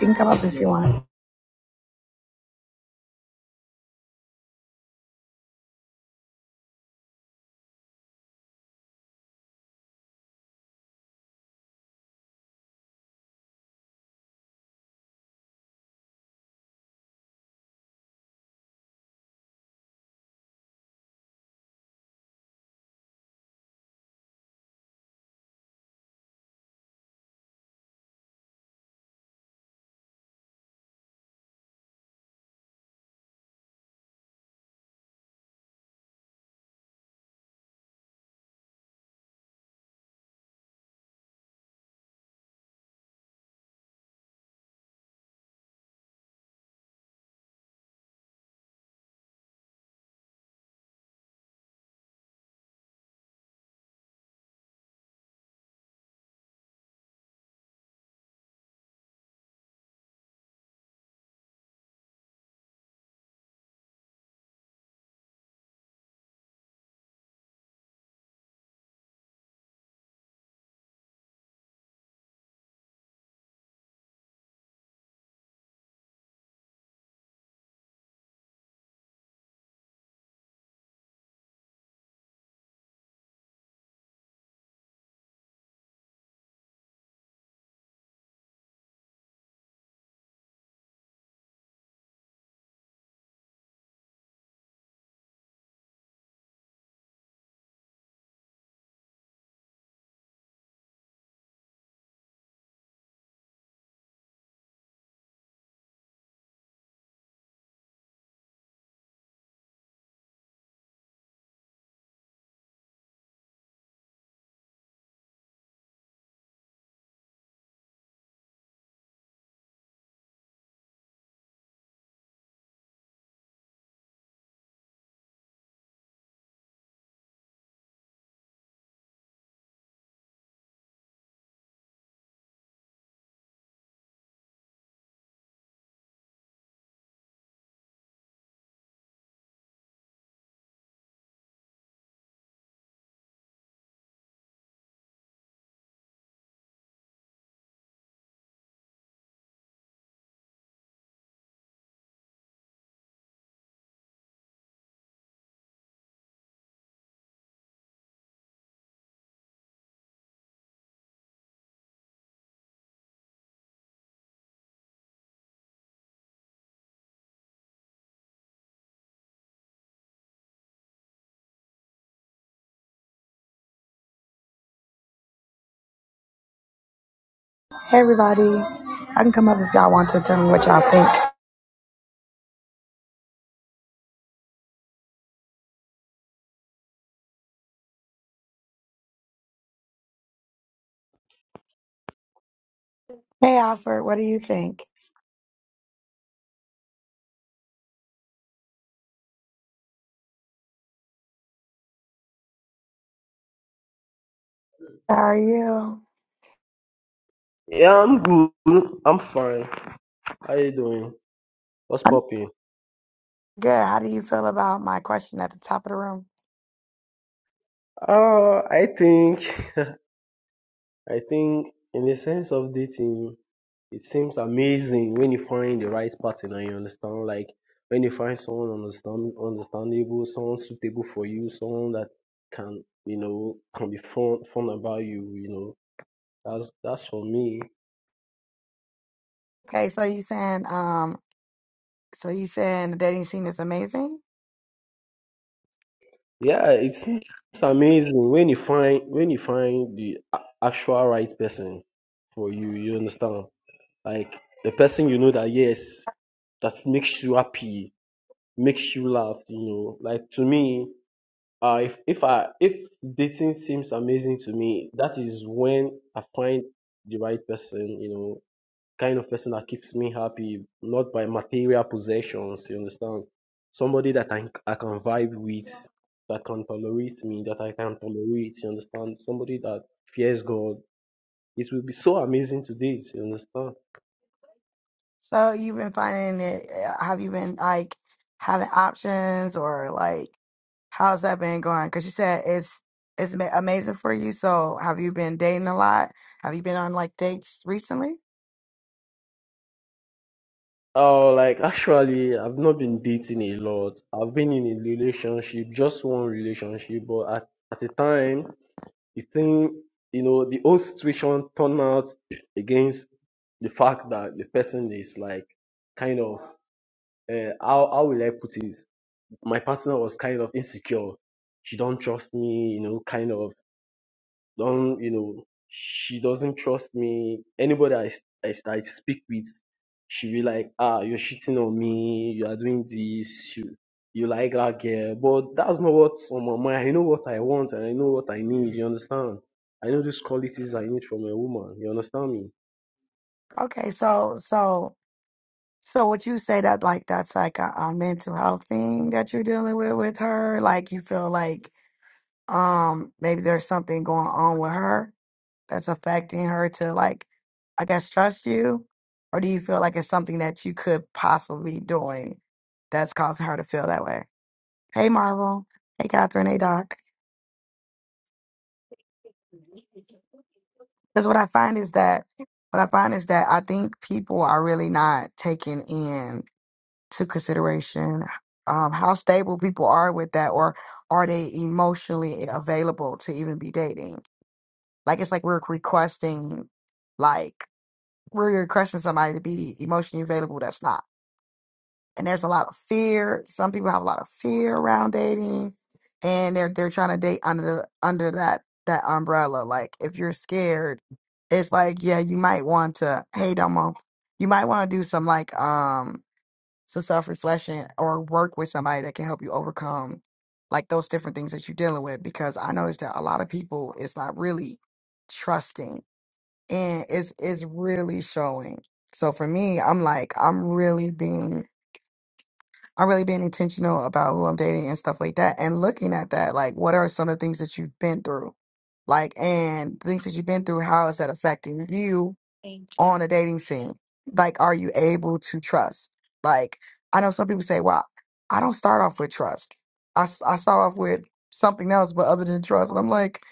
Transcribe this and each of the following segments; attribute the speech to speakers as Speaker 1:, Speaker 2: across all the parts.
Speaker 1: You can come up if you want. Hey, everybody. I can come up if y'all want to tell me what y'all think. Hey, Alfred, what do you think? How are you?
Speaker 2: Yeah, I'm good. I'm fine. How you doing? What's
Speaker 1: I'm
Speaker 2: popping?
Speaker 1: good. How do you feel about my question at the top of the room?
Speaker 2: Uh, I think, I think, in the sense of dating, it seems amazing when you find the right partner. You understand, like when you find someone understand, understandable, someone suitable for you, someone that can, you know, can be fun, fun about you. You know, that's that's for me.
Speaker 1: Okay, so you saying, um, so you saying the dating scene is amazing?
Speaker 2: Yeah, it seems amazing when you find when you find the a- actual right person for you. You understand? Like the person you know that yes, that makes you happy, makes you laugh, you know. Like to me, uh, if if I if dating seems amazing to me, that is when I find the right person, you know, kind of person that keeps me happy, not by material possessions, you understand? Somebody that I I can vibe with, that can tolerate me, that I can tolerate, you understand? Somebody that fears God. It will be so amazing to date, you understand?
Speaker 1: So you've been finding it? uh, Have you been like having options or like how's that been going? Because you said it's it's ma- amazing for you. So have you been dating a lot? Have you been on like dates recently?
Speaker 2: Oh, like actually, I've not been dating a lot. I've been in a relationship, just one relationship, but at, at the time, the thing, you know, the whole situation turned out against the fact that the person is like kind of, uh, how, how will I put it? My partner was kind of insecure. She don't trust me, you know, kind of. Don't you know? She doesn't trust me. Anybody I I I speak with, she be like, ah, you're cheating on me. You are doing this. You you like that girl, but that's not what's on my mind. I know what I want and I know what I need. You understand? I know these qualities I need from a woman. You understand me?
Speaker 1: Okay, so so So would you say that like that's like a, a mental health thing that you're dealing with with her? Like you feel like um maybe there's something going on with her that's affecting her to like I guess trust you? Or do you feel like it's something that you could possibly be doing that's causing her to feel that way? Hey Marvel. Hey Catherine. Hey Doc. Because what I find is that what I find is that I think people are really not taking in to consideration um, how stable people are with that, or are they emotionally available to even be dating? Like it's like we're requesting, like we're requesting somebody to be emotionally available that's not. And there's a lot of fear. Some people have a lot of fear around dating, and they're they're trying to date under under that that umbrella. Like if you're scared, it's like yeah, you might want to. Hey, Domo, you might want to do some like um so self reflection or work with somebody that can help you overcome like those different things that you're dealing with. Because I noticed that a lot of people is not really trusting and it's it's really showing. So for me, I'm like, I'm really being I'm really being intentional about who I'm dating and stuff like that and looking at that. Like, what are some of the things that you've been through? Like, and the things that you've been through, how is that affecting you on a dating scene? Like, are you able to trust? Like, I know some people say, well, I don't start off with trust. I, s- I start off with something else, but other than trust. And I'm like,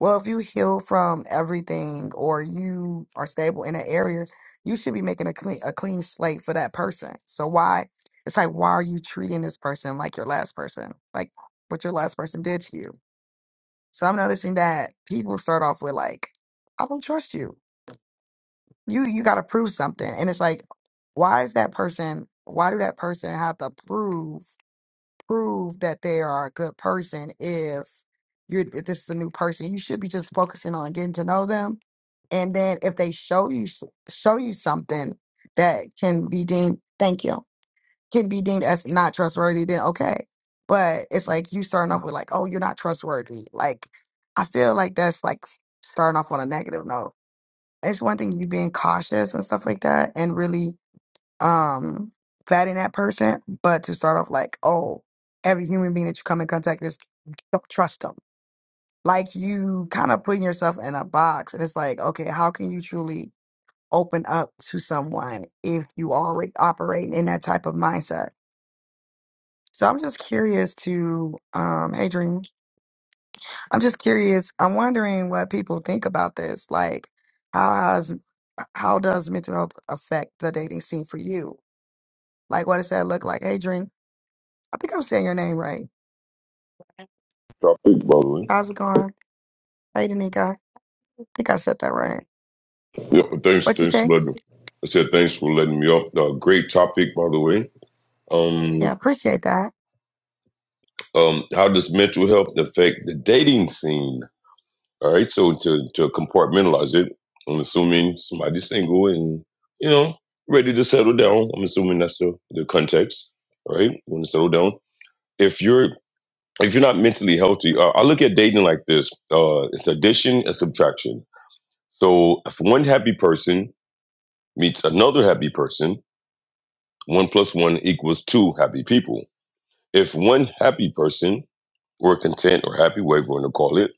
Speaker 1: well, if you heal from everything or you are stable in an area, you should be making a clean, a clean slate for that person. So why? It's like, why are you treating this person like your last person? Like what your last person did to you. So I'm noticing that people start off with like, I don't trust you. You you gotta prove something. And it's like, why is that person why do that person have to prove prove that they are a good person if you're if this is a new person? You should be just focusing on getting to know them. And then if they show you show you something that can be deemed thank you can be deemed as not trustworthy, then okay. But it's like you starting off with like, oh, you're not trustworthy. Like I feel like that's like starting off on a negative note. It's one thing you being cautious and stuff like that and really um fatting that person, but to start off like, oh, every human being that you come in contact with, don't trust them. Like you kind of putting yourself in a box, and it's like, okay, how can you truly open up to someone if you already operating in that type of mindset? So I'm just curious to, um, hey Dream, I'm just curious. I'm wondering what people think about this. Like, how has, how does mental health affect the dating scene for you? Like, what does that look like? Hey Dream, I think I'm saying your name right.
Speaker 3: topic, by the way.
Speaker 1: How's it going? Hey Danica, I think I said that right.
Speaker 3: Yeah, but thanks,
Speaker 1: What you
Speaker 3: thanks
Speaker 1: say?
Speaker 3: for letting. I said thanks for letting me off. Uh, great topic, by the way.
Speaker 1: Yeah,
Speaker 3: Um,
Speaker 1: appreciate that.
Speaker 3: um, how does mental health affect the dating scene? All right, so to to compartmentalize it, I'm assuming somebody's single and you know ready to settle down. I'm assuming that's the the context, all right? Want to settle down? If you're if you're not mentally healthy, uh, I look at dating like this: uh, it's addition and subtraction. So if one happy person meets another happy person, One plus one equals two happy people. If one happy person, or content or happy, whatever you want to call it,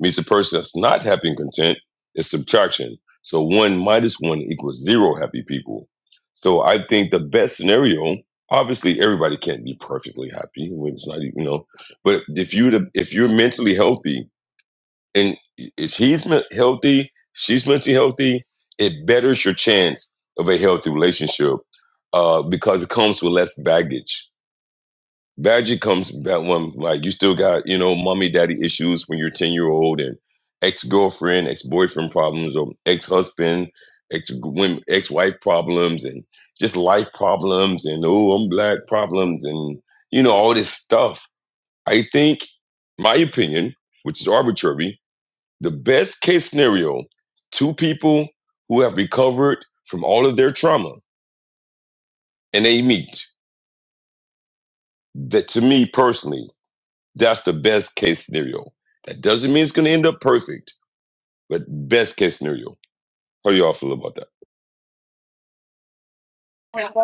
Speaker 3: meets a person that's not happy and content, it's subtraction. So one minus one equals zero happy people. So I think the best scenario, obviously everybody can't be perfectly happy. It's not, e, you know, but if you if you're mentally healthy and if he's men- healthy, she's mentally healthy, it betters your chance of a healthy relationship uh, because it comes with less baggage. Baggage comes that one like you still got you know mommy daddy issues when you're ten year old and ex girlfriend ex boyfriend problems or ex husband ex ex wife problems and just life problems and oh I'm black problems and you know all this stuff. I think my opinion, which is arbitrary, the best case scenario two people who have recovered from all of their trauma and they meet. That to me personally, that's the best case scenario. That doesn't mean it's going to end up perfect, but best case scenario. How do y'all feel about that?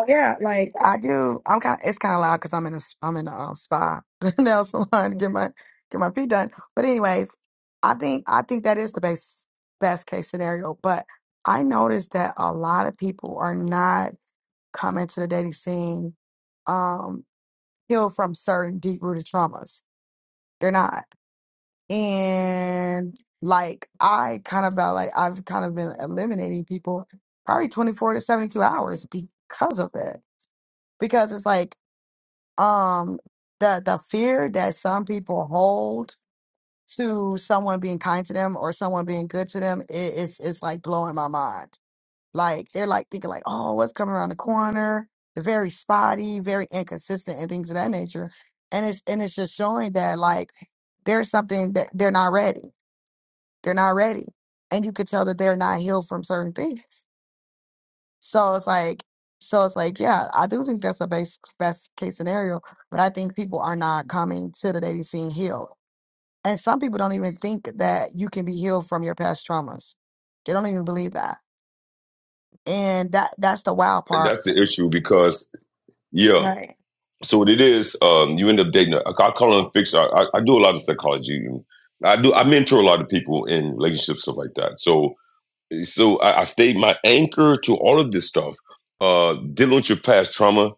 Speaker 1: Yeah, like I do. I'm kind. It's kind of loud because I'm in a s- I'm in a um, spa nail salon to get my get my feet done. But anyways, I think I think that is the best best case scenario. But I noticed that a lot of people are not coming to the dating scene um healed from certain deep rooted traumas. They're not, and like I kind of felt like I've kind of been eliminating people probably 24 to 72 hours because of it. Because it's like um the the fear that some people hold to someone being kind to them or someone being good to them i- is is like blowing my mind. Like they're like thinking like, oh, what's coming around the corner? They're very spotty, very inconsistent, and things of that nature. And it's and it's just showing that like there's something that they're not ready. They're not ready, and you could tell that they're not healed from certain things. So it's like, so it's like, yeah, I do think that's the best best case scenario, but I think people are not coming to the dating scene healed, and some people don't even think that you can be healed from your past traumas. They don't even believe that, and that that's the wild
Speaker 3: And
Speaker 1: part.
Speaker 3: that's the issue because, yeah.
Speaker 1: Right.
Speaker 3: So what it is, um, you end up dating. A, I call them fiction. I, I I do a lot of psychology. I do. I mentor a lot of people in relationships, stuff like that. So so I, I stayed my anchor to all of this stuff. Uh, dealing with your past trauma,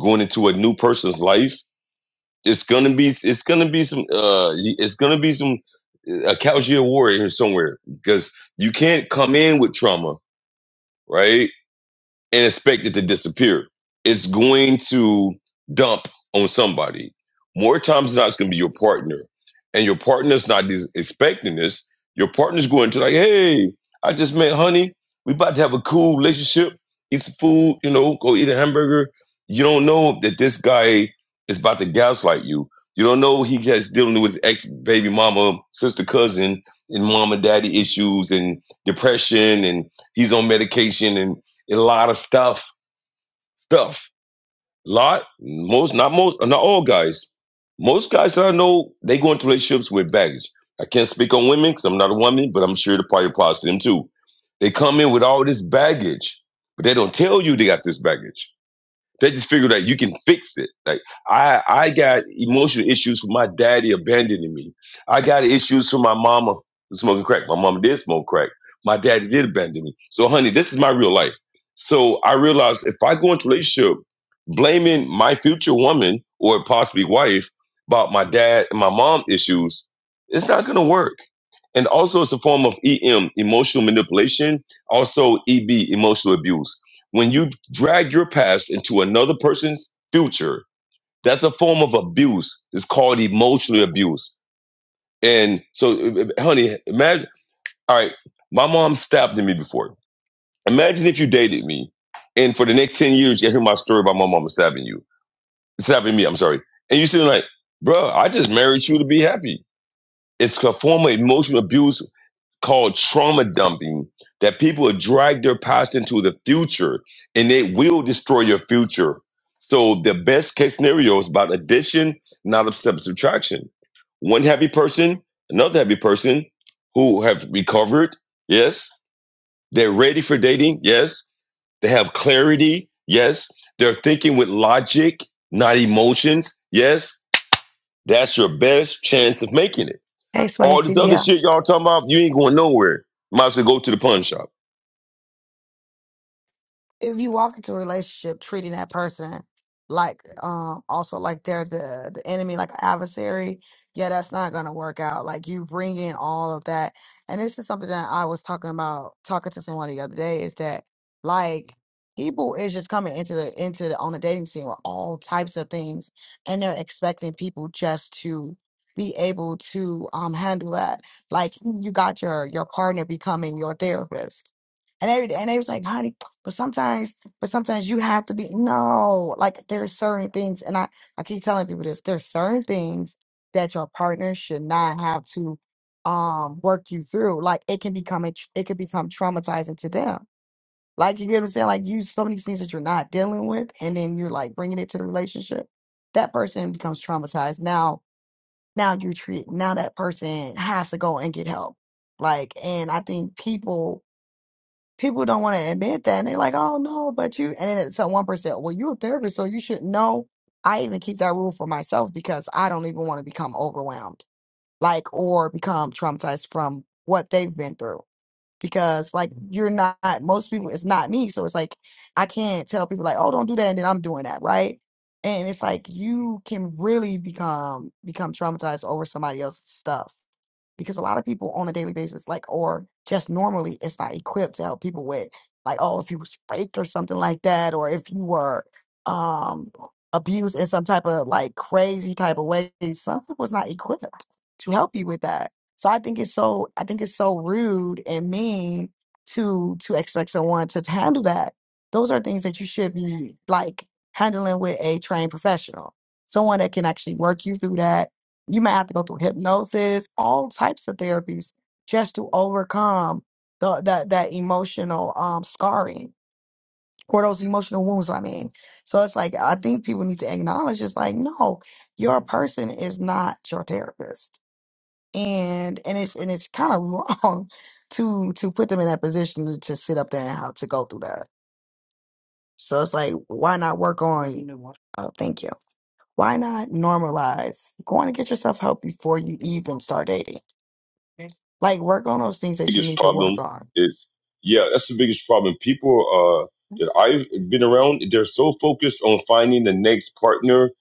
Speaker 3: going into a new person's life. It's gonna be, it's gonna be some, uh, it's gonna be some, uh, a Calgia warrior here somewhere because you can't come in with trauma, right? and expect it to disappear. It's going to dump on somebody. More times than not, it's going to be your partner. And your partner's not dis- expecting this. Your partner's going to like, hey, I just met honey. We about to have a cool relationship. Eat some food, you know, go eat a hamburger. You don't know that this guy is about to gaslight you. You don't know he has dealing with ex baby mama, sister, cousin, and mom and daddy issues and depression and he's on medication and a lot of stuff, stuff. A lot, most, not most, not all guys. Most guys that I know, they go into relationships with baggage. I can't speak on women because I'm not a woman, but I'm sure the probably applies to them too. They come in with all this baggage, but they don't tell you they got this baggage. They just figure that you can fix it. Like I, I got emotional issues from my daddy abandoning me. I got issues from my mama smoking crack. My mama did smoke crack. My daddy did abandon me. So, honey, this is my real life. So I realized if I go into a relationship blaming my future woman or possibly wife about my dad and my mom issues, it's not gonna work and also, it's a form of EM, emotional manipulation, also EB, emotional abuse. When you drag your past into another person's future, that's a form of abuse. It's called emotional abuse. And so, uh, uh, honey, imagine, all right, my mom stabbed me before. Imagine if you dated me, and for the next 10 years, you hear my story about my mom stabbing you, stabbing me, I'm sorry. And you sitting like, bro, I just married you to be happy. It's a form of emotional abuse called trauma dumping that people have dragged their past into the future and it will destroy your future. So the best case scenario is about addition, not sub- subtraction. One happy person, another happy person who have recovered, yes. They're ready for dating, yes. They have clarity. Yes. They're thinking with logic, not emotions. Yes. That's your best chance of making it.
Speaker 1: Hey,
Speaker 3: All this
Speaker 1: Swayze.
Speaker 3: other
Speaker 1: Yeah.
Speaker 3: shit y'all talking about, you ain't going nowhere. Might as well go to the pawn shop.
Speaker 1: if you walk into a relationship treating that person like um also like they're the the enemy like an adversary yeah that's not gonna work out like you bring in all of that and this is something that i was talking about talking to someone the other day is that like people is just coming into the into the on the dating scene with all types of things and they're expecting people just to be able to um handle that like you got your your partner becoming your therapist and they and they was like, "Honey, but sometimes, but sometimes you have to be no, like there's certain things, and I I keep telling people this. There's certain things that your partner should not have to um work you through. Like it can become a, tr- it could become traumatizing to them. Like you get what I'm saying? Like you so many things that you're not dealing with, and then you're like bringing it to the relationship. That person becomes traumatized. Now, now you treat now that person has to go and get help. Like, and I think people people don't want to admit that and they're like oh no but you and then it's so one percent well you're a therapist so you should know i even keep that rule for myself because i don't even want to become overwhelmed like or become traumatized from what they've been through because like you're not most people it's not me so it's like i can't tell people like oh don't do that and then i'm doing that right and it's like you can really become become traumatized over somebody else's stuff because a lot of people on a daily basis like or just normally it's not equipped to help people with like oh if you was raped or something like that or if you were um abused in some type of like crazy type of way some people's not equipped to help you with that so I think it's so I think it's so rude and mean to to expect someone to handle that. Those are things that you should be like handling with a trained professional, someone that can actually work you through that. You might have to go through hypnosis, all types of therapies, just to overcome the that that emotional um scarring or those emotional wounds. I mean, so it's like I think people need to acknowledge it's like no, your person is not your therapist and and it's and it's kind of wrong to to put them in that position to, to sit up there and how to go through that. So it's like, why not work on? You know what? Oh, thank you. Why not normalize going to get yourself help before you even start dating? Okay. Like work on those things that you
Speaker 3: Biggest
Speaker 1: need to work
Speaker 3: problem
Speaker 1: on.
Speaker 3: is, yeah, that's the biggest problem. People uh, that
Speaker 1: Yes.
Speaker 3: I've been around, they're so focused on finding the next partner,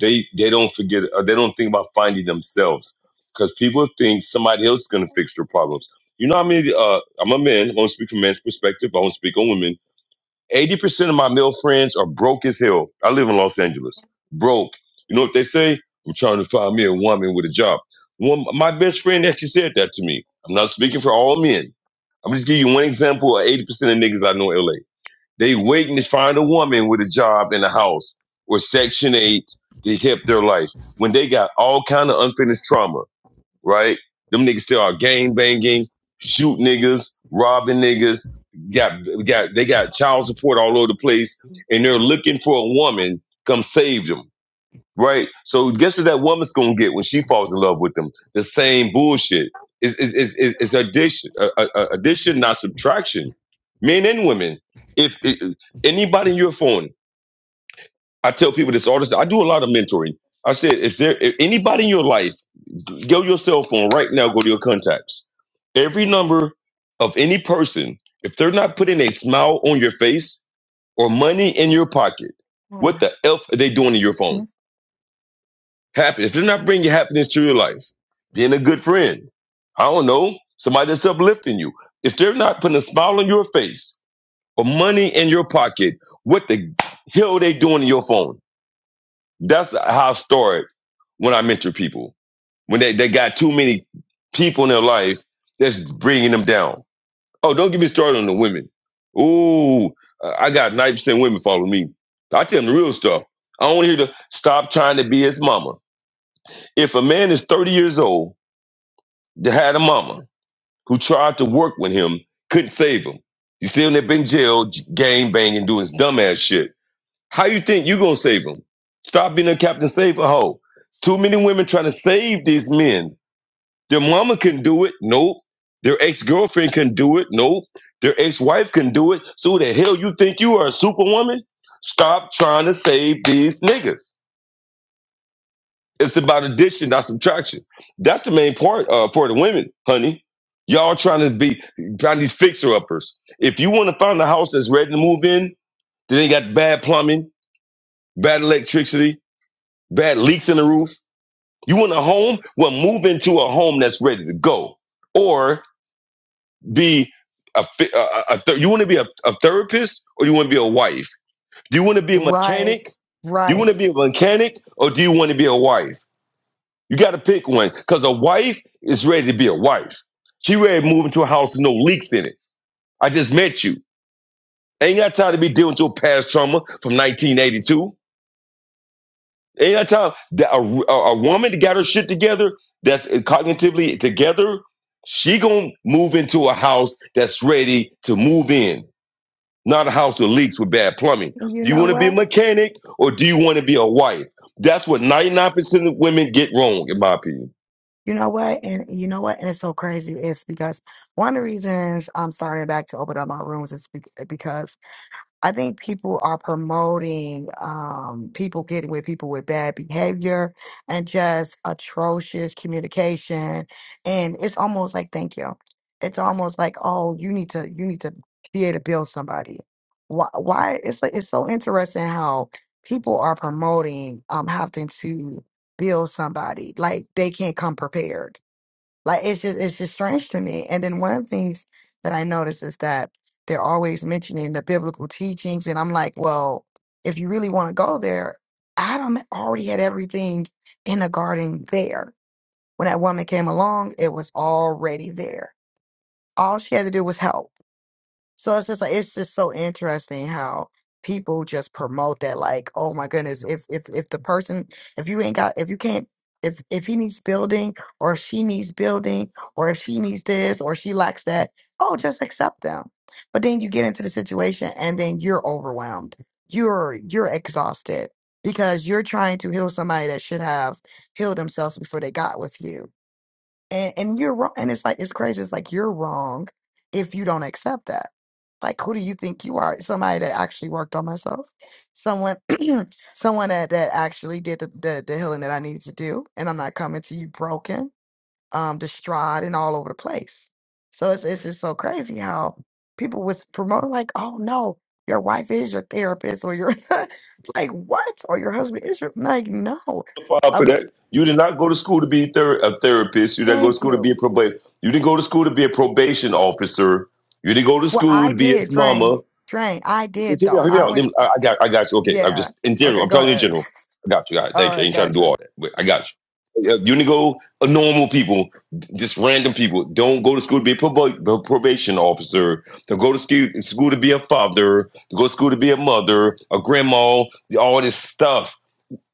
Speaker 3: they they don't forget, uh, they don't think about finding themselves because people think somebody else is gonna fix their problems. You know how many? Uh, I'm a man. I won't speak from man's perspective. I won't speak on women. 80% of my male friends are broke as hell. I live in Los Angeles. Broke. You know what they say? I'm trying to find me a woman with a job. One, my best friend actually said that to me. I'm not speaking for all men. I'm just giving you one example of 80% of niggas I know in LA. They waiting to find a woman with a job and a house or Section 8 to help their life when they got all kind of unfinished trauma right? Them niggas still are gang banging, shoot niggas, robbing niggas. Got got they got child support all over the place, and they're looking for a woman come save them, right? So guess what that woman's gonna get when she falls in love with them? The same bullshit. It's it's it's, it's addition, uh, uh, uh, addition, not subtraction. Men and women. If, if anybody in your phone I tell people this all the time. I do a lot of mentoring. I said, if there if anybody in your life, go to your cell phone right now, go to your contacts. Every number of any person, if they're not putting a smile on your face or money in your pocket, what the F are they doing to your phone?
Speaker 1: Mhm.
Speaker 3: Happy. If they're not bringing happiness to your life, being a good friend, I don't know, somebody that's uplifting you. If they're not putting a smile on your face or money in your pocket, what the hell are they doing to your phone? That's how I started when I mentor people. When they, they got too many people in their life that's bringing them down. Oh, don't get me started on the women. Ooh, I got 90% women following me. I tell them the real stuff. I don't want to hear the stop trying to be his mama. If a man is 30 years old that had a mama who tried to work with him, couldn't save him, he's still in there in jail, gang banging, doing his dumb ass shit how you think you gonna save them? Stop being a Captain Save a hoe. Too many women trying to save these men. Their mama can do it. Nope. Their ex girlfriend can do it. Nope. Their ex wife can do it. So who the hell you think you are a superwoman? Stop trying to save these niggas. It's about addition, not subtraction. That's the main part uh, for the women, honey. Y'all trying to be trying these fixer uppers. If you want to find a house that's ready to move in, that ain't got bad plumbing, bad electricity, bad leaks in the roof. You want a home? Well, move into a home that's ready to go, or be a, a, a a you want to be a, a therapist or you want to be a wife? Do you want to be a
Speaker 1: Right,
Speaker 3: mechanic? Do you want to
Speaker 1: right.
Speaker 3: be a mechanic or do you want to be a wife? You got to pick one because a wife is ready to be a wife. She ready to move into a house with no leaks in it. I just met you. Ain't got time to be dealing with your past trauma from 1982. Ain't that time that a, a, a woman that got her shit together, that's cognitively together, she gonna move into a house that's ready to move in, not a house that leaks with bad plumbing.
Speaker 1: And you
Speaker 3: Do you
Speaker 1: know
Speaker 3: want to be a
Speaker 1: what?
Speaker 3: mechanic or do you want to be a wife? That's what ninety nine percent of women get wrong, in my opinion.
Speaker 1: You know what? And you know what? And it's so crazy. It's because one of the reasons I'm starting back to open up my rooms is be- because I think people are promoting um, people getting with people with bad behavior and just atrocious communication, and it's almost like thank you. It's almost like oh, you need to you need to be able to build somebody. Why? Why? It's like, it's so interesting how people are promoting um having to build somebody like they can't come prepared like it's just it's just strange to me. And then one of the things that I notice is that they're always mentioning the biblical teachings, and I'm like, well, if you really want to go there, Adam already had everything in the garden there. When that woman came along, it was already there. All she had to do was help. So it's just like it's just so interesting how people just promote that like, oh my goodness, if if if the person if you ain't got if you can't if if he needs building or if she needs building or if she needs this or she lacks that, oh just accept them. But then you get into the situation and then you're overwhelmed. You're you're exhausted because you're trying to heal somebody that should have healed themselves before they got with you and and you're wrong and it's like it's crazy it's like you're wrong if you don't accept that like who do you think you are somebody that actually worked on myself someone someone that, that actually did the, the the healing that i needed to do and i'm not coming to you broken um distraught and all over the place so it's it's just so crazy how people was promoting like oh no your wife is your therapist or your like what or your husband is your like no
Speaker 3: Qualified For
Speaker 1: of
Speaker 3: that, you did not go to school to be a, ther- a therapist. You didn't go to
Speaker 1: thank
Speaker 3: school to
Speaker 1: you
Speaker 3: be a probation. You didn't go to school to be a probation officer. You didn't go to
Speaker 1: Well,
Speaker 3: school
Speaker 1: I
Speaker 3: to be
Speaker 1: did,
Speaker 3: its mama.
Speaker 1: Drain. Drain. I did
Speaker 3: Hear me out.
Speaker 1: though.
Speaker 3: Hear me
Speaker 1: I
Speaker 3: out.
Speaker 1: went.
Speaker 3: Then- I I got. I got you. Okay. I'm
Speaker 1: Yeah.
Speaker 3: just in general.
Speaker 1: Okay.
Speaker 3: I'm
Speaker 1: Go
Speaker 3: telling you in
Speaker 1: ahead.
Speaker 3: general. I got you. All right.
Speaker 1: All
Speaker 3: Thank you. I
Speaker 1: right.
Speaker 3: ain't trying to do
Speaker 1: Gotcha.
Speaker 3: all that. But I got you. Uh, Unigo, uh, normal people, just random people, don't go to school to be a prob- probation officer. Don't go to school, school to be a father. To go to school to be a mother, a grandma. All this stuff.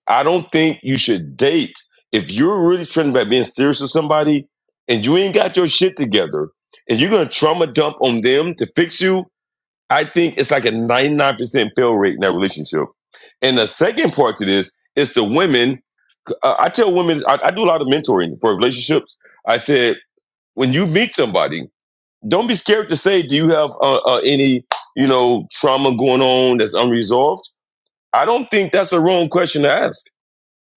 Speaker 3: I don't think you should date if you're really trying about being serious with somebody, and you ain't got your shit together, and you're gonna trauma dump on them to fix you. I think it's like a 99% fail rate in that relationship. And the second part to this is the women. Uh, I tell women, I, I do a lot of mentoring for relationships. I said, when you meet somebody, don't be scared to say, do you have uh, uh, any, you know, trauma going on that's unresolved? I don't think that's a wrong question to ask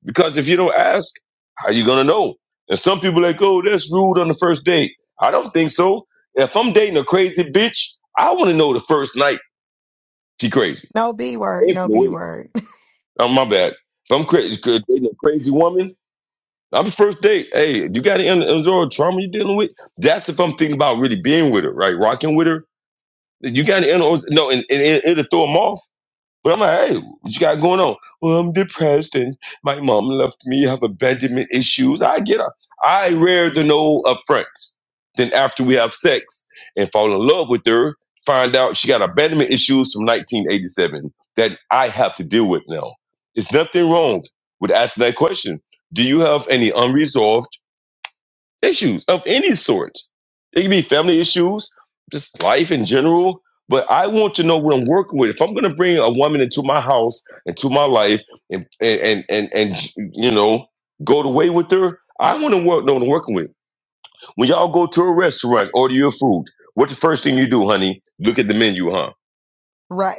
Speaker 3: because if you don't ask, how you going to know? And some people like, oh, that's rude on the first date. I don't think so. If I'm dating a crazy bitch, I want to know the first night she crazy.
Speaker 1: No B
Speaker 3: Ain't
Speaker 1: word.
Speaker 3: ain't
Speaker 1: No
Speaker 3: the
Speaker 1: B
Speaker 3: wait.
Speaker 1: word.
Speaker 3: Oh, my bad. If I'm crazy, dating a crazy woman, I'm first date. Hey, you got to endure trauma you're dealing with. That's if I'm thinking about really being with her, right? Rocking with her. You got to end. No, and, and it- it'll throw them off but I'm like, hey, what you got going on? Well, I'm depressed and my mom left me, have abandonment issues. I get it. I rare to know up front. Then after we have sex and fall in love with her, find out she got abandonment issues from 1987 that I have to deal with now. It's nothing wrong with asking that question. Do you have any unresolved issues of any sort. It can be family issues, just life in general. But I want to know what I'm working with. If I'm going to bring a woman into my house, into my life, and and and and, and you know go the way with her, I want to work, know what I'm working with. When y'all go to a restaurant, order your food. What's the first thing you do, honey? Look at the menu, huh?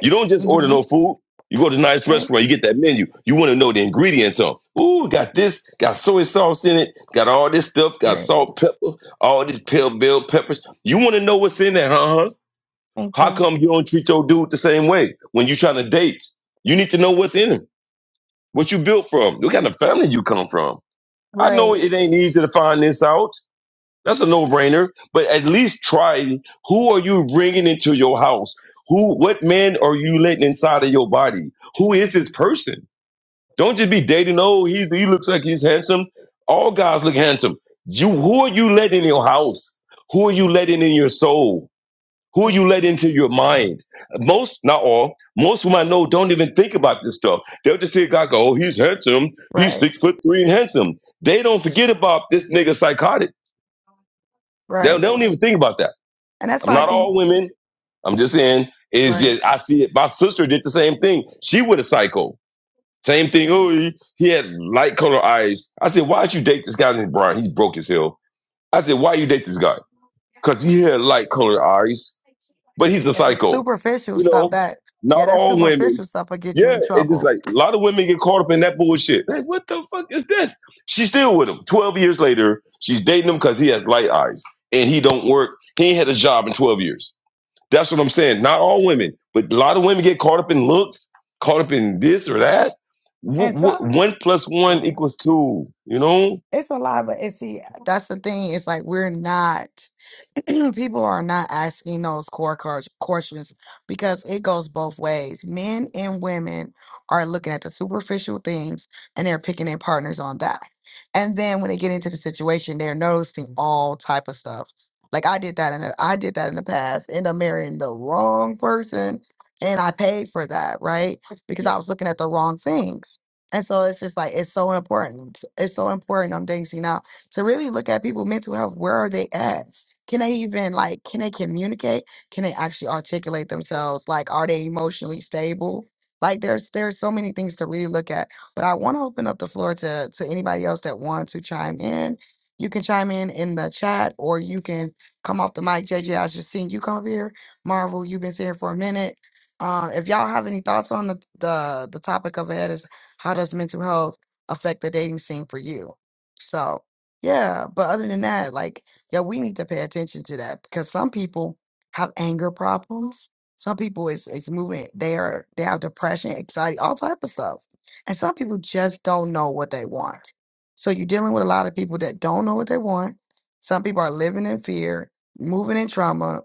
Speaker 3: You don't just order
Speaker 1: Mm-hmm.
Speaker 3: no food. You go to a nice
Speaker 1: Right.
Speaker 3: restaurant, you get that menu. You want to know the ingredients on. Ooh, got this, got soy sauce in it, got all this stuff, got
Speaker 1: Right.
Speaker 3: salt, pepper, all this pale bell peppers. You want to know what's in there, huh? huh?
Speaker 1: Thank
Speaker 3: How
Speaker 1: you.
Speaker 3: come you don't treat your dude the same way when you trying to date? You need to know what's in him, what you built from, what kind of family you come from. I
Speaker 1: Right.
Speaker 3: know it ain't easy to find this out. That's a no brainer. But at least try. Who are you bringing into your house? Who? What man are you letting inside of your body? Who is this person? Don't just be dating. Oh, he he looks like he's handsome. All guys look handsome. You. Who are you letting in your house? Who are you letting in your soul? Who are
Speaker 1: Mm.
Speaker 3: you letting into your mind? Most, not all, most of them I know don't even think about this stuff. They'll just see a guy go, oh, he's handsome. He's
Speaker 1: Right.
Speaker 3: six foot three and handsome. They don't forget about this nigga psychotic. They, they
Speaker 1: Right.
Speaker 3: don't even think about that.
Speaker 1: And that's
Speaker 3: I'm
Speaker 1: why I
Speaker 3: not
Speaker 1: think.
Speaker 3: all women. I'm just saying is
Speaker 1: Right.
Speaker 3: just I see it. My sister did the same thing. She with a psycho. Same thing.
Speaker 1: Right.
Speaker 3: Oh, he, he had light color eyes. I said, why'd you date this guy named Brian? He's broke as hell. I said, why you date this guy? Because he had light colored eyes, but he's a
Speaker 1: Yeah, the
Speaker 3: psycho.
Speaker 1: superficial
Speaker 3: You
Speaker 1: stuff
Speaker 3: know,
Speaker 1: that
Speaker 3: not
Speaker 1: yeah, that
Speaker 3: all women.
Speaker 1: superficial stuff will get you
Speaker 3: Yeah,
Speaker 1: in
Speaker 3: it's just
Speaker 1: trouble.
Speaker 3: like a lot of women get caught up in that bullshit. Like, what the fuck is this? She's still with him. Twelve years later, she's dating him because he has light eyes and he don't work. He ain't had a job in twelve years. That's what I'm saying. Not all women, but a lot of women get caught up in looks, caught up in this or that. Wh- wh- one plus one
Speaker 1: Right.
Speaker 3: equals two. You know,
Speaker 1: That's the thing. It's like we're not. people are not asking those core car- questions because it goes both ways. Men and women are looking at the superficial things and they're picking their partners on that. And then when they get into the situation, they're noticing all type of stuff. Like I did that in the, I did that in the past, end up marrying the wrong person, and I paid for that, right? Because I was looking at the wrong things. And so it's just like it's so important. It's so important. I'm dancing out to really look at people' mental health. Where are they at? Can they even like can they communicate? Can they actually articulate themselves? Like are they emotionally stable? Like there's there's so many things to really look at. But I want to open up the floor to to anybody else that wants to chime in. You can chime in in the chat or you can come off the mic. JJ, I just seen you come up here. Marvel, you've been sitting for a minute. Um, if y'all have any thoughts on the, the the topic of it is how does mental health affect the dating scene for you? So yeah, but other than that, like yeah, we need to pay attention to that because some people have anger problems. Some people is is moving. They are they have depression, anxiety, all type of stuff. And some people just don't know what they want. So you're dealing with a lot of people that don't know what they want. Some people are living in fear, moving in trauma.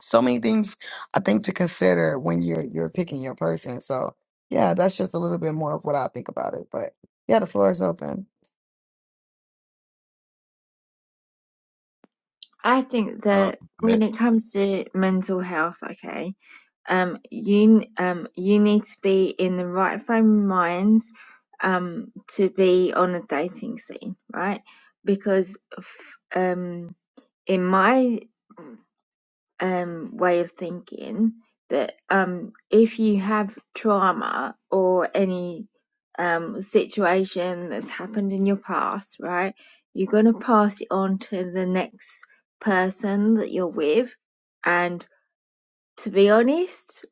Speaker 1: So many things I think to consider when you're you're picking your person. So yeah, that's just a little bit more of what I think about it. But yeah, the floor is open.
Speaker 4: I think
Speaker 5: uh,
Speaker 4: that when it
Speaker 5: meant
Speaker 4: comes to mental health, okay, um, you n- um you need to be in the right frame of mind, um, to be on a dating scene, right? Because f- um, in my um, way of thinking that um, if you have trauma or any um, situation that's happened in your past, right, you're going to pass it on to the next person that you're with. And to be honest,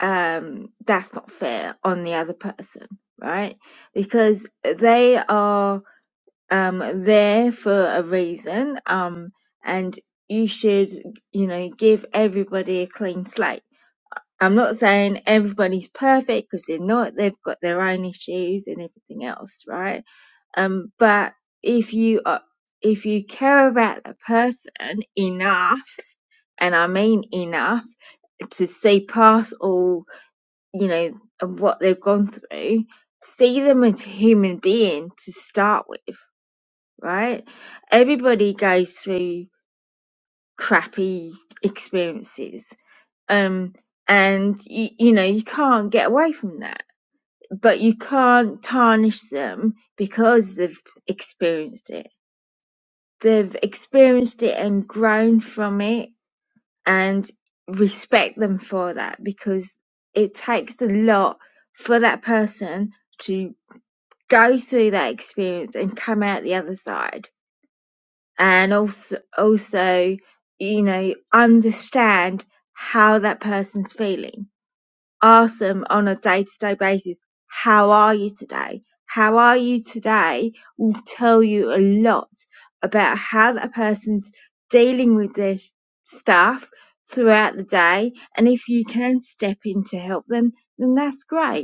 Speaker 4: um, that's not fair on the other person, right? Because they are um there for a reason um and you should you know give everybody a clean slate i'm not saying everybody's perfect because they're not they've got their own issues and everything else right um but if you are if you care about the person enough and i mean enough to see past all you know of what they've gone through see them as a human being to start with right? Everybody goes through crappy experiences. Um, and you, you know, you can't get away from that, but you can't tarnish them because they've experienced it. They've experienced it and grown from it and respect them for that because it takes a lot for that person to go through that experience and come out the other side and also also you know understand how that person's feeling ask them on a day-to-day basis how are you today how are you today will tell you a lot about how that person's dealing with their stuff throughout the day and if you can step in to help them then that's great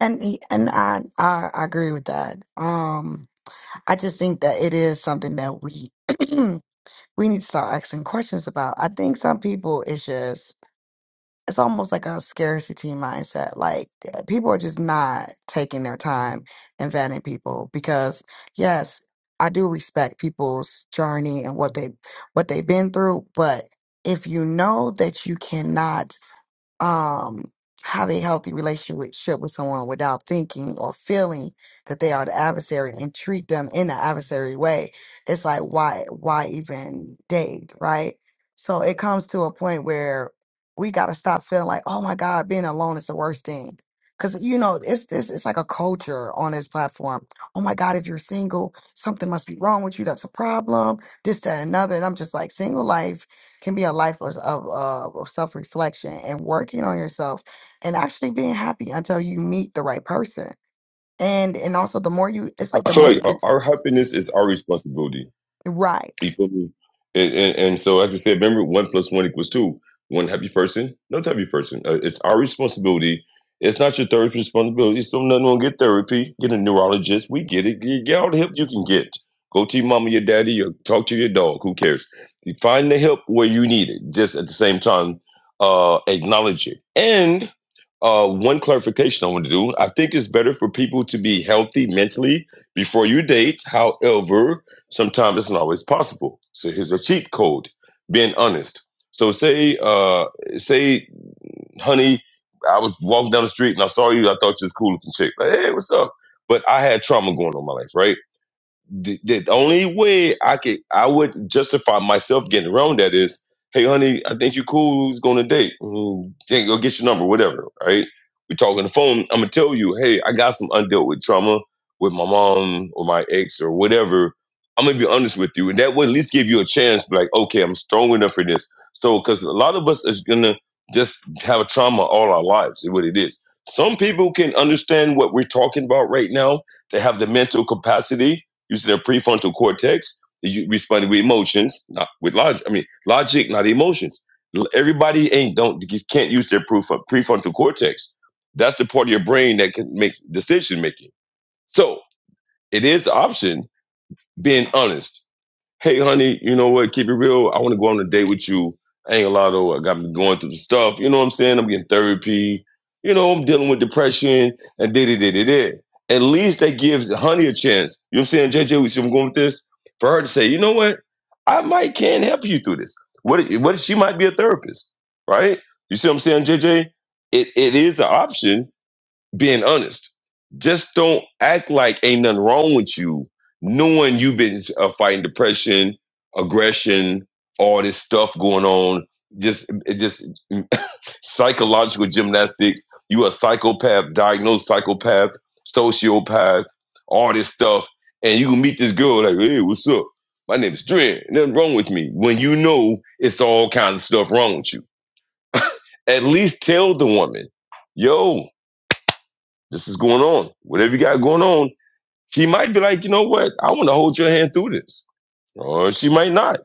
Speaker 1: And he- and I I, I agree with that. Um I just think that it is something that we we need to start asking questions about. I think some people it's just it's almost like a scarcity mindset. Like uh, people are just not taking their time and vetting people because yes, I do respect people's journey and what they what they've been through, but if you know that you cannot um, have a healthy relationship with someone without thinking or feeling that they are the adversary and treat them in the adversary way. It's like why why even date, right? So it comes to a point where we gotta stop feeling like, oh my God, being alone is the worst thing. Cause you know, it's this it's like a culture on this platform. Oh my God, if you're single, something must be wrong with you. That's a problem. This, that, and another. And I'm just like, single life can be a life of, of, uh, of self reflection and working on yourself and actually being happy until you meet the right person. And and also the more you, it's like
Speaker 3: I
Speaker 1: the
Speaker 3: feel
Speaker 1: more you
Speaker 3: like our,
Speaker 1: get
Speaker 3: our happiness is our responsibility.
Speaker 1: right.
Speaker 3: You feel me? And, and, and so like I just said, remember, one plus one equals two. One happy person, another happy person. Uh, it's our responsibility. It's not your therapist's responsibility. So nothing gonna get therapy. Get a neurologist. We get it. Get, get all the help you can get. Go to your mama, your daddy, or talk to your dog. Who cares? You find the help where you need it. Just at the same time, uh, acknowledge it. And uh, one clarification I want to do. I think it's better for people to be healthy mentally before you date. However, sometimes it's not always possible. So here's a cheat code: being honest. So say, uh, say, honey, I was walking down the street and I saw you. I thought you was cool looking chick. Like, hey, what's up? But I had trauma going on in my life, right? the, the only way I could I would justify myself getting around that is, hey honey, I think you cool. Who's going to date? Mm, yeah, go get your number, whatever. Right? We talk on the phone. I'm gonna tell you, hey, I got some undealt with trauma with my mom or my ex or whatever. I'm gonna be honest with you, and that would at least give you a chance. Like, okay, I'm strong enough for this. So, because a lot of us is gonna just have a trauma all our lives. Is what it is. Some people can understand what we're talking about right now. They have the mental capacity Use their prefrontal cortex you responding with emotions, not with logic. I mean, logic, not emotions. Everybody ain't don't can't use their prefrontal cortex. That's the part of your brain that can make decision making. So it is an option being honest hey honey, you know what? Keep it real. I want to go on a date with you. I ain't a lot of I got me going through the stuff. You know what I'm saying? I'm getting therapy. You know, I'm dealing with depression and da da da da da. At least that gives honey a chance. You know what I'm saying, JJ? We see where I'm going with this for her to say, you know what? I might can help you through this. What? if- What? if She might be a therapist, right? You see what I'm saying, JJ? It it is an option being honest. Just don't act like ain't nothing wrong with you, knowing you've been uh, fighting depression, aggression, all this stuff going on. Just, it just psychological gymnastics. You a psychopath, diagnosed psychopath, sociopath, all this stuff, and you can meet this girl like, hey, what's up? My name is Dren. Nothing wrong with me. When you know it's all kinds of stuff wrong with you, at least tell the woman, yo, this is going on. Whatever you got going on She might be like, you know what? I want to hold your hand through this. Or she might not.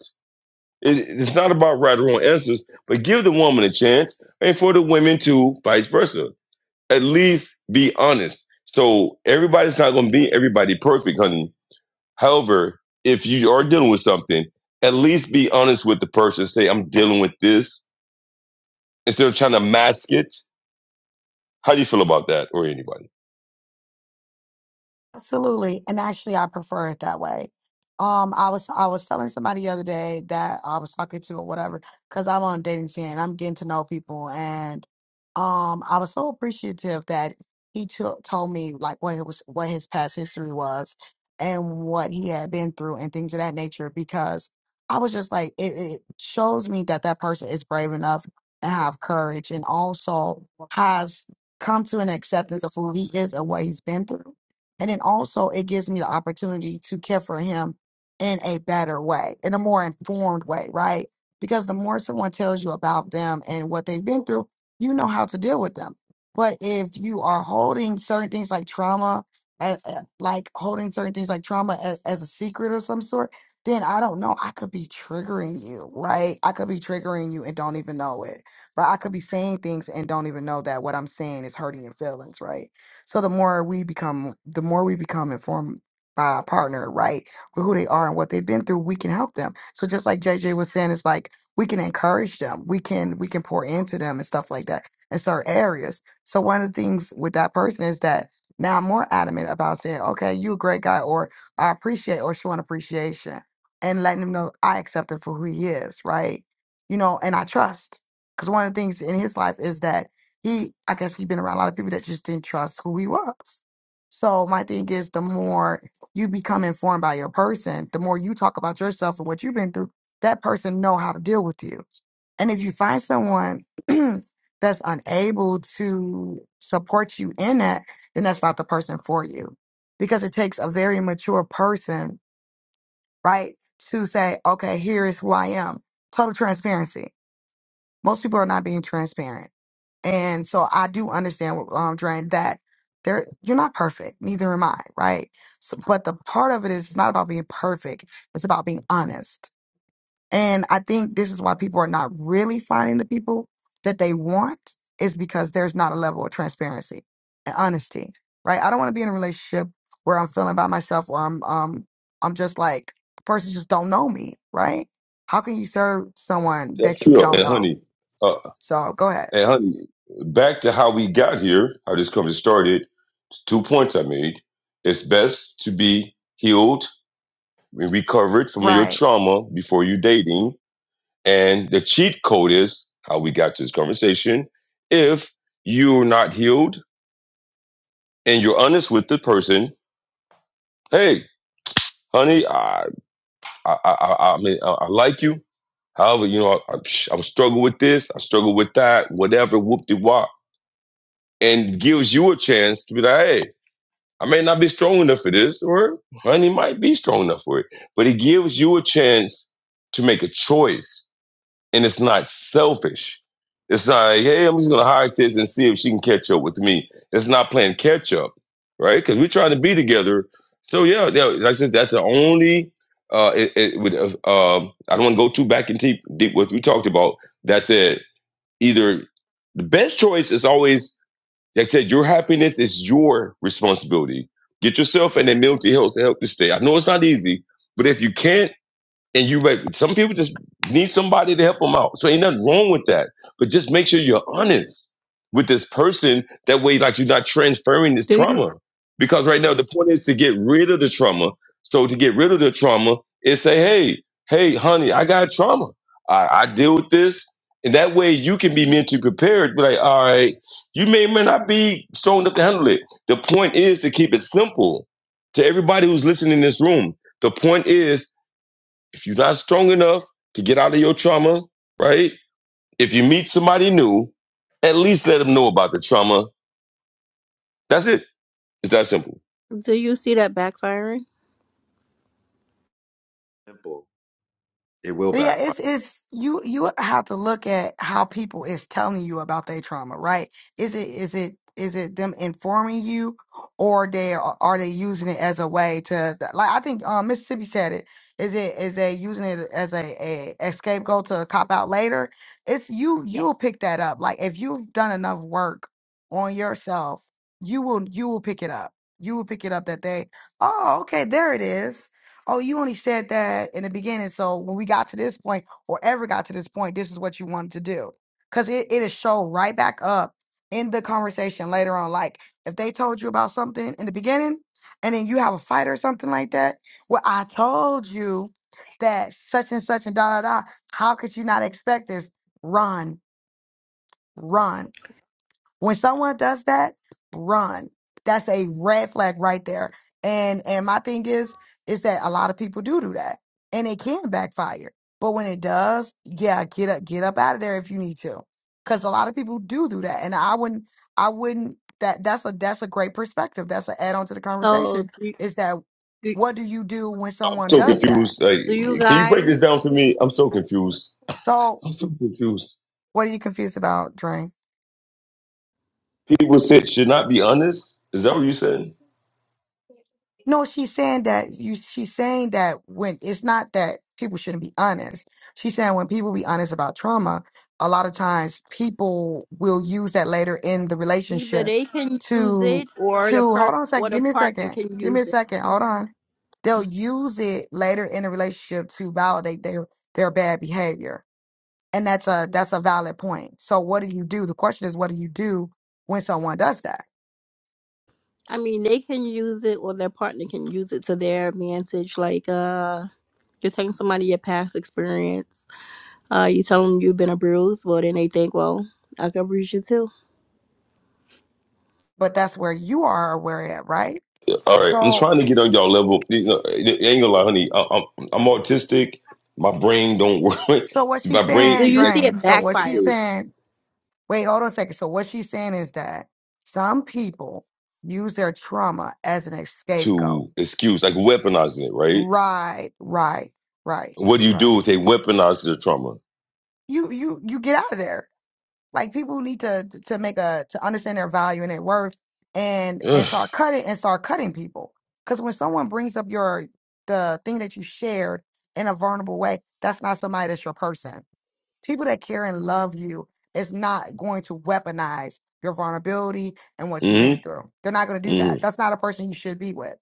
Speaker 3: It, it's not about right or wrong answers, but give the woman a chance and for the women too, vice versa. At least be honest. So everybody's not going to be everybody perfect, honey. However, if you are dealing with something, at least be honest with the person. Say, I'm dealing with this instead of trying to mask it. How do you feel about that or anybody?
Speaker 1: Absolutely. And actually I prefer it that way. Um I was I was telling somebody the other day that I was talking to or whatever, because I'm on dating scene and I'm getting to know people and um I was so appreciative that he took told me like what it was what his past history was and what he had been through and things of that nature because I was just like it, it shows me that that person is brave enough and have courage and also has come to an acceptance of who he is and what he's been through and then also it gives me the opportunity to care for him in a better way, in a more informed way, right? Because the more someone tells you about them and what they've been through, you know how to deal with them. But if you are holding certain things like trauma, a- a- like holding certain things like trauma as, as a secret or some sort, then I don't know. I could be triggering you, right? I could be triggering you and don't even know it. But I could be saying things and don't even know that what I'm saying is hurting your feelings, right? So the more we become, the more we become informed by our partner, right, with who they are and what they've been through, we can help them. So just like JJ was saying, it's like we can encourage them, we can we can pour into them and stuff like that in certain areas. So one of the things with that person is that now I'm more adamant about saying, okay, you a great guy, or I appreciate, or showing appreciation and letting him know I accept him for who he is, right? You know, and I trust. Because one of the things in his life is that he I guess he's been around a lot of people that just didn't trust who he was. So my thing is the more you become informed by your person, the more you talk about yourself and what you've been through, that person know how to deal with you. And if you find someone that's unable to support you in that, then that's not the person for you. Because it takes a very mature person, right, to say, okay, here is who I am. Total transparency. Most people are not being transparent and so I do understand what um Dren that there you're not perfect, neither am I, right? So but the part of it is it's not about being perfect, it's about being honest. And I think this is why people are not really finding the people that they want is because there's not a level of transparency and honesty. Right? I don't want to be in a relationship where I'm feeling by myself or I'm um I'm just like the person just don't know me, right? How can you serve someone
Speaker 3: That's
Speaker 1: that you
Speaker 3: true.
Speaker 1: don't
Speaker 3: And
Speaker 1: know?
Speaker 3: honey, uh,
Speaker 1: So go ahead.
Speaker 3: And honey, back to how we got here, how this conversation started, two points I made. It's best to be healed and recovered from your
Speaker 1: Right.
Speaker 3: trauma before you dating. And the cheat code is how we got to this conversation. If you're not healed and you're honest with the person, hey, honey, I I I, I, mean I, I like you. However, you know, I, I, am struggle with this, I struggle with that, whatever, whoop de wop. And gives you a chance to be like, hey, I may not be strong enough for this, or honey might be strong enough for it. But it gives you a chance to make a choice. And it's not selfish. It's not like, hey, I'm just gonna hire this and see if she can catch up with me. It's not playing catch up, right? Because we're trying to be together. So yeah, yeah like I said, that's the only uh it, it with uh, um I don't wanna go too back and deep deep what we talked about. That's it. Either the best choice is always like I said, your happiness is your responsibility. Get yourself and then Milton Hills to help this day. I know it's not easy, but if you can, not and you may, some people just need somebody to help them out. So ain't nothing wrong with that. But just make sure you're honest with this person. That way, like you're not transferring this
Speaker 6: Do you
Speaker 3: trauma. Because right now the point is to get rid of the trauma. So to get rid of the trauma is say, hey, hey, honey, I got trauma. I, I deal with this. And that way you can be mentally prepared. Be like, all right, you may or may not be strong enough to handle it. The point is to keep it simple. To everybody who's listening in this room, the point is if you're not strong enough to get out of your trauma, right? If you meet somebody new, at least let them know about the trauma. That's it. It's that simple.
Speaker 6: do you see that backfiring?
Speaker 5: simple, it will
Speaker 1: Yeah,
Speaker 5: backfire.
Speaker 1: it's it's you you have to look at how people is telling you about their trauma, right? Is it is it is it them informing you, or they are, are they using it as a way to like I think um, Mississippi said it. Is it is they using it as a, a, a scapegoat to cop out later? It's you Yeah. you'll pick that up. Like if you've done enough work on yourself, you will you will pick it up. You will pick it up that they oh okay there it is Oh, you only said that in the beginning. So when we got to this point, or ever got to this point, this is what you wanted to do. Because it, it'll show right back up in the conversation later on. Like if they told you about something in the beginning and then you have a fight or something like that, well, I told you that such and such and da da da. How could you not expect this? Run, run. When someone does that, run. That's a red flag right there. And and my thing is is that a lot of people do do that, and it can backfire. But when it does, yeah, get up, get up out of there if you need to, because a lot of people do do that. And I wouldn't, I wouldn't. That that's a that's a great perspective. That's an add on to the conversation.
Speaker 6: So do you-
Speaker 1: Is that
Speaker 6: do,
Speaker 1: what do you do when
Speaker 3: I'm
Speaker 1: someone
Speaker 3: so
Speaker 1: does that?
Speaker 3: confused. Like,
Speaker 6: do you
Speaker 3: can you break
Speaker 6: guys
Speaker 3: this down for me? I'm so confused.
Speaker 1: So
Speaker 3: I'm so confused.
Speaker 1: what are you confused about, Drain?
Speaker 3: People said should not be honest. Is that what you said?
Speaker 1: No, she's saying that you. She's saying that when it's not that people shouldn't be honest. She's saying when people be honest about trauma, a lot of times people will use that later in the
Speaker 6: either
Speaker 1: relationship
Speaker 6: they can use
Speaker 1: to
Speaker 6: it or
Speaker 1: to
Speaker 6: the
Speaker 1: hold
Speaker 6: per
Speaker 1: on a second.
Speaker 6: or the
Speaker 1: Give me a
Speaker 6: partner
Speaker 1: second.
Speaker 6: can
Speaker 1: Give me a
Speaker 6: use it.
Speaker 1: second. Hold on. They'll use it later in the relationship to validate their their bad behavior, and that's a that's a valid point. So what do you do? The question is, what do you do when someone does that?
Speaker 6: I mean, they can use it or their partner can use it to their advantage. Like, uh, you're telling somebody your past experience. Uh, you tell them you've been abused. Well, then they think, well, I can abuse you too.
Speaker 1: But that's where you are aware at, right?
Speaker 3: All right, I'm
Speaker 1: So
Speaker 3: trying to get on y'all level. You know, I ain't gonna lie, honey. I, I'm I'm autistic. My brain don't work.
Speaker 1: So what she's
Speaker 3: My brain
Speaker 6: Do
Speaker 1: saying,
Speaker 3: is
Speaker 6: you
Speaker 3: like
Speaker 6: see it
Speaker 1: Drain. So what
Speaker 6: backfiring?
Speaker 1: she's
Speaker 3: okay,
Speaker 1: saying, wait, hold on a second. So what she's saying is that some people use their trauma as an escape goat.
Speaker 3: to excuse, like weaponizing it, right?
Speaker 1: Right, right, right,
Speaker 3: What do you
Speaker 1: right.
Speaker 3: do if they weaponize their trauma?
Speaker 1: You you you get out of there. Like people need to to make a to understand their value and their worth and
Speaker 3: Mm
Speaker 1: and start cutting and start cutting people. Cause when someone brings up your the thing that you shared in a vulnerable way, that's not somebody that's your person. people that care and love you is not going to weaponize your vulnerability and what you've
Speaker 3: hmm mm
Speaker 1: been through. They're not going to do that.
Speaker 3: hmm
Speaker 1: That's not a person you should be with.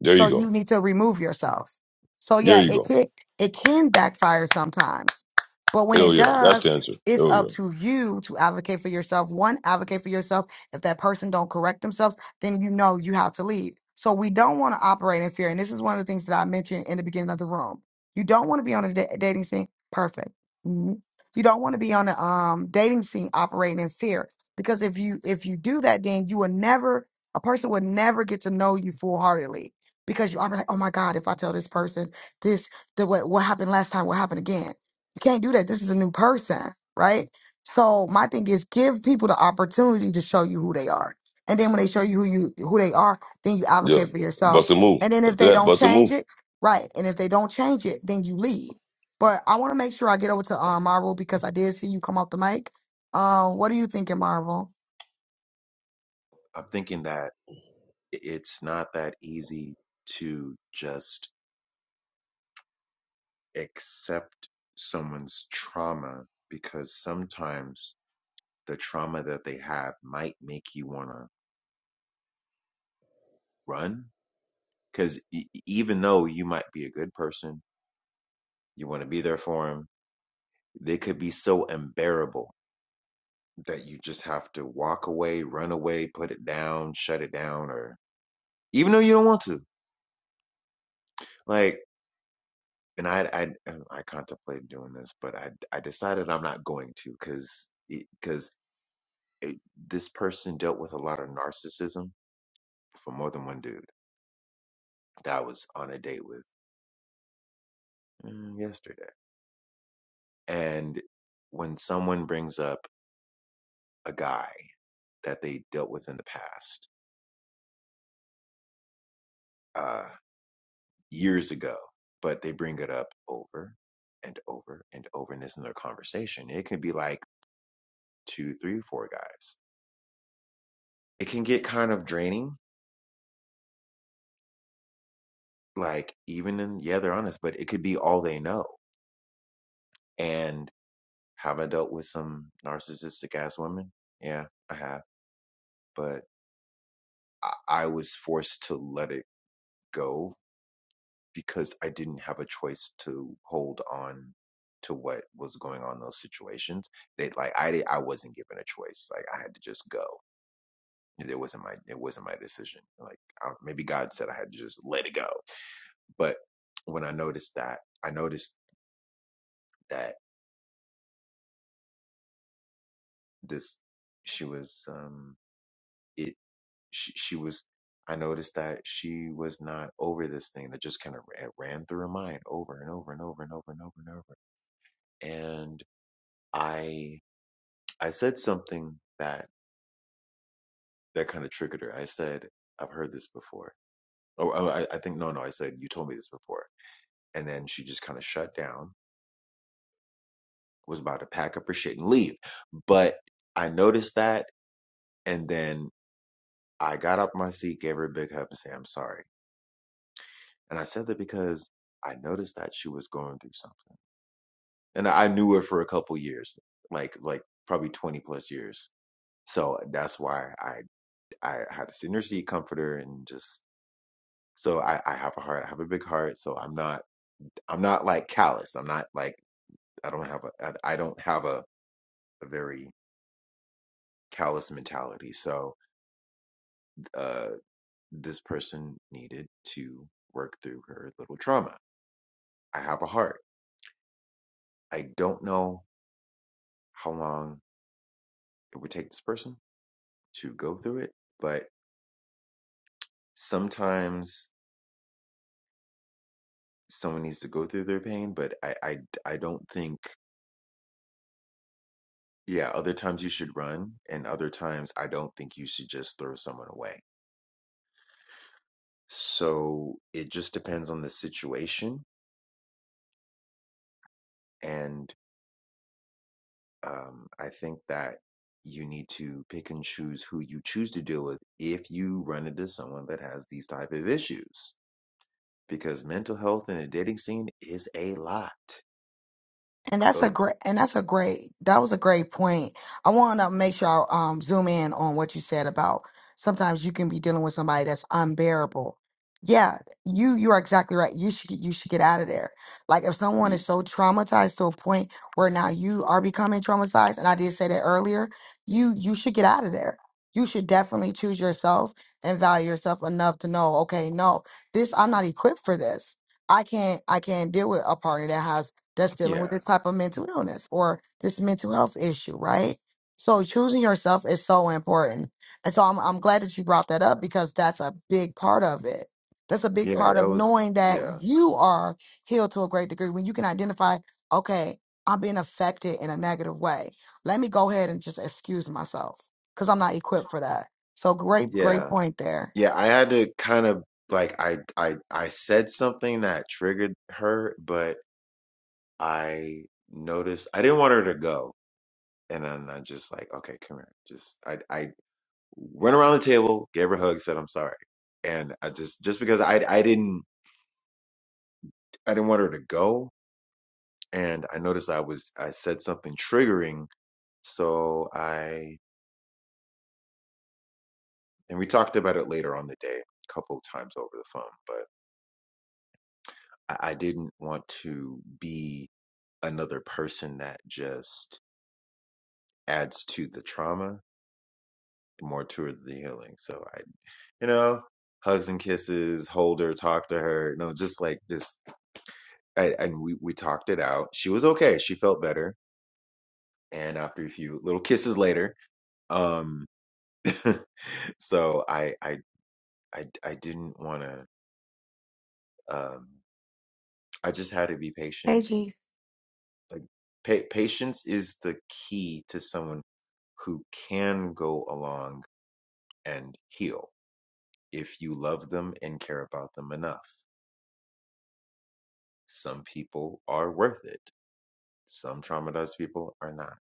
Speaker 3: There
Speaker 1: So
Speaker 3: you go.
Speaker 1: you need to remove yourself. So
Speaker 3: There
Speaker 1: yeah,
Speaker 3: you
Speaker 1: it
Speaker 3: go.
Speaker 1: can it can backfire sometimes. But when
Speaker 3: Hell
Speaker 1: it
Speaker 3: yeah. That's
Speaker 1: does,
Speaker 3: the answer.
Speaker 1: it's
Speaker 3: Hell
Speaker 1: up
Speaker 3: yeah.
Speaker 1: to you to advocate for yourself. One, advocate for yourself. If that person don't correct themselves, then you know you have to leave. So we don't want to operate in fear. And this is one of the things that I mentioned in the beginning of the room. You don't want to be on a da- dating scene. Perfect. Mhm. You don't want to be on a um, dating scene operating in fear because if you if you do that, then you will never a person would never get to know you full heartedly because you already like, oh my God, if I tell this person this, the what what happened last time will happen again. You can't do that. This is a new person, right? So my thing is give people the opportunity to show you who they are. And then when they show you who you who they are, then you
Speaker 3: Yeah.
Speaker 1: advocate for yourself.
Speaker 3: Bust a move.
Speaker 1: And then if
Speaker 3: After
Speaker 1: they
Speaker 3: that,
Speaker 1: don't
Speaker 3: bust a move.
Speaker 1: change it, right. And if they don't change it, then you leave. But I want to make sure I get over to um, Marvel because I did see you come off the mic. Um, what are you thinking, Marvel?
Speaker 5: I'm thinking that it's not that easy to just accept someone's trauma because sometimes the trauma that they have might make you want to run. Because e- e, even though you might be a good person, you want to be there for them, they could be so unbearable that you just have to walk away, run away, put it down, shut it down, or even though you don't want to. Like, and I, I and I contemplated doing this, but I I decided I'm not going to because because this person dealt with a lot of narcissism for more than one dude that I was on a date with mm, yesterday. And when someone brings up a guy that they dealt with in the past uh, years ago, but they bring it up over and over and over in this in their conversation, it can be like two, three, four guys. It can get kind of draining like even in yeah they're honest but it could be all they know and have i dealt with some narcissistic ass women yeah i have but I, I was forced to let it go because i didn't have a choice to hold on to what was going on in those situations they like i did i wasn't given a choice like i had to just go it wasn't my it wasn't my decision like I, maybe god said i had to just let it go but when i noticed that i noticed that this she was um it she, she was i noticed that she was not over this thing that just kind of ran, ran through her mind over and over and over and over and over and over and i i said something that that kind of triggered her i said i've heard this before oh i, I I think no no i said you told me this before and then she just kind of shut down was about to pack up her shit and leave but i noticed that and then i got up my seat gave her a big hug and said i'm sorry And I said that because I noticed that she was going through something. And I knew her for a couple years, like like probably 20 plus years. So that's why I I had a senior seat comforter and just so I, I have a heart, I have a big heart. So I'm not I'm not like callous. I'm not like I don't have a I I don't have a, a very callous mentality. So uh this person needed to work through her little trauma. I have a heart. I don't know how long it would take this person to go through it, but sometimes someone needs to go through their pain, but I I I don't think yeah, other times you should run and other times I don't think you should just throw someone away. So it just depends on the situation and um I think that you need to pick and choose who you choose to deal with if you run into someone that has these type of issues because mental health in a dating scene is a lot
Speaker 1: And that's a
Speaker 5: of
Speaker 1: great, and that's a great, that was a great point. I want to make sure I um, zoom in on what you said about sometimes you can be dealing with somebody that's unbearable. Yeah, you you are exactly right. You should you should get out of there. Like if someone
Speaker 5: y-
Speaker 1: is so traumatized to a point where now you are becoming traumatized, and I did say that earlier, you you should get out of there. You should definitely choose yourself and value yourself enough to know, okay, no, this I'm not equipped for this. I can't I can't deal with a partner that has that's dealing with
Speaker 5: yeah
Speaker 1: this type of mental illness or this mental health issue, right? So choosing yourself is so important. And so I'm I'm glad that you brought that up because that's a big part of it. That's a big
Speaker 5: Yeah,
Speaker 1: part
Speaker 5: that
Speaker 1: of
Speaker 5: was
Speaker 1: knowing that
Speaker 5: yeah.
Speaker 1: you are healed to a great degree when you can identify, okay, I'm being affected in a negative way. Let me go ahead and just excuse myself because I'm not equipped for that. So great, great
Speaker 5: Yeah.
Speaker 1: point there.
Speaker 5: Yeah, I had to kind of like I I I said something that triggered her, but I noticed I didn't want her to go. And then I just like, okay, come here. Just I I went around the table, gave her a hug, said I'm sorry. And I just just because I I didn't I didn't want her to go and I noticed I was I said something triggering, so I and we talked about it later on the day, a couple times over the phone, but I, I didn't want to be another person that just adds to the trauma more towards the healing. So I, you know, hugs and kisses, hold her, talk to her, no, just like just, I, and we we talked it out. She was okay. She felt better. And after a few little kisses later, um, so I I I I didn't want to. Um, I just had to be patient
Speaker 1: Hey. G.
Speaker 5: Like pa- patience is the key to someone who can go along and heal if you love them and care about them enough. Some people are worth it. Some traumatized people are not.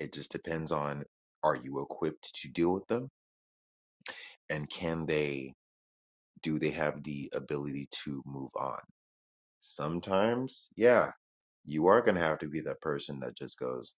Speaker 5: It just depends on are you equipped to deal with them and can they do they have the ability to move on? Sometimes, yeah, you are going to have to be that person that just goes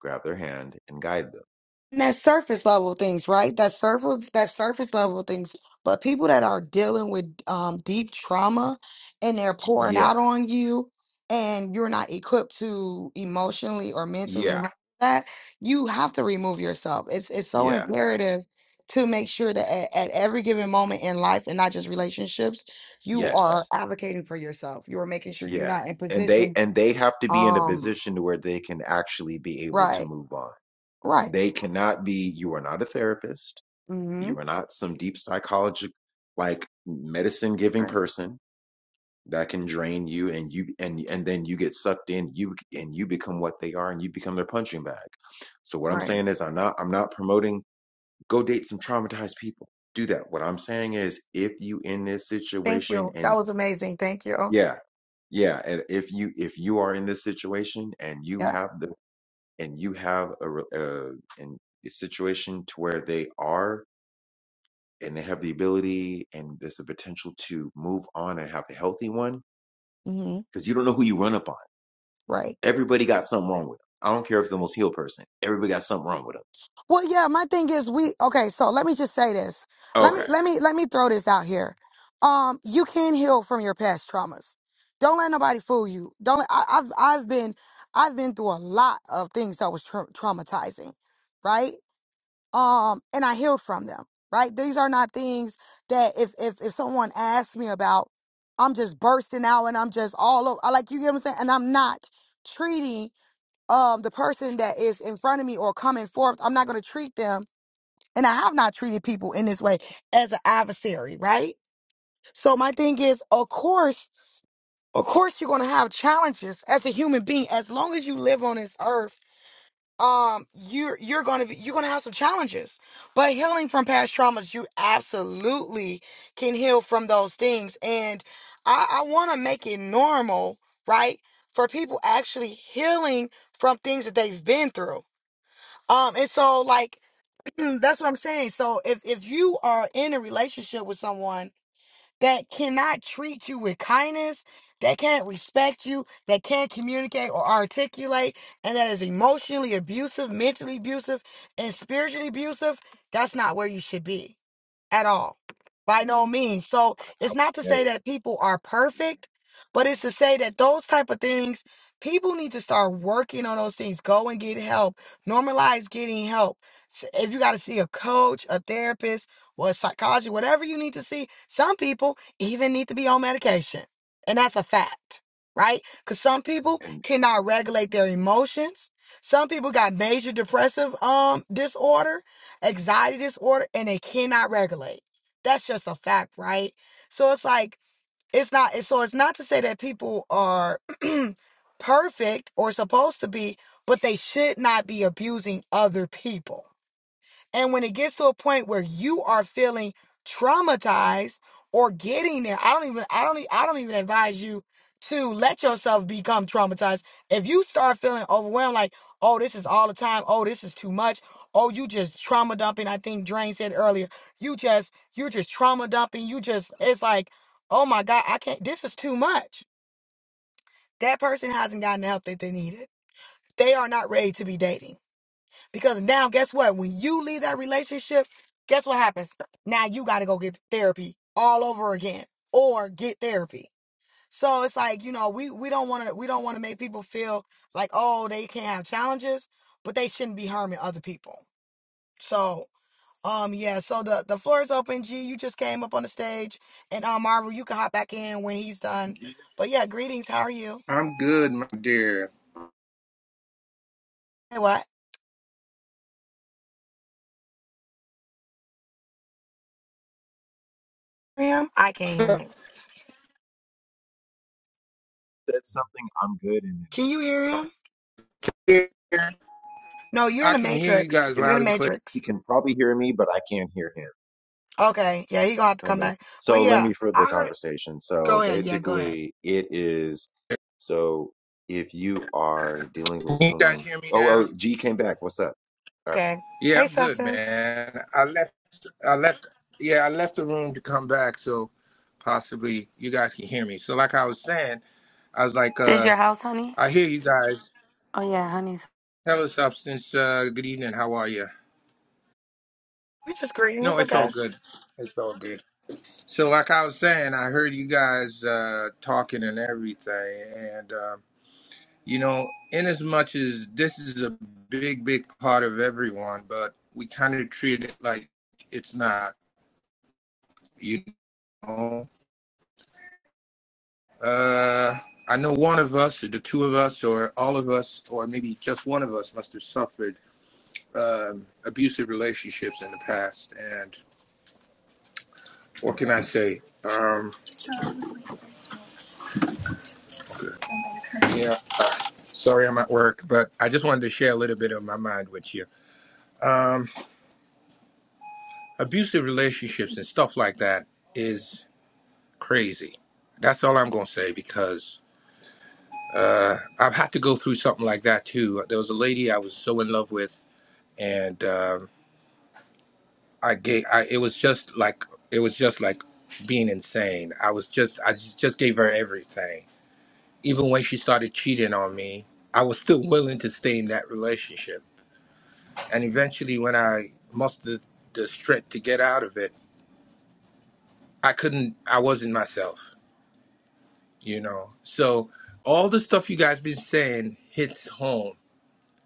Speaker 5: grab their hand and guide them.
Speaker 1: And that surface level things, right? That surface that surface level things. But people that are dealing with um, deep trauma and they're pouring
Speaker 5: Yeah.
Speaker 1: out on you and you're not equipped to emotionally or mentally
Speaker 5: Yeah.
Speaker 1: handle that, you have to remove yourself. It's it's so
Speaker 5: Yeah
Speaker 1: imperative to make sure that at, at every given moment in life and not just relationships, you are
Speaker 5: Yes.
Speaker 1: advocating for yourself. You are making sure you're
Speaker 5: Yeah.
Speaker 1: not in
Speaker 5: And they
Speaker 1: positions.
Speaker 5: and they have to be in a
Speaker 1: Um,
Speaker 5: position to where they can actually be able to
Speaker 1: right,
Speaker 5: move on.
Speaker 1: right.
Speaker 5: They cannot be, you are not a therapist,
Speaker 1: Mm-hmm.
Speaker 5: you are not some deep psychological like medicine giving
Speaker 1: Right,
Speaker 5: person that can drain you and you and and then you get sucked in you and you become what they are and you become their punching bag. So what I'm
Speaker 1: right.
Speaker 5: saying is I'm not I'm not promoting go date some traumatized people. Do that. What I'm saying is if you in this
Speaker 1: Thank
Speaker 5: situation
Speaker 1: you.
Speaker 5: and
Speaker 1: That was amazing. Thank you. Oh,
Speaker 5: Yeah. Yeah, and if you if you are in this situation and you
Speaker 1: Yeah.
Speaker 5: have the and you have a re- uh in a situation to where they are and they have the ability and there's the potential to move on and have a healthy one
Speaker 1: hmm
Speaker 5: because you don't know who you run up on.
Speaker 1: Right.
Speaker 5: Everybody got something wrong with them. I don't care if it's the most healed person. Everybody got something wrong with them.
Speaker 1: Well, yeah, my thing is we okay, so let me just say this. Let me
Speaker 5: Okay.
Speaker 1: let me let me throw this out here. Um, you can heal from your past traumas. Don't let nobody fool you. Don't let, I, I've I've been I've been through a lot of things that was tra- traumatizing, right? Um, and I healed from them, right? These are not things that if if if someone asks me about, I'm just bursting out and I'm just all over like you get what I'm saying, and I'm not treating um the person that is in front of me or coming forth i'm not going to treat them and i have not treated people in this way as an adversary right so my thing is of course of course you're going to have challenges as a human being as long as you live on this earth um you're you're going to be you're going to have some challenges but healing from past traumas you absolutely can heal from those things and i i want to make it normal right for people actually healing from things that they've been through um, and so like that's what I'm saying. So if if you are in a relationship with someone that cannot treat you with kindness, that can't respect you, that can't communicate or articulate, and that is emotionally abusive, mentally abusive, and spiritually abusive, that's not where you should be at all. By no means. So
Speaker 5: I
Speaker 1: it's not to
Speaker 5: never
Speaker 1: say that people are perfect, but it's to say that those type of things, people need to start working on those things. Go and get help. Normalize getting help. S- If you got to see a coach, a therapist, or a psychologist, whatever you need to see, some people even need to be on medication. And that's a fact, right? Because some people
Speaker 5: and
Speaker 1: cannot regulate their emotions. Some people got major depressive um disorder anxiety disorder and they cannot regulate. That's just a fact, right? So it's like it's not so it's not to say that people are perfect or supposed to be, but they should not be abusing other people. And when it gets to a point where you are feeling traumatized or getting there, I don't even I don't e- I don't even advise you to let yourself become traumatized. If you start feeling overwhelmed like, "Oh, this is all the time. Oh, this is too much." Oh, you just trauma dumping. I think Drain said earlier, you just you're just trauma dumping. You just it's like, "Oh my god, I can't. This is too much." That person hasn't gotten the help that they needed. They are not ready to be dating because now, guess what? When you leave that relationship, guess what happens? Now you got to go get therapy all over again or get therapy. So it's like, you know, we, we don't want to, we don't want to make people feel like, oh, they can't have challenges, but they shouldn't be harming other people. So, um, yeah, so the, the floor is open. G, you just came up on the stage and, um, Marvel, you can hop back in when he's done. But yeah, greetings. How are you?
Speaker 7: I'm good, my dear.
Speaker 1: Hey, what? Him? I can't hear
Speaker 7: I
Speaker 1: him.
Speaker 5: said something I'm good and then
Speaker 1: Can
Speaker 5: it
Speaker 1: you
Speaker 5: just cut.
Speaker 1: hear him?
Speaker 7: can
Speaker 1: No, you're in the
Speaker 7: hear you
Speaker 1: matrix.
Speaker 5: he
Speaker 7: guys
Speaker 5: can
Speaker 1: You're in
Speaker 7: loud
Speaker 1: the
Speaker 7: and clear.
Speaker 1: matrix.
Speaker 5: he can probably hear me but I can't hear him.
Speaker 1: Okay. Yeah, he gonna have to come
Speaker 5: Amen.
Speaker 1: back. But
Speaker 5: So let
Speaker 1: yeah,
Speaker 5: me further the
Speaker 1: I heard it.
Speaker 5: conversation.
Speaker 1: Go
Speaker 5: So
Speaker 1: ahead. Yeah, go ahead.
Speaker 5: basically, it is so if you are dealing
Speaker 7: Can
Speaker 5: with
Speaker 7: you guys
Speaker 5: someone.
Speaker 7: hear me
Speaker 5: Oh,
Speaker 7: now?
Speaker 5: oh, G came back. What's up? All right.
Speaker 1: Okay.
Speaker 7: Yeah,
Speaker 1: Hey,
Speaker 7: I'm good,
Speaker 1: substance.
Speaker 7: man. I left I left yeah, I left the room to come back so possibly you guys can hear me. So like I was saying, I was like,
Speaker 8: This
Speaker 7: uh,
Speaker 8: your house, honey?
Speaker 7: I hear you guys.
Speaker 8: Oh yeah, honey.
Speaker 7: Hello substance, uh, good evening, how are you?
Speaker 1: We just greeting.
Speaker 7: No,
Speaker 1: It's
Speaker 7: it's all
Speaker 1: okay.
Speaker 7: good. It's all good. So like I was saying, I heard you guys uh talking and everything and. um, You know, in as much as this is a big, big part of everyone, but we kind of treat it like it's not, you know. Uh, I know one of us, or the two of us, or all of us, or maybe just one of us must have suffered um, abusive relationships in the past. And what can I say? Um, yeah, uh, sorry I'm at work, but I just wanted to share a little bit of my mind with you. Um, abusive relationships and stuff like that is crazy. That's all I'm gonna say because uh, I've had to go through something like that too. There was a lady I was so in love with, and um, I gave. I, it was just like it was just like being insane. I was just I just just gave her everything. Even when she started cheating on me, I was still willing to stay in that relationship. And eventually, when I mustered the strength to get out of it, I couldn't. I wasn't myself, you know. So all the stuff you guys been saying hits home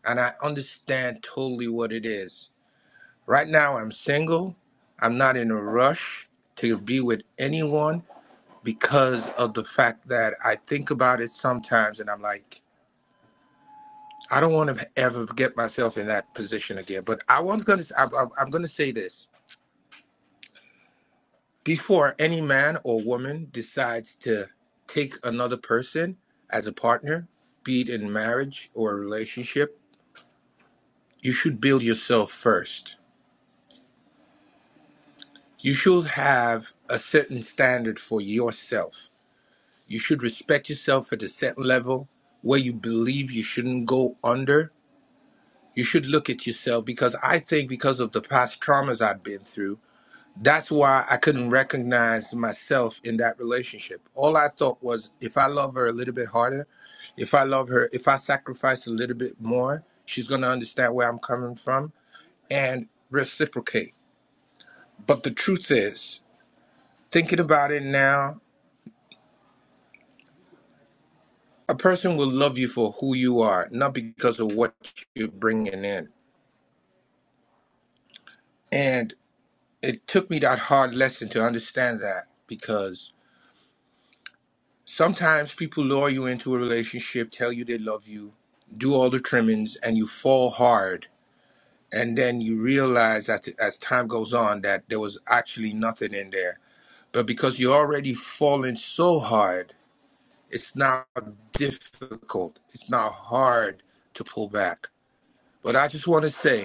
Speaker 7: and I understand totally what it is. Right now, I'm single. I'm not in a rush to be with anyone because of the fact that I think about it sometimes and I'm like, I don't want to ever get myself in that position again. But I was going to, I'm, I'm I'm going to say this before any man or woman decides to take another person as a partner, be it in marriage or a relationship, you should build yourself first You should have a certain standard for yourself. You should respect yourself at a certain level where you believe you shouldn't go under. You should look at yourself because I think because of the past traumas I'd been through, that's why I couldn't recognize myself in that relationship. All I thought was if I love her a little bit harder, if I love her, if I sacrifice a little bit more, she's going to understand where I'm coming from and reciprocate. But the truth is, thinking about it now a person will love you for who you are, not because of what you're bringing in. And it took me that hard lesson to understand that because sometimes people lure you into a relationship, tell you they love you, do all the trimmings, and you fall hard. And then you realize that as time goes on that there was actually nothing in there. But because you're already falling so hard, it's now difficult. It's now hard to pull back. But I just want to say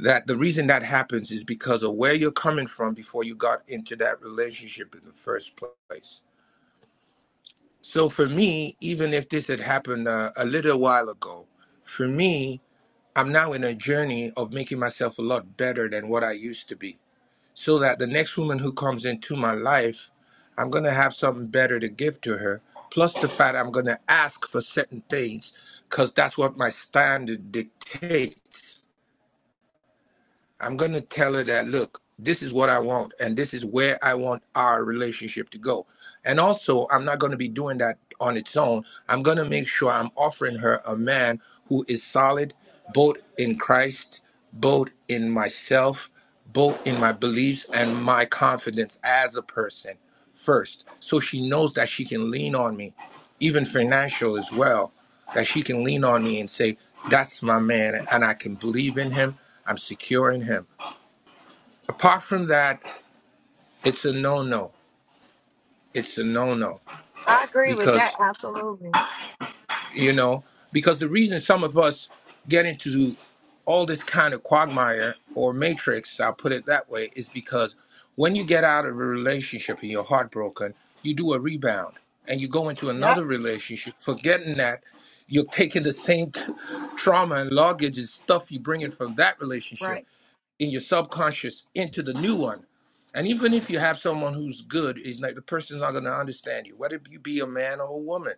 Speaker 7: that the reason that happens is because of where you're coming from before you got into that relationship in the first place. So for me, even if this had happened uh, a little while ago, for me, I'm now in a journey of making myself a lot better than what I used to be. So that the next woman who comes into my life, I'm going to have something better to give to her. Plus the fact I'm going to ask for certain things because that's what my standard dictates I'm going to tell her that, look, this is what I want, and this is where I want our relationship to go. And also, I'm not going to be doing that on its own. I'm going to make sure I'm offering her a man who is solid, both in Christ, both in myself, both in my beliefs, and my confidence as a person first. So she knows that she can lean on me, even financial as well that she can lean on me and say, That's my man, and I can believe in him. I'm secure in him. Apart from that, it's a no no. It's a no no.
Speaker 1: I agree with that.
Speaker 7: Because
Speaker 1: Absolutely.
Speaker 7: you know because the reason some of us get into all this kind of quagmire or matrix i'll put it that way is because when you get out of a relationship and you're heartbroken you do a rebound and you go into
Speaker 1: Yep.
Speaker 7: another relationship forgetting that you're taking the same t- trauma and luggage and stuff you bring in from that relationship
Speaker 1: Right.
Speaker 7: in your subconscious into the new one and even if you have someone who's good is like the person's not going to understand you whether you be a man or a woman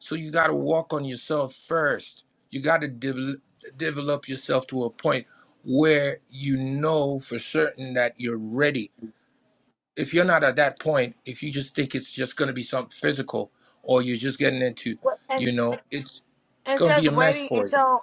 Speaker 7: so you got to walk on yourself first. You got to devel develop yourself to a point where you know for certain that you're ready. If you're not at that point, if you just think it's just going to be something physical or you're just getting into,
Speaker 1: Well, and
Speaker 7: you know, it's it's
Speaker 1: and
Speaker 7: going to be
Speaker 1: just
Speaker 7: a mess
Speaker 1: waiting
Speaker 7: for you.
Speaker 1: until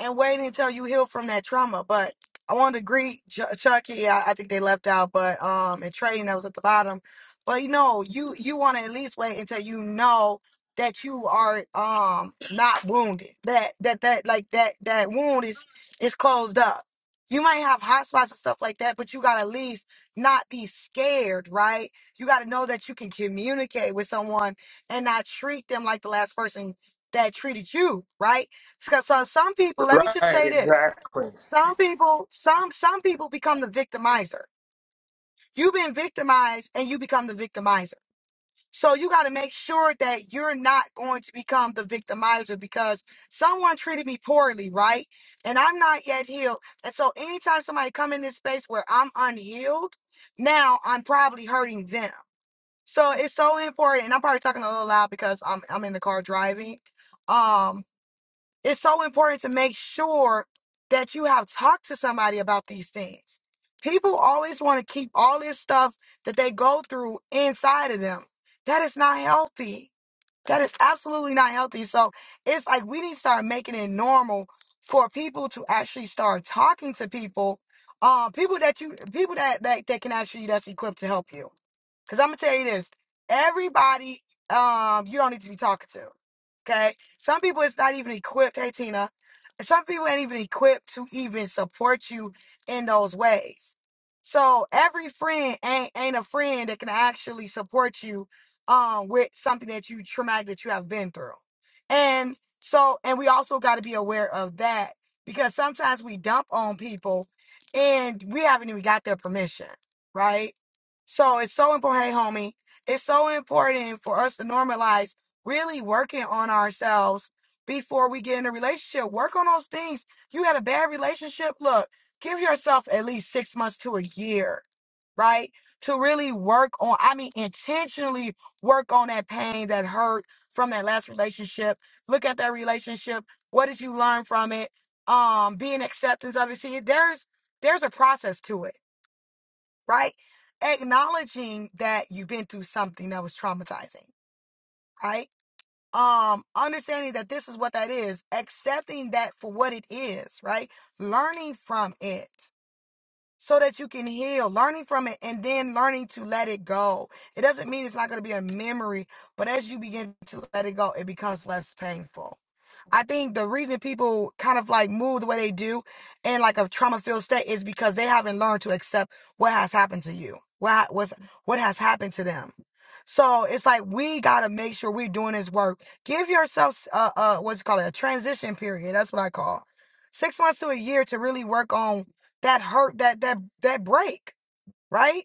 Speaker 1: and wait until you heal from that trauma. But I wanted to greet Ch- Chucky. I, I think they left out, but um, and trading that was at the bottom. But you know, you you want to at least wait until you know that you are um not wounded. That that that like that that wound is is closed up. You might have hot spots and stuff like that, but you gotta at least not be scared, right? You gotta know that you can communicate with someone and not treat them like the last person that treated you, right? So so some people, let me just
Speaker 7: Right,
Speaker 1: say this.
Speaker 7: exactly.
Speaker 1: Some people, some some people become the victimizer. You've been victimized and you become the victimizer. So you got to make sure that you're not going to become the victimizer because someone treated me poorly, right? And I'm not yet healed. And so anytime somebody come in this space where I'm unhealed, now I'm probably hurting them. So it's so important. And I'm probably talking a little loud because I'm I'm in the car driving. um it's so important to make sure that you have talked to somebody about these things. People always want to keep all this stuff that they go through inside of them. That is not healthy. That is absolutely not healthy. So it's like we need to start making it normal for people to actually start talking to people, uh, people that you, people that, that that can actually that's equipped to help you. Cause I'm gonna tell you this. Everybody um you don't need to be talking to. Okay? Some people it's not even equipped, hey Tina. Some people ain't even equipped to even support you in those ways. So every friend ain't ain't a friend that can actually support you um with something that you traumatic that you have been through. And so and we also gotta be aware of that because sometimes we dump on people and we haven't even got their permission, right? So it's so important. Hey, homie, it's so important for us to normalize really working on ourselves before we get in a relationship. Work on those things. You had a bad relationship. Look, give yourself at least six months to a year, right? To really work on, I mean, intentionally work on that pain, that hurt from that last relationship. Look at that relationship. What did you learn from it? Um, be in acceptance of it. See, there's there's a process to it right? Acknowledging that you've been through something that was traumatizing, right? Um, understanding that this is what that is, accepting that for what it is, right? Learning from it so that you can heal, learning from it, and then learning to let it go. It doesn't mean it's not going to be a memory, but as you begin to let it go, it becomes less painful I think the reason people kind of like move the way they do in like a trauma filled state is because they haven't learned to accept what has happened to you, what ha- what's, what has happened to them. So it's like we gotta make sure we're doing this work. Give yourself uh uh what's it called a transition period. That's what I call six months to a year to really work on that hurt that that that break. Right?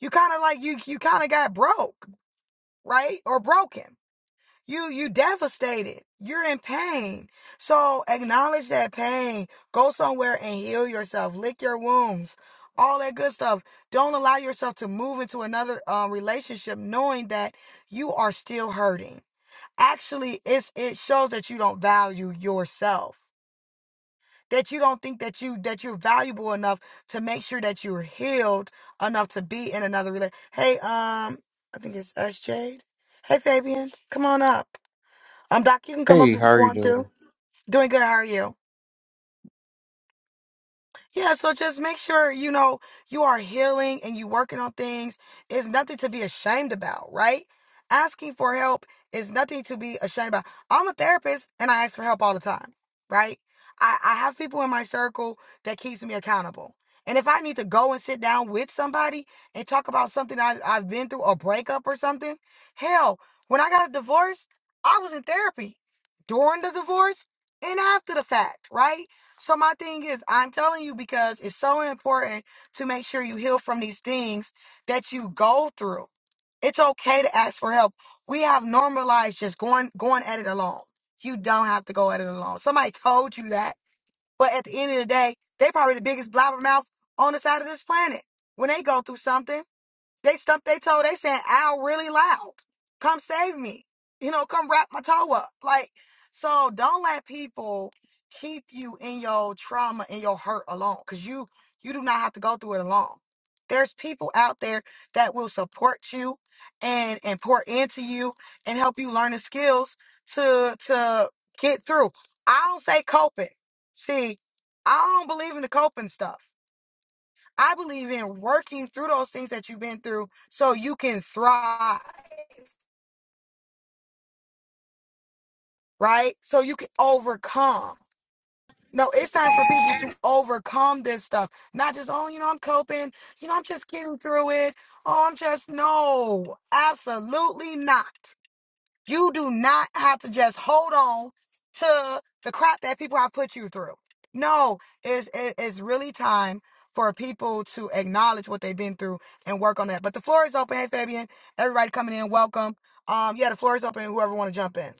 Speaker 1: You kind of like you you kind of got broke, right? Or broken you you devastated. You're in pain. So acknowledge that pain. Go somewhere and heal yourself. Lick your wounds. All that good stuff. Don't allow yourself to move into another um, relationship knowing that you are still hurting. Actually, it's it shows that you don't value yourself. That you don't think that you that you're valuable enough to make sure that you're healed enough to be in another relationship. Hey, um, I think it's us, Jade. Hey, Fabian, come on up. I'm Doc. You can come up
Speaker 9: Hey,
Speaker 1: if you
Speaker 9: how are you
Speaker 1: want to.
Speaker 9: doing?
Speaker 1: Doing good. How are you? Yeah, so just make sure you know you are healing and you working on things It's nothing to be ashamed about, right? Asking for help is nothing to be ashamed about. I'm a therapist and I ask for help all the time, right? I, I have people in my circle that keeps me accountable. And if I need to go and sit down with somebody and talk about something I, I've been through, a breakup or something, hell, when I got a divorce, I was in therapy during the divorce and after the fact, right? So my thing is, I'm telling you because it's so important to make sure you heal from these things that you go through. It's okay to ask for help. We have normalized just going going at it alone. You don't have to go at it alone. Somebody told you that, but at the end of the day, they probably the biggest blabbermouth on the side of this planet. When they go through something. They stumped their toe. They saying ow really loud. Come save me. You know, come wrap my toe up. Like, so don't let people keep you in your trauma and your hurt alone. Cause you you do not have to go through it alone. There's people out there that will support you and and pour into you and help you learn the skills to to get through. I don't say coping. See, I don't believe in the coping stuff. I believe in working through those things that you've been through so you can thrive, right? So you can overcome. No, it's time for people to overcome this stuff. Not just, oh, you know, I'm coping. You know, I'm just getting through it. Oh, I'm just, no, absolutely not. You do not have to just hold on to the crap that people have put you through. No, it's it- it's really time for people to acknowledge what they've been through and work on that. But the floor is open. Hey, Fabian, everybody coming in, welcome. Um, yeah, the floor is open. Whoever want to jump in.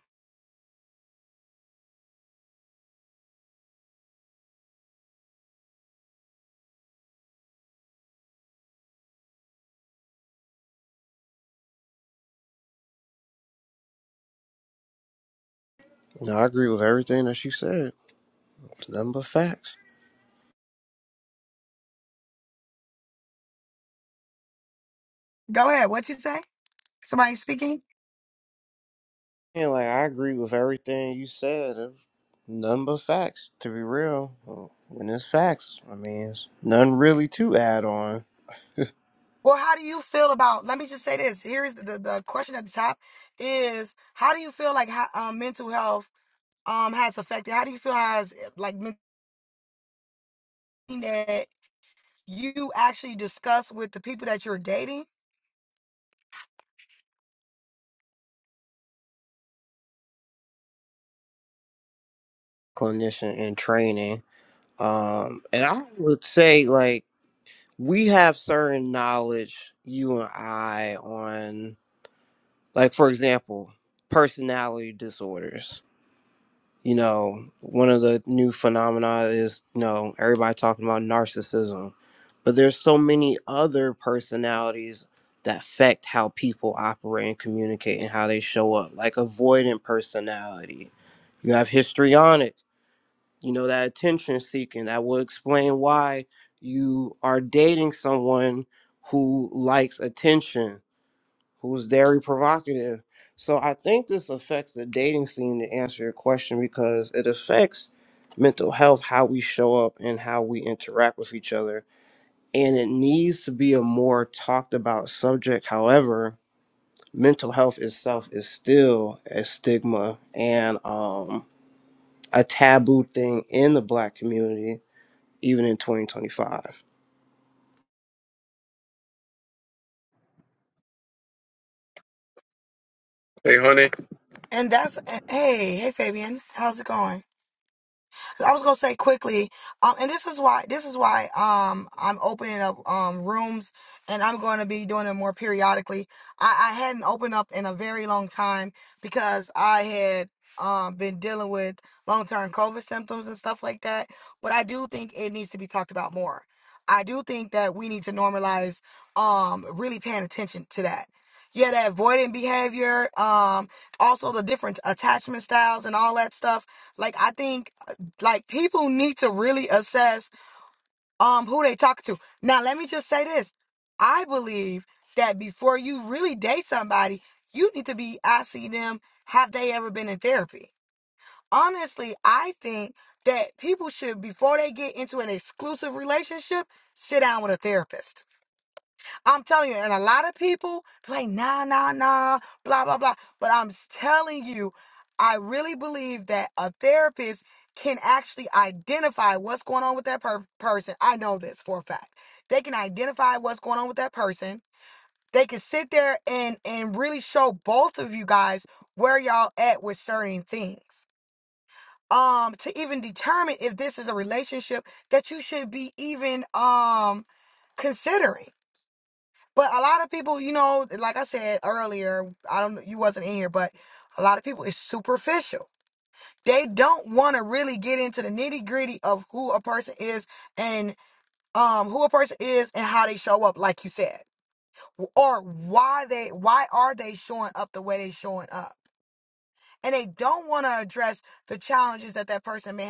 Speaker 9: No, I agree with everything that she said. It's nothing but facts.
Speaker 1: Go ahead. What you say? Somebody speaking?
Speaker 9: Yeah, like I agree with everything you said. It's Nothing but facts, to be real. Well, When it's facts, I mean, it's nothing really to add on.
Speaker 1: Well, how do you feel about? Let me just say this. Here's the the question at the top: is how do you feel like ha- um, mental health? um has affected how do you feel has eh, like mentioning that you actually discuss with the people that you're dating
Speaker 9: Clinician and training. Um, and I would say like we have certain knowledge, you and I, on like for example, personality disorders You know, one of the new phenomena is, you know, everybody talking about narcissism, but there's so many other personalities that affect how people operate and communicate and how they show up, like avoidant personality. You have histrionic, you know, that attention seeking. That will explain why you are dating someone who likes attention who's very provocative. So I think this affects the dating scene to answer your question because it affects mental health, how we show up and how we interact with each other. And it needs to be a more talked about subject. However, mental health itself is still a stigma and um, a taboo thing in the black community, even in 2025.
Speaker 10: Hey, honey.
Speaker 1: and that's eh, hey hey fabian how's it going I was gonna say quickly, um, and this is why this is why um I'm opening up um rooms, and I'm going to be doing it more periodically. I, I hadn't opened up in a very long time because I had um been dealing with long term COVID symptoms and stuff like that. But I do think it needs to be talked about more. I do think that we need to normalize um really paying attention to that. Yeah, that avoidant behavior, um, also the different attachment styles and all that stuff. Like I think like people need to really assess um who they talk to. Now let me just say this. I believe that before you really date somebody, you need to be asking them, have they ever been in therapy? Honestly, I think that people should before they get into an exclusive relationship, sit down with a therapist. I'm telling you, and a lot of people be like, nah, nah, nah, blah, blah, blah. But I'm telling you, I really believe that a therapist can actually identify what's going on with that per- person. I know this for a fact. They can identify what's going on with that person. They can sit there and and really show both of you guys where y'all at with certain things. Um, to even determine if this is a relationship that you should be even um considering. But a lot of people, you know, like I said earlier, I don't you wasn't in here, but a lot of people is superficial. They don't want to really get into the nitty gritty of who a person is and um who a person is and how they show up, like you said, or why they why are they showing up the way they showing up, and they don't want to address the challenges that that person may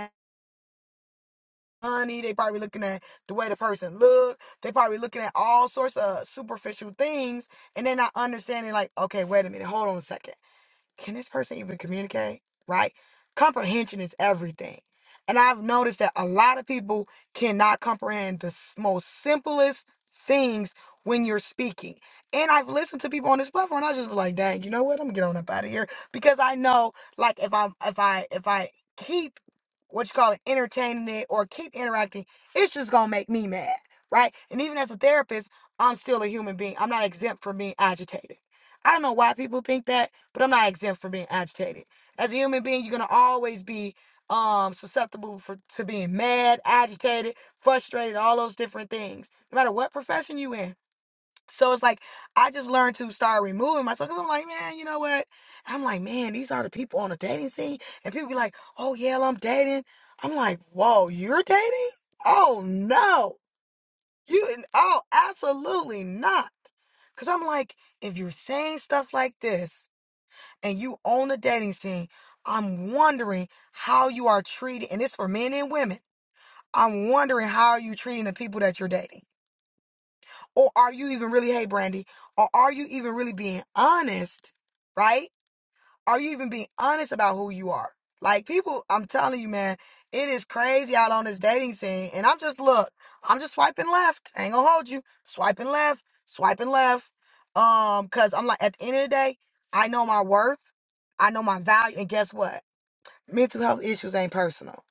Speaker 1: money. They probably looking at the way the person look. They probably looking at all sorts of superficial things, and they're not understanding. Like, okay, wait a minute, hold on a second can this person even communicate? Right? Comprehension is everything. And I've noticed that a lot of people cannot comprehend the s- most simplest things when you're speaking. And I've listened to people on this platform, and I just be like, dang, you know what? I'm gonna get on up out of here. Because I know like if I'm if I if I keep what you call it, entertaining it or keep interacting, it's just gonna make me mad. Right? And even as a therapist, I'm still a human being. I'm not exempt from being agitated. I don't know why people think that, but I'm not exempt from being agitated. As a human being, you're gonna always be um susceptible for to being mad, agitated, frustrated, all those different things, no matter what profession you in. So it's like I just learned to start removing myself because I'm like, man, you know what? I'm like, man, these are the people on the dating scene, and people be like, oh yeah, I'm dating. I'm like, whoa, you're dating? Oh no! You and oh, absolutely not. Cause I'm like, if you're saying stuff like this and you own the dating scene, I'm wondering how you are treating, and it's for men and women. I'm wondering how are you treating the people that you're dating, or are you even really, hey Brandy, or are you even really being honest, right? Are you even being honest about who you are? Like people, I'm telling you, man, it is crazy out on this dating scene. And I'm just look, I'm just swiping left. I ain't gonna hold you. Swiping left, swiping left. Um, cause I'm like at the end of the day, I know my worth, I know my value, and guess what? Mental health issues ain't personal.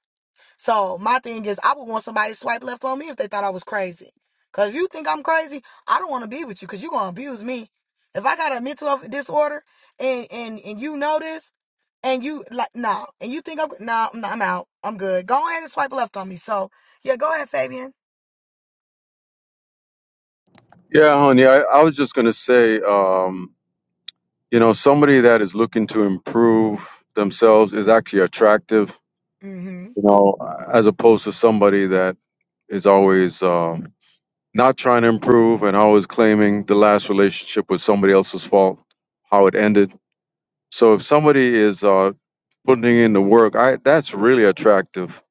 Speaker 1: So my thing is I would want somebody to swipe left on me if they thought I was crazy. Cause if you think I'm crazy, I don't wanna be with you because you gonna abuse me. If I got a mental health disorder and and and you know this and you like nah, and you think I'm nah, I'm, I'm out. I'm good. Go ahead and swipe left on me. So yeah, go ahead, Fabian.
Speaker 10: Yeah, honey, I, I was just going to say, um, you know, somebody that is looking to improve themselves is actually attractive,
Speaker 1: Mm-hmm.
Speaker 10: you know, as opposed to somebody that is always um, not trying to improve and always claiming the last relationship was somebody else's fault, how it ended. So if somebody is uh, putting in the work, I that's really attractive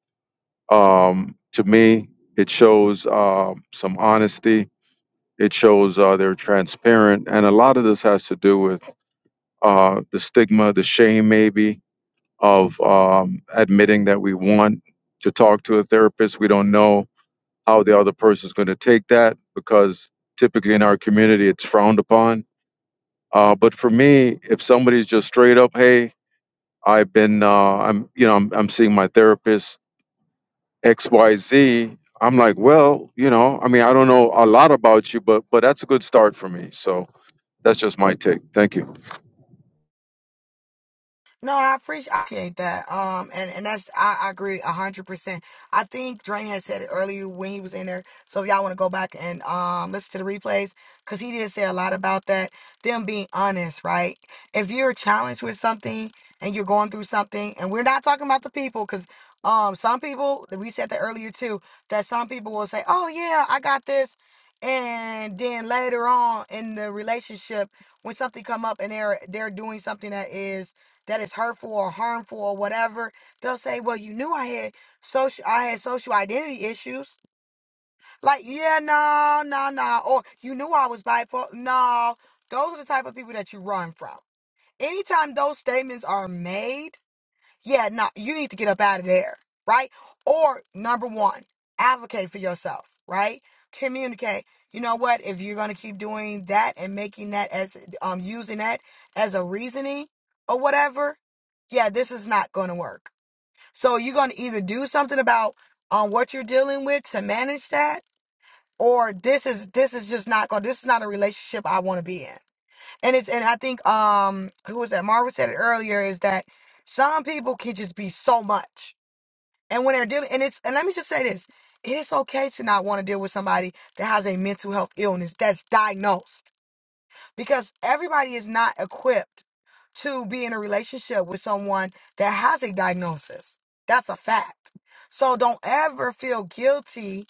Speaker 10: um, to me. It shows uh, some honesty It shows uh, they're transparent, and a lot of this has to do with uh, the stigma, the shame, maybe of um, admitting that we want to talk to a therapist. We don't know how the other person's going to take that because typically in our community it's frowned upon. Uh, but for me, if somebody's just straight up, hey, I've been, uh, I'm, you know, I'm, I'm seeing my therapist X, Y, Z. I'm like, well, you know, I mean, I don't know a lot about you, but but that's a good start for me. So That's just my take. Thank you.
Speaker 1: No, I appreciate I appreciate that. Um, and and that's I, I agree a hundred percent. I think Drain had said it earlier when he was in there. So if y'all want to go back and um listen to the replays, cause he did say a lot about that. Them being honest, right? If you're challenged with something and you're going through something, and we're not talking about the people, cause um some people we said that earlier too. That some people will say, oh yeah, I got this. And then later on in the relationship, when something come up and they're they're doing something that is that is hurtful or harmful or whatever, they'll say, "Well, you knew I had social I had social identity issues." Like, "Yeah, no, no, no," or "You knew I was bipolar." No, those are the type of people that you run from. Anytime those statements are made yeah, no, you need to get up out of there, right? Or number one, advocate for yourself, right? Communicate. You know what? If you're gonna keep doing that and making that as um using that as a reasoning or whatever, yeah, this is not gonna work. So you're gonna either do something about um what you're dealing with to manage that, or this is this is just not going. to This is not a relationship I want to be in and it's and I think um who was that? Margaret said it earlier is that some people can just be so much. And when they're dealing and it's and let me just say this. It is okay to not want to deal with somebody that has a mental health illness that's diagnosed because everybody is not equipped to be in a relationship with someone that has a diagnosis. That's a fact. So don't ever feel guilty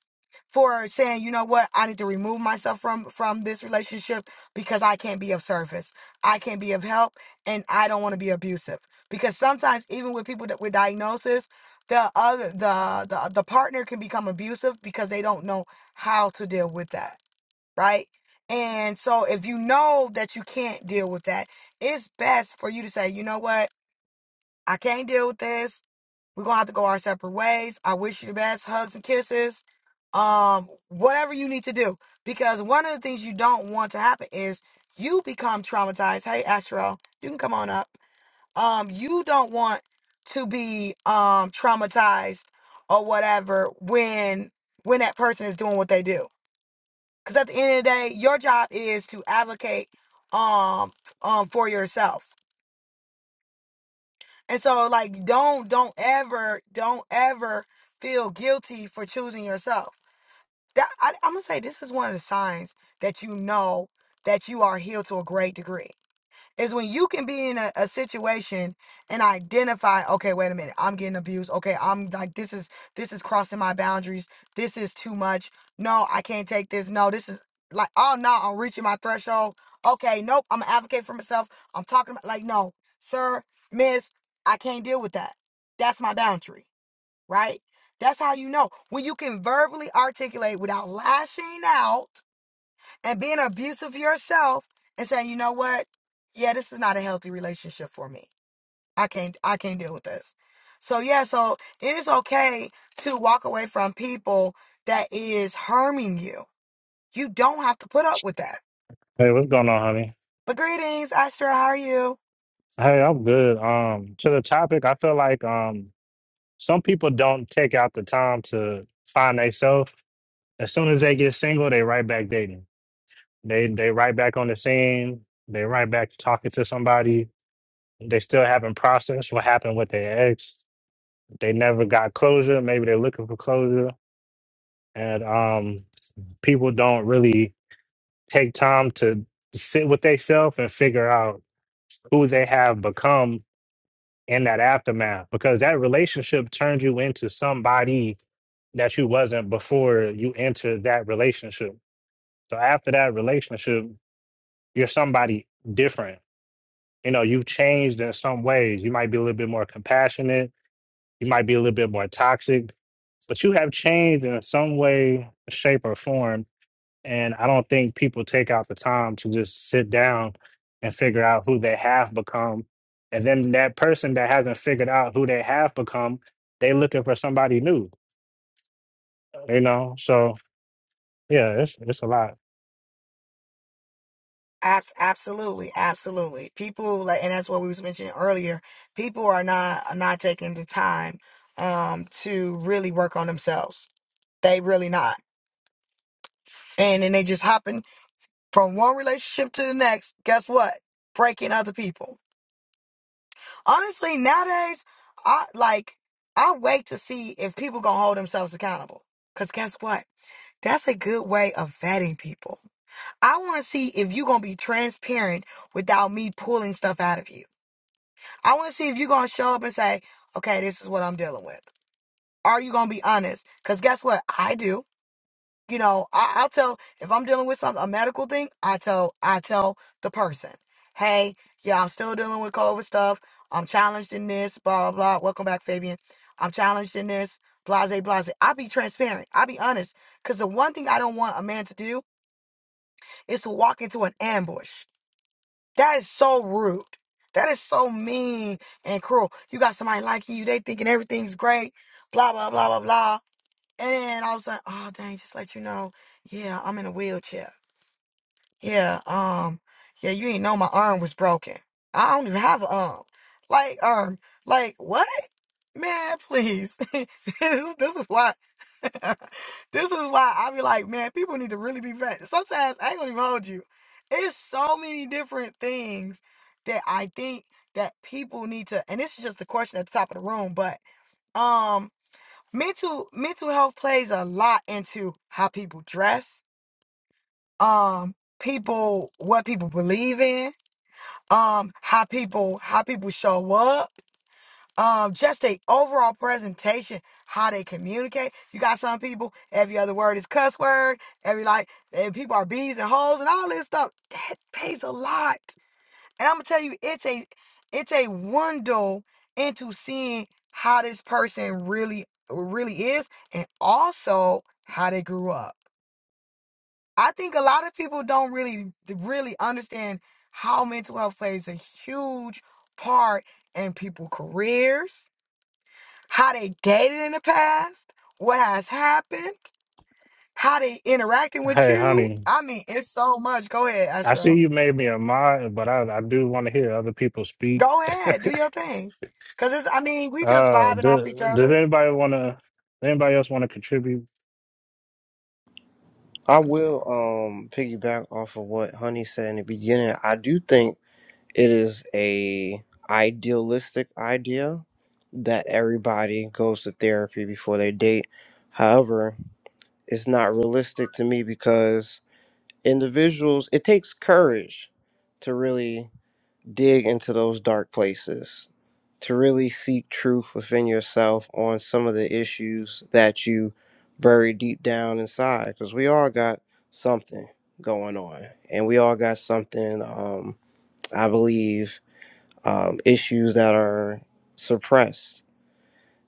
Speaker 1: for saying, you know what, I need to remove myself from from this relationship because I can't be of service. I can't be of help and I don't want to be abusive. Because sometimes even with people that with diagnosis, the other the, the the partner can become abusive because they don't know how to deal with that right? And so if you know that you can't deal with that, it's best for you to say, you know what? I can't deal with this. We're gonna have to go our separate ways. I wish you the best, hugs and kisses. Um, whatever you need to do. Because one of the things you don't want to happen is you become traumatized. Hey Astro, you can come on up. Um, you don't want to be um traumatized or whatever when when that person is doing what they do because at the end of the day, your job is to advocate um um for yourself. And so like don't don't ever don't ever feel guilty for choosing yourself. That I, I'm gonna say this is one of the signs that you know that you are healed to a great degree is when you can be in a, a situation and identify okay wait a minute i'm getting abused okay i'm like this is this is crossing my boundaries this is too much no i can't take this no this is like oh no i'm reaching my threshold okay nope i'm an advocate for myself i'm talking about like no sir miss i can't deal with that that's my boundary right that's how you know when you can verbally articulate without lashing out and being abusive yourself and saying, you know what? Yeah, this is not a healthy relationship for me. I can't I can't deal with this. So yeah, so it is okay to walk away from people that is harming you. You don't have to put up with that.
Speaker 11: Hey, what's going on, honey?
Speaker 1: But greetings, Astra, how are you?
Speaker 11: Hey, I'm good. Um, to the topic, I feel like um some people don't take out the time to find themselves. As soon as they get single, they right back dating. They they right back on the scene. They right back talking to somebody. They still haven't processed what happened with their ex. They never got closure. Maybe they're looking for closure. And um people don't really take time to sit with themselves and figure out who they have become in that aftermath because that relationship turned you into somebody that you wasn't before you entered that relationship. So after that relationship, you're somebody different. You know, you've changed in some ways. You might be a little bit more compassionate, you might be a little bit more toxic, but you have changed in some way, shape, or form and I don't think people take out the time to just sit down and figure out who they have become. And then that person that hasn't figured out who they have become, they looking for somebody new, you know? So yeah, it's it's a lot.
Speaker 1: Abs- absolutely, absolutely. People like and that's what we was mentioning earlier, people are not are not taking the time um to really work on themselves. They really not. And then they just hopping from one relationship to the next, guess what? Breaking other people. Honestly, nowadays, I like I wait to see if people gonna hold themselves accountable. Cause guess what? That's a good way of vetting people. I want to see if you gonna be transparent without me pulling stuff out of you. I want to see if you gonna show up and say, "Okay, this is what I'm dealing with." Are you gonna be honest? Cause guess what? I do. you know, I, I'll tell if I'm dealing with some a medical thing, I tell I tell the person, hey, yeah, I'm still dealing with COVID stuff. I'm challenged in this, blah blah blah. Welcome back, Fabian. I'm challenged in this, blase blase. I'll be transparent. I'll be honest, because the one thing I don't want a man to do is to walk into an ambush. That is so rude. That is so mean and cruel. You got somebody liking you, they thinking everything's great, blah blah blah blah blah. And then I was like, oh dang, just let you know, yeah, I'm in a wheelchair. Yeah, um, yeah, you ain't know my arm was broken. I don't even have an arm. Like, um, like what? Man, please. this, this is why this is why I be like, man, people need to really be vet. Sometimes I ain't gonna even hold you. It's so many different things that I think that people need to and this is just the question at the top of the room, but um." mental mental health plays a lot into how people dress um people what people believe in um how people how people show up um just the overall presentation how they communicate you got some people every other word is cuss word every like and people are bees and hoes and all this stuff that pays a lot and I'm gonna tell you, it's a it's a window into seeing how this person really really is and also how they grew up. I think a lot of people don't really really understand how mental health plays a huge part in people's careers, how they dated in the past, what has happened, how they interacting with
Speaker 11: Hey,
Speaker 1: you.
Speaker 11: honey,
Speaker 1: I mean, it's so much. Go ahead,
Speaker 11: I see
Speaker 1: Astro.
Speaker 11: you made me a mod, but I, I do want to hear other people speak.
Speaker 1: Go ahead, do your thing. Cause it's, I mean, we just
Speaker 11: Oh,
Speaker 1: vibing off
Speaker 11: does,
Speaker 1: each
Speaker 11: does
Speaker 1: other.
Speaker 11: anybody want to, anybody else want to contribute?
Speaker 9: I will um, piggyback off of what Honey said in the beginning. I do think It is a idealistic idea that everybody goes to therapy before they date. However, it's not realistic to me because individuals it takes courage to really dig into those dark places, to really seek truth within yourself on some of the issues that you bury deep down inside because we all got something going on and we all got something um I believe um, issues that are suppressed.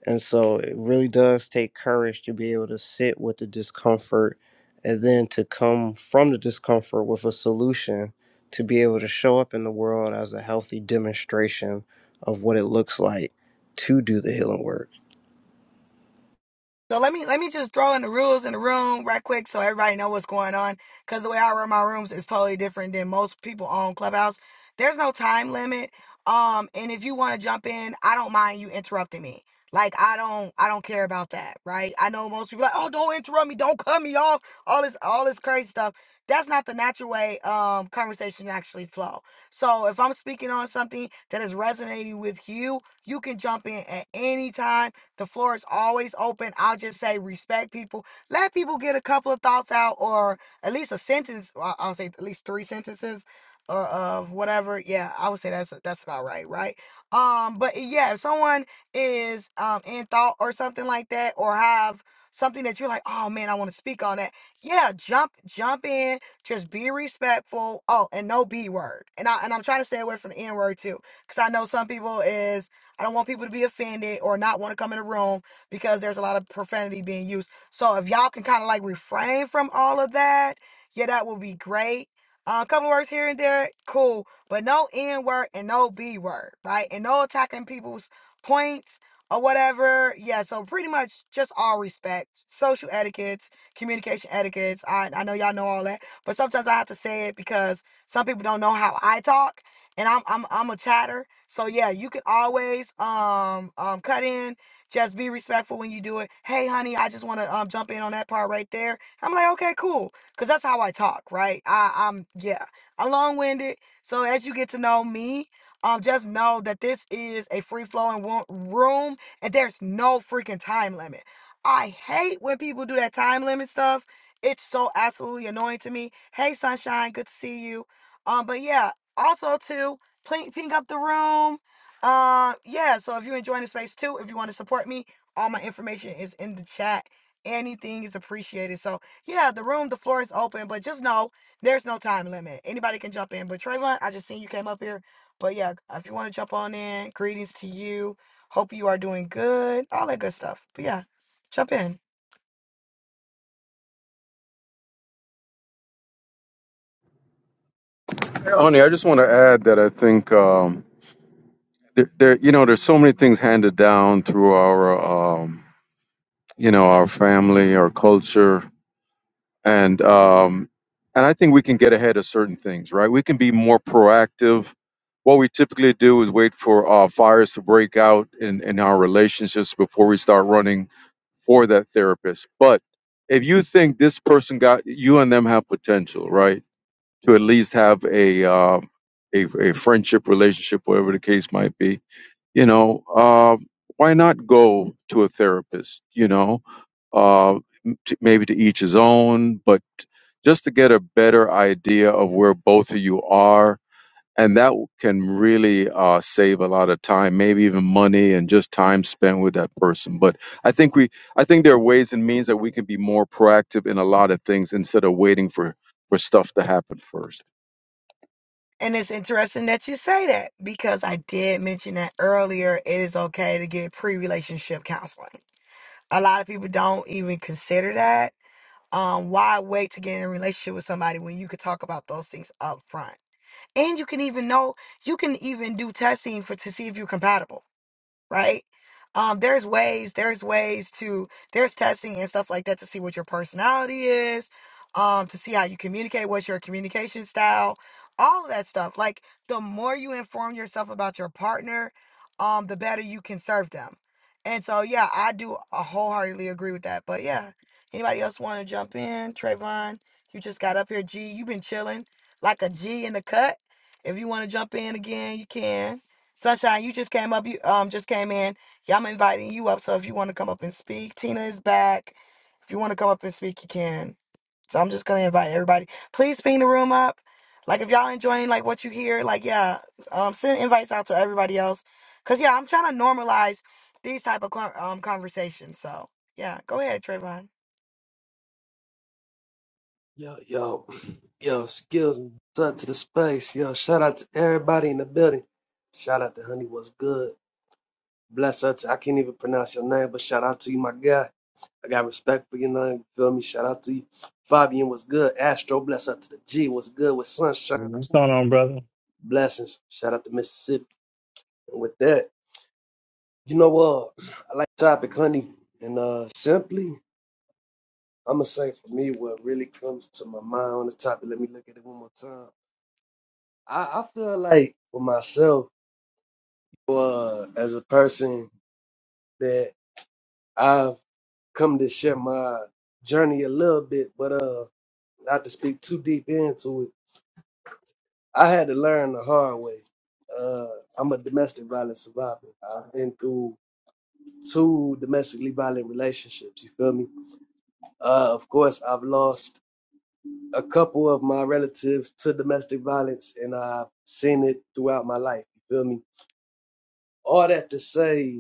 Speaker 9: And so it really does take courage to be able to sit with the discomfort and then to come from the discomfort with a solution to be able to show up in the world as a healthy demonstration of what it looks like to do the healing work.
Speaker 1: So let me let me just throw in the rules in the room right quick so everybody know what's going on. Cause the way I run my rooms is totally different than most people on Clubhouse. There's no time limit. Um, and if you want to jump in, I don't mind you interrupting me. Like I don't I don't care about that, right? I know most people like, oh, don't interrupt me, don't cut me off, all this all this crazy stuff. That's not the natural way um conversation actually flow. So if I'm speaking on something that is resonating with you, you can jump in at any time the floor is always open. I'll just say respect people. Let people get a couple of thoughts out, or at least a sentence. well, I'll say at least three sentences, or of whatever. Yeah, I would say that's that's about right, right? Um, but yeah, if someone is um in thought or something like that, or have something that you're like, oh man, I want to speak on that. Yeah, jump jump in. Just be respectful. Oh, and no b word. And I and I'm trying to stay away from the n word too, because I know some people is I don't want people to be offended or not want to come in the room because there's a lot of profanity being used. So if y'all can kind of like refrain from all of that, yeah, that would be great. Uh, a couple of words here and there, cool, but no N word and no B word, right? And no attacking people's points or whatever. Yeah, so pretty much just all respect, social etiquettes, communication etiquettes. I, I know y'all know all that, but sometimes I have to say it because some people don't know how I talk and I'm I'm I'm a chatter. So yeah, you can always um um cut in. Just be respectful when you do it. Hey, honey, I just want to um jump in on that part right there. I'm like, okay, cool, cause that's how I talk, right? I I'm yeah, I'm long winded. So as you get to know me, um, just know that this is a free flowing wo- room, and there's no freaking time limit. I hate when people do that time limit stuff. It's so absolutely annoying to me. Hey, sunshine, good to see you. Um, but yeah, also to pink up the room. Um, yeah, so if you're enjoying the space too, if you want to support me, all my information is in the chat. Anything is appreciated. So yeah, the room, the floor is open, but just know there's no time limit. Anybody can jump in. But Trayvon, I just seen you came up here. But yeah, if you want to jump on in, greetings to you. Hope you are doing good. All that good stuff. But yeah, jump in.
Speaker 10: Arnie, I just want to add that I think um, there, there, you know, there's so many things handed down through our, um, you know, our family, our culture, and um, and I think we can get ahead of certain things, right? We can be more proactive. What we typically do is wait for uh, fires to break out in in our relationships before we start running for that therapist. But if you think this person got you and them have potential, right, to at least have a uh, a, a friendship relationship, whatever the case might be, you know uh, why not go to a therapist you know uh, m- t- maybe to each his own but just to get a better idea of where both of you are and that can really uh, save a lot of time maybe even money and just time spent with that person but i think we i think there are ways and means that we can be more proactive in a lot of things instead of waiting for for stuff to happen first
Speaker 1: And it's interesting that you say that because I did mention that earlier. It is okay to get pre relationship counseling. a lot of people don't even consider that. Um, why wait to get in a relationship with somebody when you could talk about those things up front? And you can even know you can even do testing for to see if you're compatible right? Um, there's ways, there's ways to, there's testing and stuff like that to see what your personality is, um, to see how you communicate, what's your communication style, all of that stuff. Like the more you inform yourself about your partner, um, the better you can serve them. And so, yeah, I do uh, wholeheartedly agree with that. But yeah, anybody else want to jump in? Trayvon, you just got up here. G, you've been chilling like a G in the cut. If you want to jump in again, you can. Sunshine, you just came up. You um just came in. Yeah, I'm inviting you up. So if you want to come up and speak, Tina is back. If you want to come up and speak, you can. So I'm just gonna invite everybody. Please ping the room up. Like if y'all enjoying like what you hear, like yeah, um send invites out to everybody else. Cause yeah, I'm trying to normalize these type of con- um conversations. So yeah, go ahead, Trayvon.
Speaker 12: Yo, yo, yo, skills what's up to the space. Yo, shout out to everybody in the building. Shout out to Honey, what's good? Bless up to, I can't even pronounce your name, but shout out to you, my guy. I got respect for your name, you feel me? Shout out to you. Fabian, what's good? Astro, bless up to the G, what's good with Sunshine?
Speaker 11: What's going on, brother?
Speaker 12: Blessings. Shout out to Mississippi. And with that, you know what? I like the topic, Honey. And uh simply, I'm going to say for me, what really comes to my mind on this topic, let me look at it one more time I, I feel like for myself, uh, as a person that I've come to share my journey a little bit, but uh, not to speak too deep into it. I had to learn the hard way. Uh, I'm a domestic violence survivor. I've been through two domestically violent relationships. You feel me? Uh, of course, I've lost a couple of my relatives to domestic violence, and I've seen it throughout my life. You feel me? All that to say,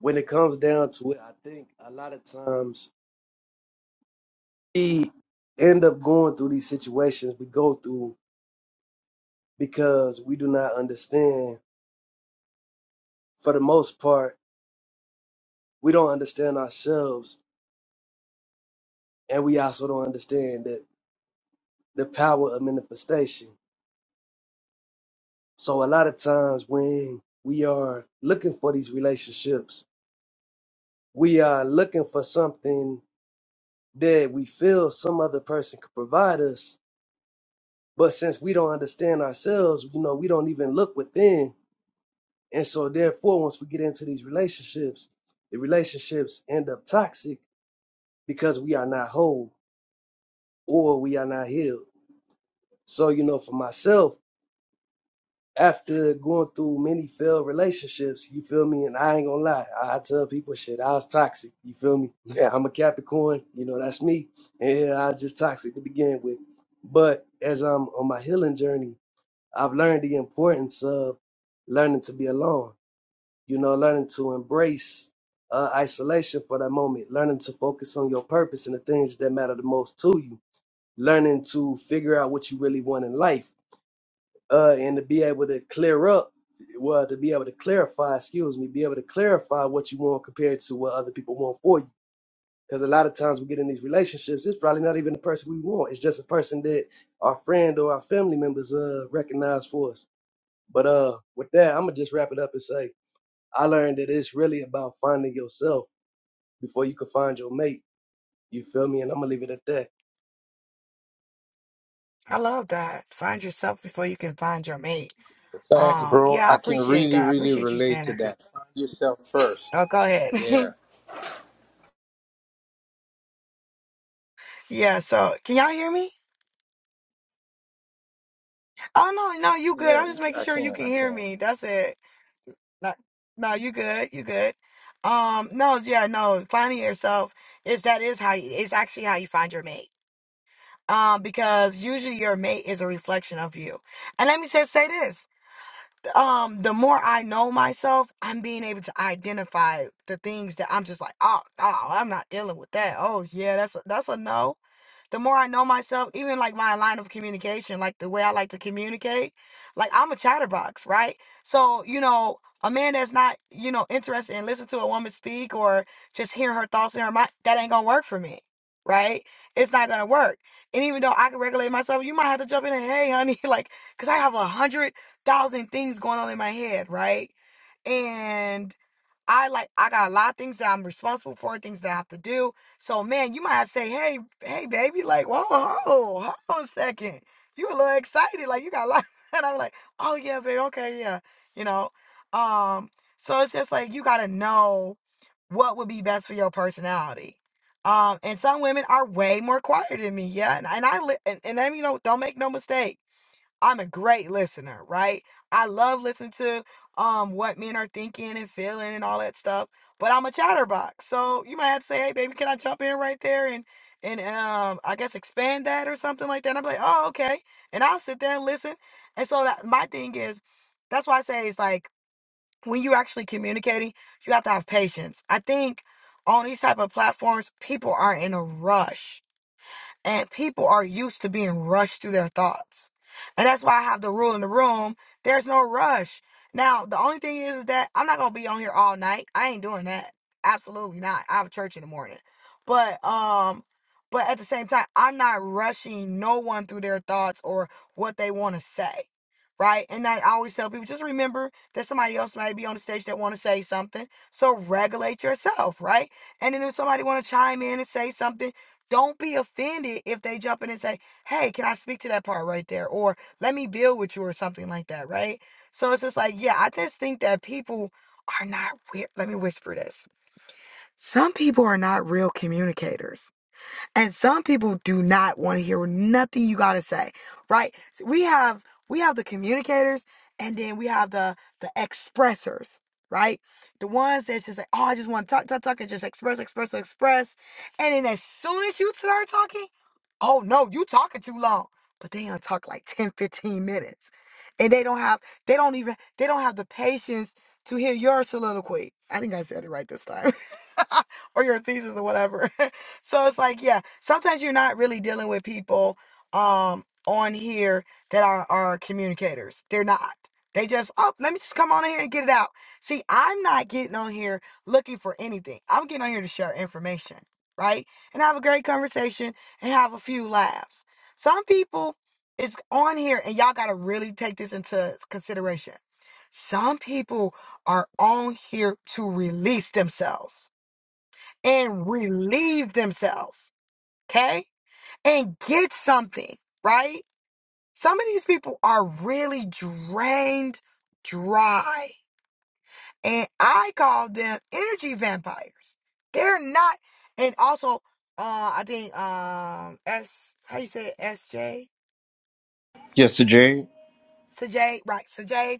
Speaker 12: when it comes down to it, I think a lot of times we end up going through these situations we go through because we do not understand. For the most part, we don't understand ourselves, and we also don't understand that the power of manifestation. So a lot of times when we are looking for these relationships, we are looking for something that we feel some other person could provide us. But since we don't understand ourselves, you know, we don't even look within And so, therefore, once we get into these relationships, the relationships end up toxic because we are not whole or we are not healed. So, you know, for myself, after going through many failed relationships, you feel me? And I ain't gonna lie, I, I tell people shit, I was toxic. You feel me? Yeah, I'm a Capricorn. You know, that's me. And yeah, I was just toxic to begin with. But as I'm on my healing journey, I've learned the importance of learning to be alone you know, learning to embrace uh, isolation for that moment, learning to focus on your purpose and the things that matter the most to you, learning to figure out what you really want in life, uh, and to be able to clear up, well, to be able to clarify, excuse me, be able to clarify what you want compared to what other people want for you. Because a lot of times we get in these relationships, it's probably not even the person we want. It's just a person that our friend or our family members uh recognize for us. But uh, with that, I'm gonna just wrap it up and say I learned that it's really about finding yourself before you can find your mate. You feel me? And I'm gonna leave it at that.
Speaker 1: I love that. Find yourself before you can find your mate.
Speaker 7: Thanks,
Speaker 1: Um,
Speaker 7: bro.
Speaker 1: yeah, I
Speaker 7: I can
Speaker 1: appreciate
Speaker 7: really
Speaker 1: that. I
Speaker 7: really
Speaker 1: appreciate you
Speaker 7: relate
Speaker 1: saying
Speaker 7: to
Speaker 1: that.
Speaker 7: that. Find yourself first.
Speaker 1: Oh, go ahead.
Speaker 7: Yeah.
Speaker 1: yeah. So can y'all hear me? Oh no, no, you good.
Speaker 7: Yeah,
Speaker 1: I'm
Speaker 7: we
Speaker 1: just
Speaker 7: ca-
Speaker 1: making
Speaker 7: I
Speaker 1: sure you
Speaker 7: can.
Speaker 1: can
Speaker 7: I
Speaker 1: hear
Speaker 7: can.
Speaker 1: me. That's it. No, no, you good. You good. Um, no, yeah, no. Finding yourself is that is how you, it's actually how you find your mate. Um, because usually your mate is a reflection of you. And let me just say this. Um, the more I know myself, I'm being able to identify the things that I'm just like, oh, no, I'm not dealing with that. Oh yeah, that's a, that's a no the more I know myself, even like my line of communication, like the way I like to communicate, like I'm a chatterbox, right? So, you know, a man that's not, you know, interested in listening to a woman speak or just hearing her thoughts in her mind, that ain't gonna work for me, right? It's not gonna work. And even though I can regulate myself, you might have to jump in and, hey, honey, like, cause I have a hundred thousand things going on in my head, right? And I like I got a lot of things that I'm responsible for, things that I have to do. So man, you might have to say, hey, hey, baby, like, whoa, whoa, hold on a second. You a little excited, like you got a lot. And I'm like, oh yeah, baby, okay, yeah. You know? Um, so it's just like you gotta know what would be best for your personality. Um, and some women are way more quieter than me, yeah. And and I li- and, and then you know, don't make no mistake. I'm a great listener, right? I love listening to um what men are thinking and feeling and all that stuff. But I'm a chatterbox, so you might have to say, "Hey, baby, can I jump in right there and and um I guess expand that or something like that?" And I'm like, "Oh, okay," and I'll sit there and listen. And so that my thing is, that's why I say it's like when you're actually communicating, you have to have patience. I think on these type of platforms, people are in a rush and people are used to being rushed through their thoughts. And that's why I have the rule in the room there's no rush. Now, the only thing is that I'm not going to be on here all night. I ain't doing that. Absolutely not. I have church in the morning. But, um, but at the same time, I'm not rushing no one through their thoughts or what they want to say. Right. And I always tell people just remember that somebody else might be on the stage that want to say something. So regulate yourself. Right. And then if somebody want to chime in and say something, don't be offended if they jump in and say, Hey, can I speak to that part right there? Or let me build with you or something like that, right? So it's just like, yeah, I just think that people are not, re- let me whisper this. Some people are not real communicators and some people do not want to hear nothing you gotta say, right? So we have we have the communicators, and then we have the the expressors, right? The ones that just like, oh, I just want to talk, talk, talk, and just express, express, express. And then as soon as you start talking, oh no, you talking too long. But they don't talk like 10, 15 minutes, and they don't have they don't even they don't have the patience to hear your soliloquy. I think I said it right this time, or your thesis or whatever. So it's like, yeah, sometimes you're not really dealing with people um on here that are are communicators. They're not. They just, oh, let me just come on in here and get it out. See, I'm not getting on here looking for anything. I'm getting on here to share information, right? And have a great conversation and have a few laughs. Some people is on here and y'all gotta really take this into consideration. Some people are on here to release themselves and relieve themselves okay? And get something, right? Some of these people are really drained dry. And I call them energy vampires. They're not and also uh I think um S how you say it? SJ?
Speaker 9: Yes, Sir Jerry.
Speaker 1: Sajay, right, Sajay.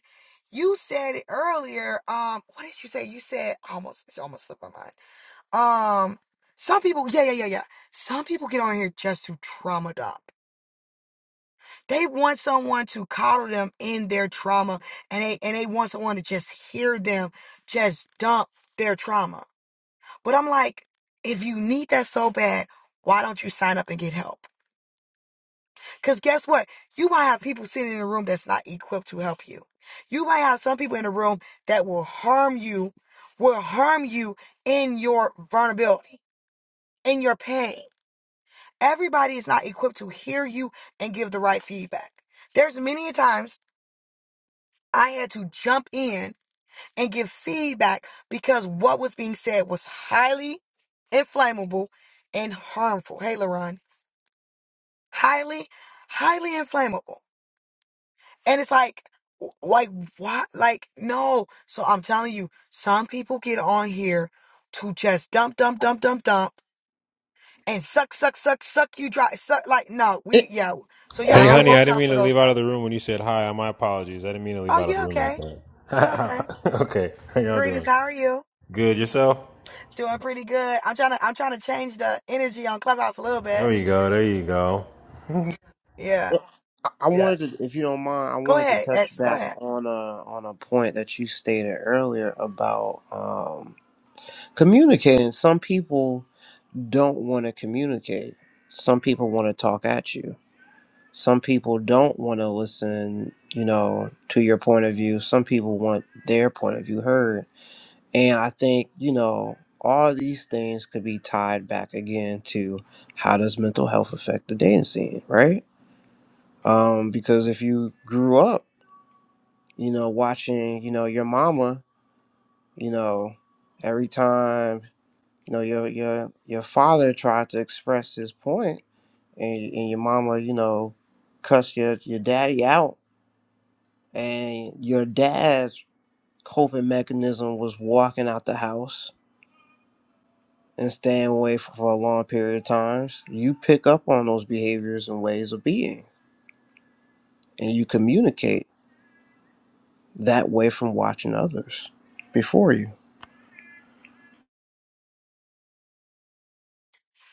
Speaker 1: You said it earlier. Um, what did you say? You said almost it's almost slipped my mind. Um some people yeah, yeah, yeah, yeah. Some people get on here just to trauma dump. They want someone to coddle them in their trauma and they and they want someone to just hear them just dump their trauma. But I'm like, if you need that so bad, why don't you sign up and get help? Because guess what? You might have people sitting in a room that's not equipped to help you. You might have some people in a room that will harm you, will harm you in your vulnerability, in your pain. Everybody is not equipped to hear you and give the right feedback. There's many a times I had to jump in and give feedback because what was being said was highly inflammable and harmful. Hey, Laron, highly, highly inflammable. And it's like, w- like, what? Like, no. So I'm telling you, some people get on here to just dump, dump, dump, dump, dump and suck, suck, suck, suck you dry. Suck, like, no, we,
Speaker 9: It,
Speaker 1: yeah. So
Speaker 9: and
Speaker 1: y'all
Speaker 13: Hey,
Speaker 9: I,
Speaker 1: gotta
Speaker 13: honey,
Speaker 9: wa-
Speaker 13: I
Speaker 1: watch
Speaker 13: didn't
Speaker 1: out
Speaker 13: mean
Speaker 1: for
Speaker 13: to
Speaker 1: those.
Speaker 13: leave out of
Speaker 1: types.
Speaker 13: the room when you said hi. My apologies. I didn't mean to leave
Speaker 1: Oh,
Speaker 13: out of the
Speaker 1: you
Speaker 13: room like
Speaker 1: okay? You okay?
Speaker 13: that. okay, how y'all
Speaker 1: Greetings,
Speaker 13: doing?
Speaker 1: how are you?
Speaker 13: Good, yourself?
Speaker 1: Doing pretty good. I'm trying to I'm trying to change the energy on Clubhouse a little bit.
Speaker 13: There you go, there you go.
Speaker 1: Yeah,
Speaker 9: I I
Speaker 1: yeah.
Speaker 9: wanted to, if you don't mind, I
Speaker 1: Go
Speaker 9: wanted to
Speaker 1: ahead,
Speaker 9: touch
Speaker 1: S. Go
Speaker 9: back
Speaker 1: ahead.
Speaker 9: on a on a point that you stated earlier about um, communicating. Some people don't want to communicate. Some people want to talk at you. Some people don't want to listen, you know, to your point of view. Some people want their point of view heard. And I think, you know, all these things could be tied back again to how does mental health affect the dating scene, right? Um, because if you grew up, you know, watching, you know, your mama, you know, every time, you know, your your your father tried to express his point, and, and your mama, you know, cuss your, your daddy out, and your dad's coping mechanism was walking out the house and staying away for, for a long period of times, you pick up on those behaviors and ways of being, and you communicate that way from watching others before you.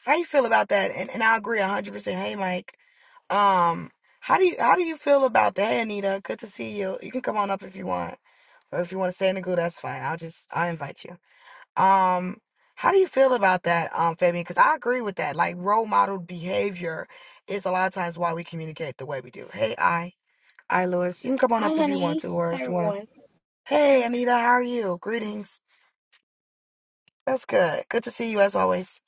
Speaker 1: How you feel about that? And and I agree hundred percent. Hey, Mike. Um, how do you how do you feel about that? Hey, Anita. Good to see you. You can come on up if you want, or if you want to stay in the group, that's fine. I'll just I invite you. Um, how do you feel about that, um, Fabian? Because I agree with that. Like role model behavior is a lot of times why we communicate the way we do. Hey, I. Hi, Lewis. You can come on
Speaker 14: Hi,
Speaker 1: up if you want
Speaker 14: honey.
Speaker 1: to, or
Speaker 14: Hi,
Speaker 1: if you want to
Speaker 14: everyone.
Speaker 1: Hey Anita, how are you? Greetings. That's good. Good to see you as always.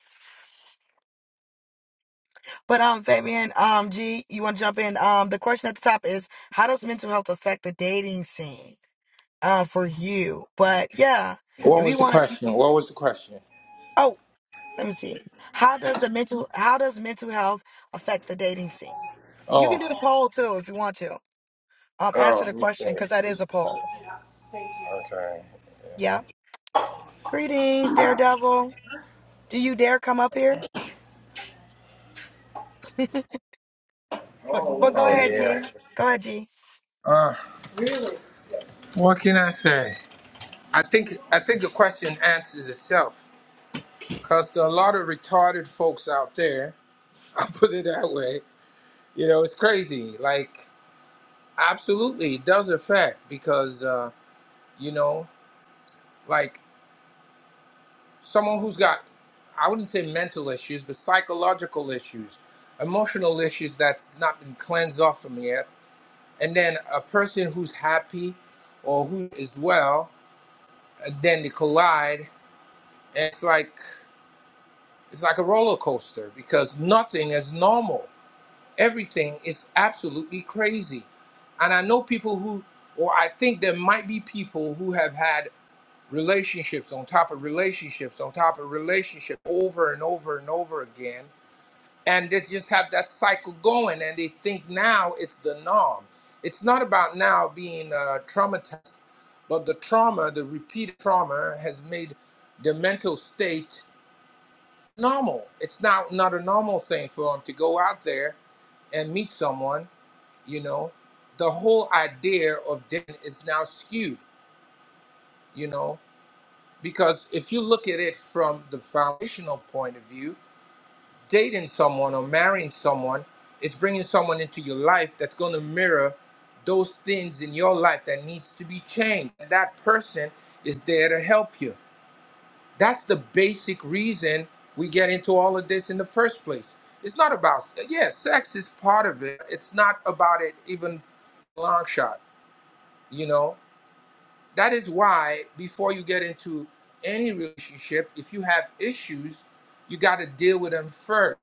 Speaker 1: But um Fabian, um G, you want to jump in? Um the question at the top is how does mental health affect the dating scene uh for you? But yeah,
Speaker 7: What
Speaker 1: if you
Speaker 7: was the
Speaker 1: want to
Speaker 7: question? What was the question?
Speaker 1: Oh, let me see. How does the mental how does mental health affect the dating scene? You can
Speaker 7: Oh.
Speaker 1: do the poll too if you want to. Um answer
Speaker 7: Oh,
Speaker 1: the question cuz
Speaker 7: okay.
Speaker 1: that is a poll.
Speaker 7: Okay.
Speaker 1: Yeah. Greetings, Daredevil. Do you dare come up here? But but go
Speaker 7: Oh
Speaker 1: ahead,
Speaker 7: yeah.
Speaker 1: G. Go ahead, G.
Speaker 7: Uh, what can I say? I think I think the question answers itself. Cause there are a lot of retarded folks out there. I'll put it that way. You know, it's crazy. Like, absolutely, it does affect because uh, you know, like someone who's got, I wouldn't say mental issues, but psychological issues, emotional issues that's not been cleansed off from yet, and then a person who's happy or who is well then they collide and it's like it's like a roller coaster because nothing is normal everything is absolutely crazy and i know people who or i think there might be people who have had relationships on top of relationships on top of relationship over and over and over again and they just have that cycle going and they think now it's the norm it's not about now being uh, traumatized but the trauma the repeated trauma has made the mental state normal it's now not a normal thing for them to go out there and meet someone you know the whole idea of dating is now skewed you know because if you look at it from the foundational point of view dating someone or marrying someone is bringing someone into your life that's going to mirror those things in your life that needs to be changed and that person is there to help you that's the basic reason we get into all of this in the first place it's not about yeah sex is part of it it's not about it even long shot you know that is why before you get into any relationship if you have issues you got to deal with them first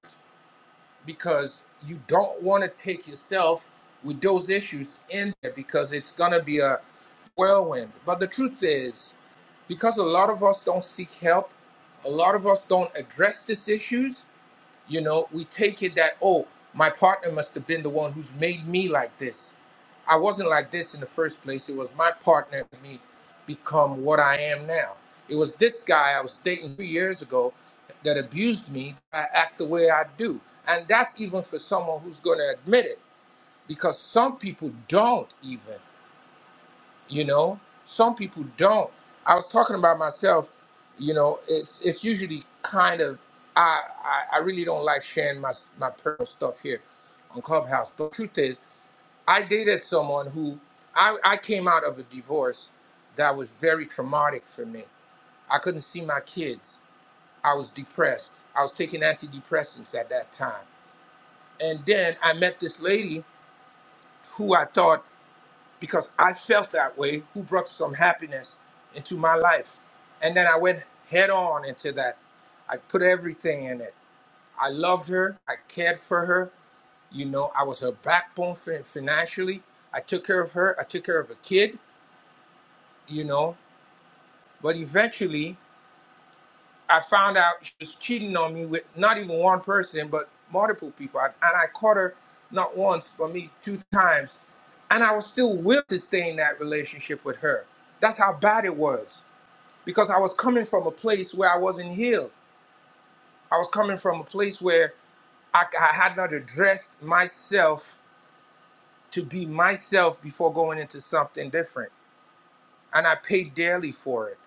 Speaker 7: because you don't want to take yourself with those issues in there because it's going to be a whirlwind. But the truth is, because a lot of us don't seek help, a lot of us don't address these issues, you know, we take it that, oh, my partner must have been the one who's made me like this. I wasn't like this in the first place. It was my partner and me become what I am now. It was this guy I was dating three years ago that abused me. I act the way I do. And that's even for someone who's going to admit it because some people don't even you know some people don't i was talking about myself you know it's it's usually kind of i i, I really don't like sharing my my personal stuff here on clubhouse but truth is i dated someone who i i came out of a divorce that was very traumatic for me i couldn't see my kids i was depressed i was taking antidepressants at that time and then i met this lady who i thought because I felt that way, who brought some happiness into my life. And then I went head on into that. I put everything in it. I loved her. I cared for her. You know, I was her backbone fin- financially. I took care of her. I took care of a kid, you know. But eventually, I found out she was cheating on me with not even one person, but multiple people. And I caught her not once, but me two times. And I was still willing to stay in that relationship with her. That's how bad it was. Because I was coming from a place where I wasn't healed. I was coming from a place where I, I had not addressed myself to be myself before going into something different. And I paid dearly for it.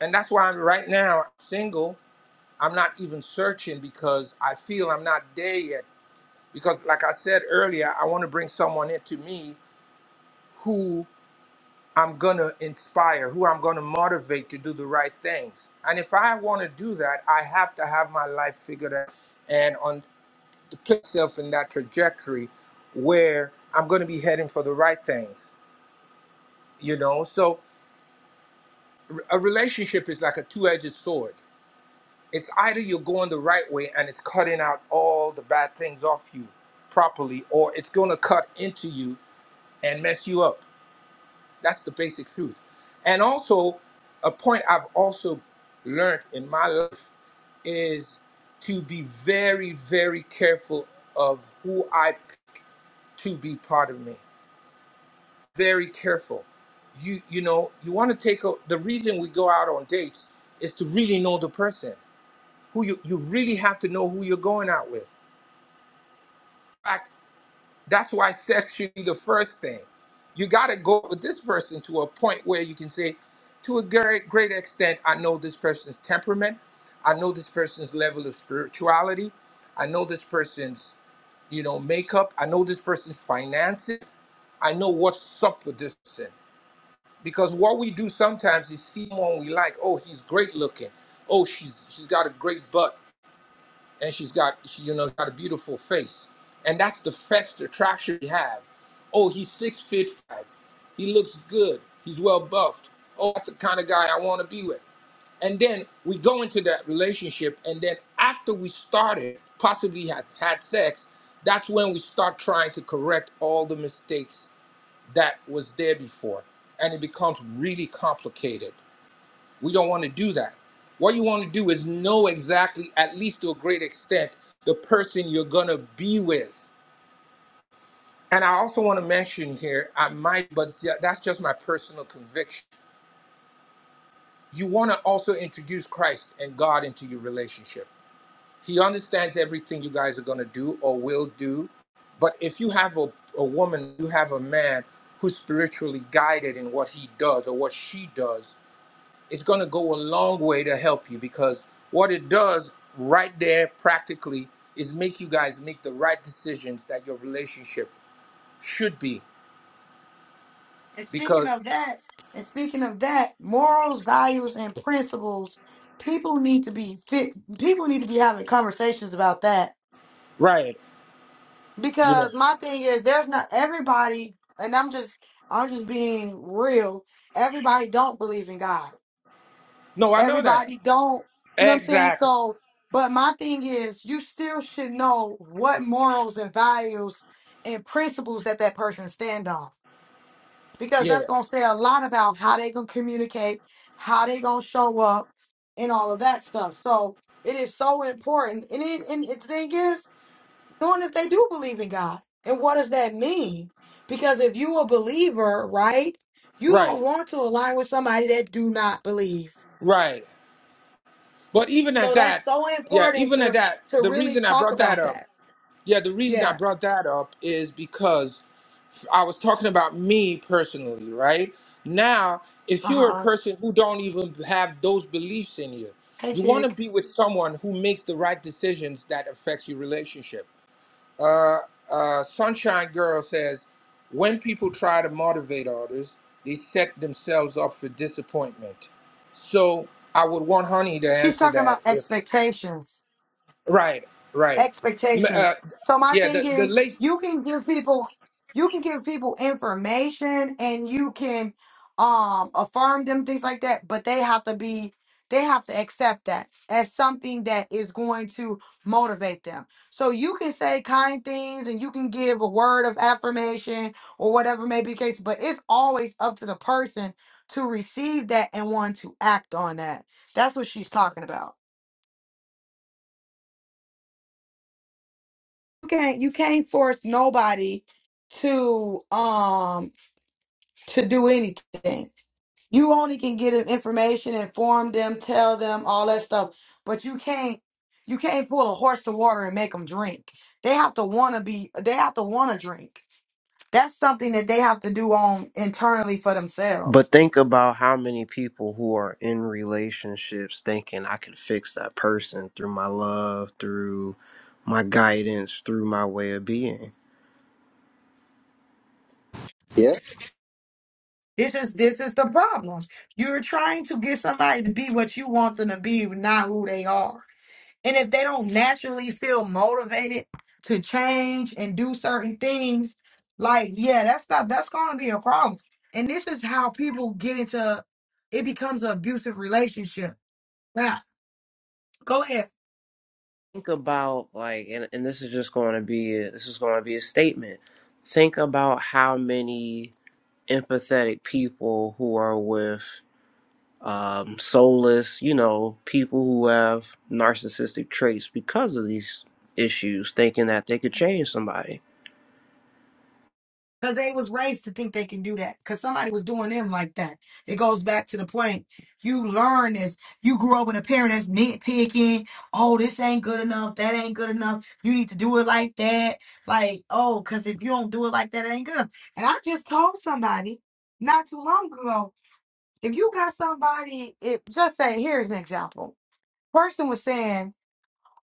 Speaker 7: And that's why I'm right now single I'm not even searching because I feel I'm not there yet. Because, like I said earlier, I want to bring someone into me who I'm going to inspire, who I'm going to motivate to do the right things. And if I want to do that, I have to have my life figured out and on to put myself in that trajectory where I'm going to be heading for the right things, you know? So, a relationship is like a two edged sword It's either you're going the right way and it's cutting out all the bad things off you properly, or it's going to cut into you and mess you up. That's the basic truth. And also, a point I've also learned in my life is to be very, very careful of who I p- to be part of me. Very careful. You you know you want to take a, the reason we go out on dates is to really know the person who you you really have to know who you're going out with fact, that's why sex should be the first thing. You got to go with this person to a point where you can say, to a great, great extent, I know this person's temperament. I know this person's level of spirituality. I know this person's, you know, makeup. I know this person's finances. I know what's up with this person. Because what we do sometimes is see someone we like. Oh, he's great looking. Oh, she's she's got a great butt and she's got she, you know got a beautiful face and that's the first attraction we have oh he's six feet five he looks good he's well buffed oh that's the kind of guy i want to be with and then we go into that relationship and then after we started possibly had had sex that's when we start trying to correct all the mistakes that was there before and it becomes really complicated we don't want to do that. What you want to do is know exactly, at least to a great extent, the person you're going to be with. And I also want to mention here, I might, but yeah, that's just my personal conviction. You want to also introduce Christ and God into your relationship. He understands everything you guys are going to do or will do. But if you have a, a woman, you have a man who's spiritually guided in what he does or what she does, it's going to go a long way to help you because what it does right there practically is make you guys make the right decisions that your relationship should be
Speaker 1: And speaking
Speaker 7: because
Speaker 1: of that, and speaking of that, morals, values, and principles, people need to be fit. People need to be having conversations about that
Speaker 7: right you know
Speaker 1: because my thing is, there's not everybody, and I'm just, I'm just being real. Everybody don't believe in God.
Speaker 7: no i know that
Speaker 1: Everybody don't, you know what I'm saying?
Speaker 7: exactly
Speaker 1: So, but my thing is, you still should know what morals and values and principles that that person stand on. because
Speaker 7: yeah
Speaker 1: that's gonna say a lot about how they gonna communicate, how they gonna show up, and all of that stuff. So it is so important. And it, and the thing is, knowing if they do believe in God, and what does that mean? Because if you a believer, right, you
Speaker 7: right
Speaker 1: don't want to align with somebody that do not believe.
Speaker 7: right but even
Speaker 1: So
Speaker 7: at
Speaker 1: that's
Speaker 7: that
Speaker 1: so
Speaker 7: yeah
Speaker 1: important
Speaker 7: even at
Speaker 1: to
Speaker 7: that
Speaker 1: to
Speaker 7: the
Speaker 1: really
Speaker 7: reason i
Speaker 1: talk
Speaker 7: brought that
Speaker 1: about
Speaker 7: up
Speaker 1: that.
Speaker 7: yeah the reason i
Speaker 1: Yeah.
Speaker 7: brought that up is because I was talking about me personally, right? Now, if
Speaker 1: Uh
Speaker 7: you're a
Speaker 1: huh.
Speaker 7: person who don't even have those beliefs in you,
Speaker 1: Hey,
Speaker 7: you want to
Speaker 1: Jig.
Speaker 7: be with someone who makes the right decisions that affects your relationship. Uh, uh, Sunshine Girl says, when people try to motivate others, they set themselves up for disappointment. So I would want Honey to
Speaker 1: She's
Speaker 7: answer
Speaker 1: talking about
Speaker 7: that. If,
Speaker 1: expectations.
Speaker 7: right, right. M-
Speaker 1: expectations.
Speaker 7: Uh,
Speaker 1: So my
Speaker 7: yeah,
Speaker 1: thing
Speaker 7: the, the
Speaker 1: is,
Speaker 7: late.
Speaker 1: you can give people, you can give people information, and you can um affirm them things like that, but they have to be, they have to accept that as something that is going to motivate them. So you can say kind things, and you can give a word of affirmation or whatever may be the case, but it's always up to the person to receive that and want to act on that. That's what she's talking about. can't you can't force nobody to um to do anything. You only can get them information, inform them, tell them all that stuff, but you can't you can't pull a horse to water and make them drink. They have to want to be they have to want to drink. That's something that they have to do on internally for themselves.
Speaker 9: But think about how many people who are in relationships thinking I can fix that person through my love, through my guidance, through my way of being
Speaker 15: Yeah,
Speaker 1: This is this is the problem. You're trying to get somebody to be what you want them to be, not who they are. And if they don't naturally feel motivated to change and do certain things, like yeah, that's not that's gonna be a problem. And this is how people get into it becomes an abusive relationship. Now, go ahead.
Speaker 9: think about like and, and this is just going to be a, this is going to be a statement think about how many empathetic people who are with um soulless you know people who have narcissistic traits because of these issues thinking that they could change somebody
Speaker 1: Cause they was raised to think they can do that. Cause somebody was doing them like that. It goes back to the point. You learn this. You grew up with a parent that's nitpicking. Oh, this ain't good enough. That ain't good enough. You need to do it like that. Like, oh, cause if you don't do it like that, it ain't good enough. And I just told somebody not too long ago, if you got somebody, it just say, here's an example. Person was saying,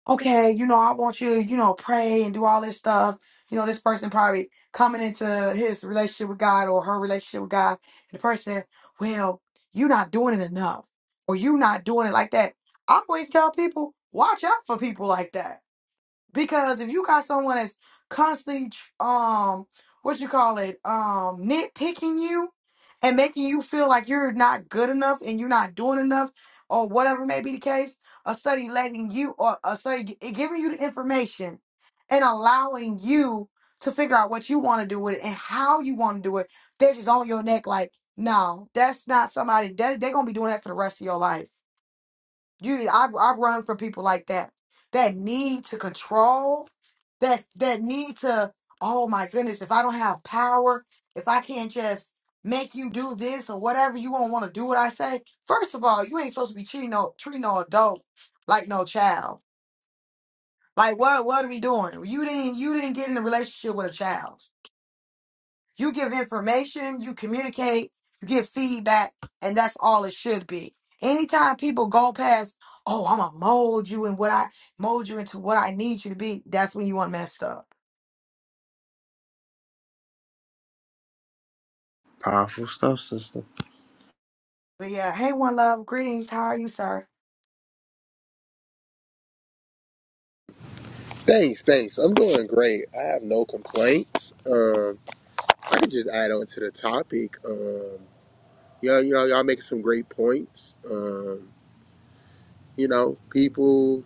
Speaker 1: okay, you know, I want you to, you know, pray and do all this stuff. You know, this person probably coming into his relationship with God or her relationship with God. And the person, well, you're not doing it enough or you're not doing it like that. I always tell people, watch out for people like that because if you got someone that's constantly, um, what you call it, um, nitpicking you and making you feel like you're not good enough and you're not doing enough or whatever may be the case, a study letting you or a study gi- giving you the information and allowing you to figure out what you want to do with it and how you want to do it, they're just on your neck like, no, that's not somebody that they're gonna be doing that for the rest of your life. You, I, I run from people like that. That need to control. That that need to. Oh my goodness! If I don't have power, if I can't just make you do this or whatever, you won't want to do what I say. First of all, you ain't supposed to be treating no treating no adult like no child. Like what? What are we doing? You didn't you didn't get in a relationship with a child. You give information, you communicate, you give feedback, and that's all it should be. Anytime people go past, oh, I'm gonna mold you and what I mold you into what I need you to be, that's when you want messed up.
Speaker 9: powerful stuff sister
Speaker 1: But yeah, hey, one love, greetings. How are you, sir?
Speaker 15: thanks, thanks. I'm doing great. I have no complaints. Um, I can just add on to the topic. Um, yeah, you know, y'all make some great points. Um, you know, people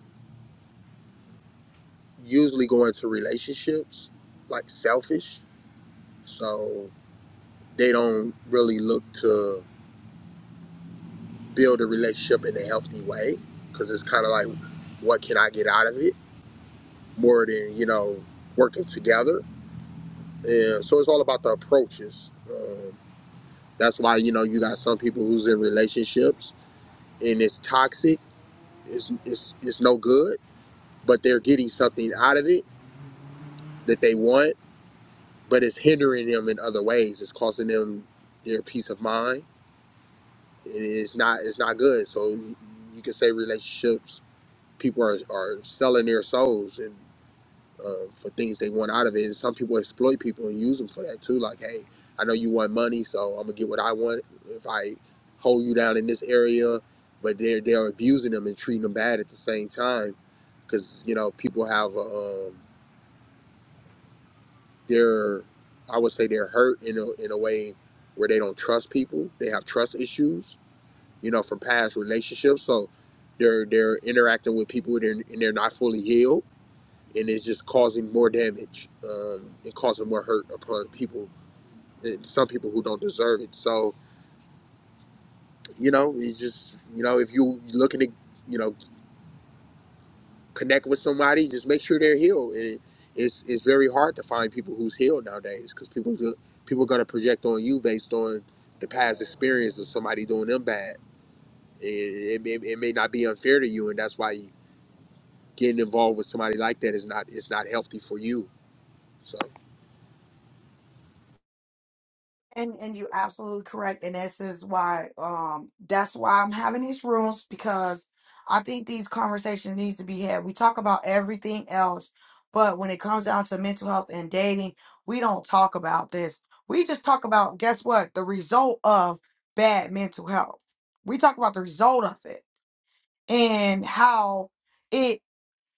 Speaker 15: usually go into relationships like selfish, so they don't really look to build a relationship in a healthy way because it's kind of like, what can I get out of it more than you know working together. And so it's all about the approaches. Um, That's why you know you got some people who's in relationships and it's toxic. It's it's it's no good, but they're getting something out of it that they want, but it's hindering them in other ways. It's costing them their peace of mind. and It's not it's not good. So you can say relationships. People are, are selling their souls and. uh, for things they want out of it. And some people exploit people and use them for that too. Like, hey, I know you want money, so I'm gonna get what I want if I hold you down in this area. But they're they're abusing them and treating them bad at the same time, because you know people have uh, um, their I would say they're hurt in a in a way where they don't trust people. They have trust issues, you know, from past relationships. So they're they're interacting with people and they're, and they're not fully healed and it's just causing more damage um, and causing more hurt upon people, and some people who don't deserve it. So, you know, you just, you know, if you're looking to, you know, connect with somebody, just make sure they're healed. And it, it's, it's very hard to find people who's healed nowadays because people, people are going to project on you based on the past experience of somebody doing them bad. It, it, may- it may not be unfair to you, and that's why you, getting involved with somebody like that is not, is not healthy for you. So.
Speaker 1: And and you're absolutely correct, and this is why um that's why I'm having these rooms because I think these conversations needs to be had. We talk about everything else, but when it comes down to mental health and dating, we don't talk about this. We just talk about guess what the result of bad mental health. We talk about the result of it and how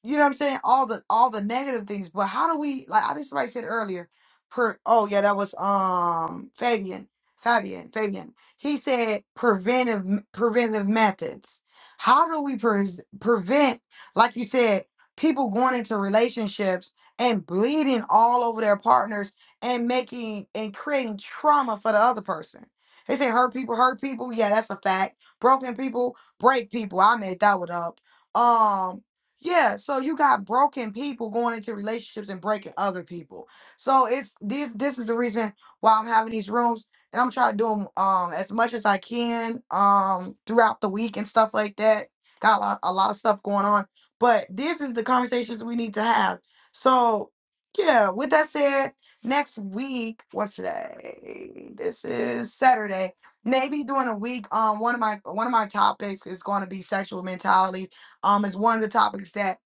Speaker 1: you know what I'm saying? All the all the negative things. But how do we like I think somebody said earlier, per oh yeah, that was um Fabian. Fabian, Fabian. He said preventive preventive methods. How do we pres prevent, like you said, people going into relationships and bleeding all over their partners and making and creating trauma for the other person? They say hurt people hurt people. Yeah, that's a fact. Broken people break people. I made that one up. Um, yeah, so you got broken people going into relationships and breaking other people. So it's this this is the reason why I'm having these rooms and I'm trying to do them um as much as I can um throughout the week and stuff like that. Got a lot, a lot of stuff going on, but this is the conversations we need to have. So, yeah, with that said, next week, what's today? This is Saturday. Maybe during a week, um one of my one of my topics is going to be sexual mentality um, is one of the topics that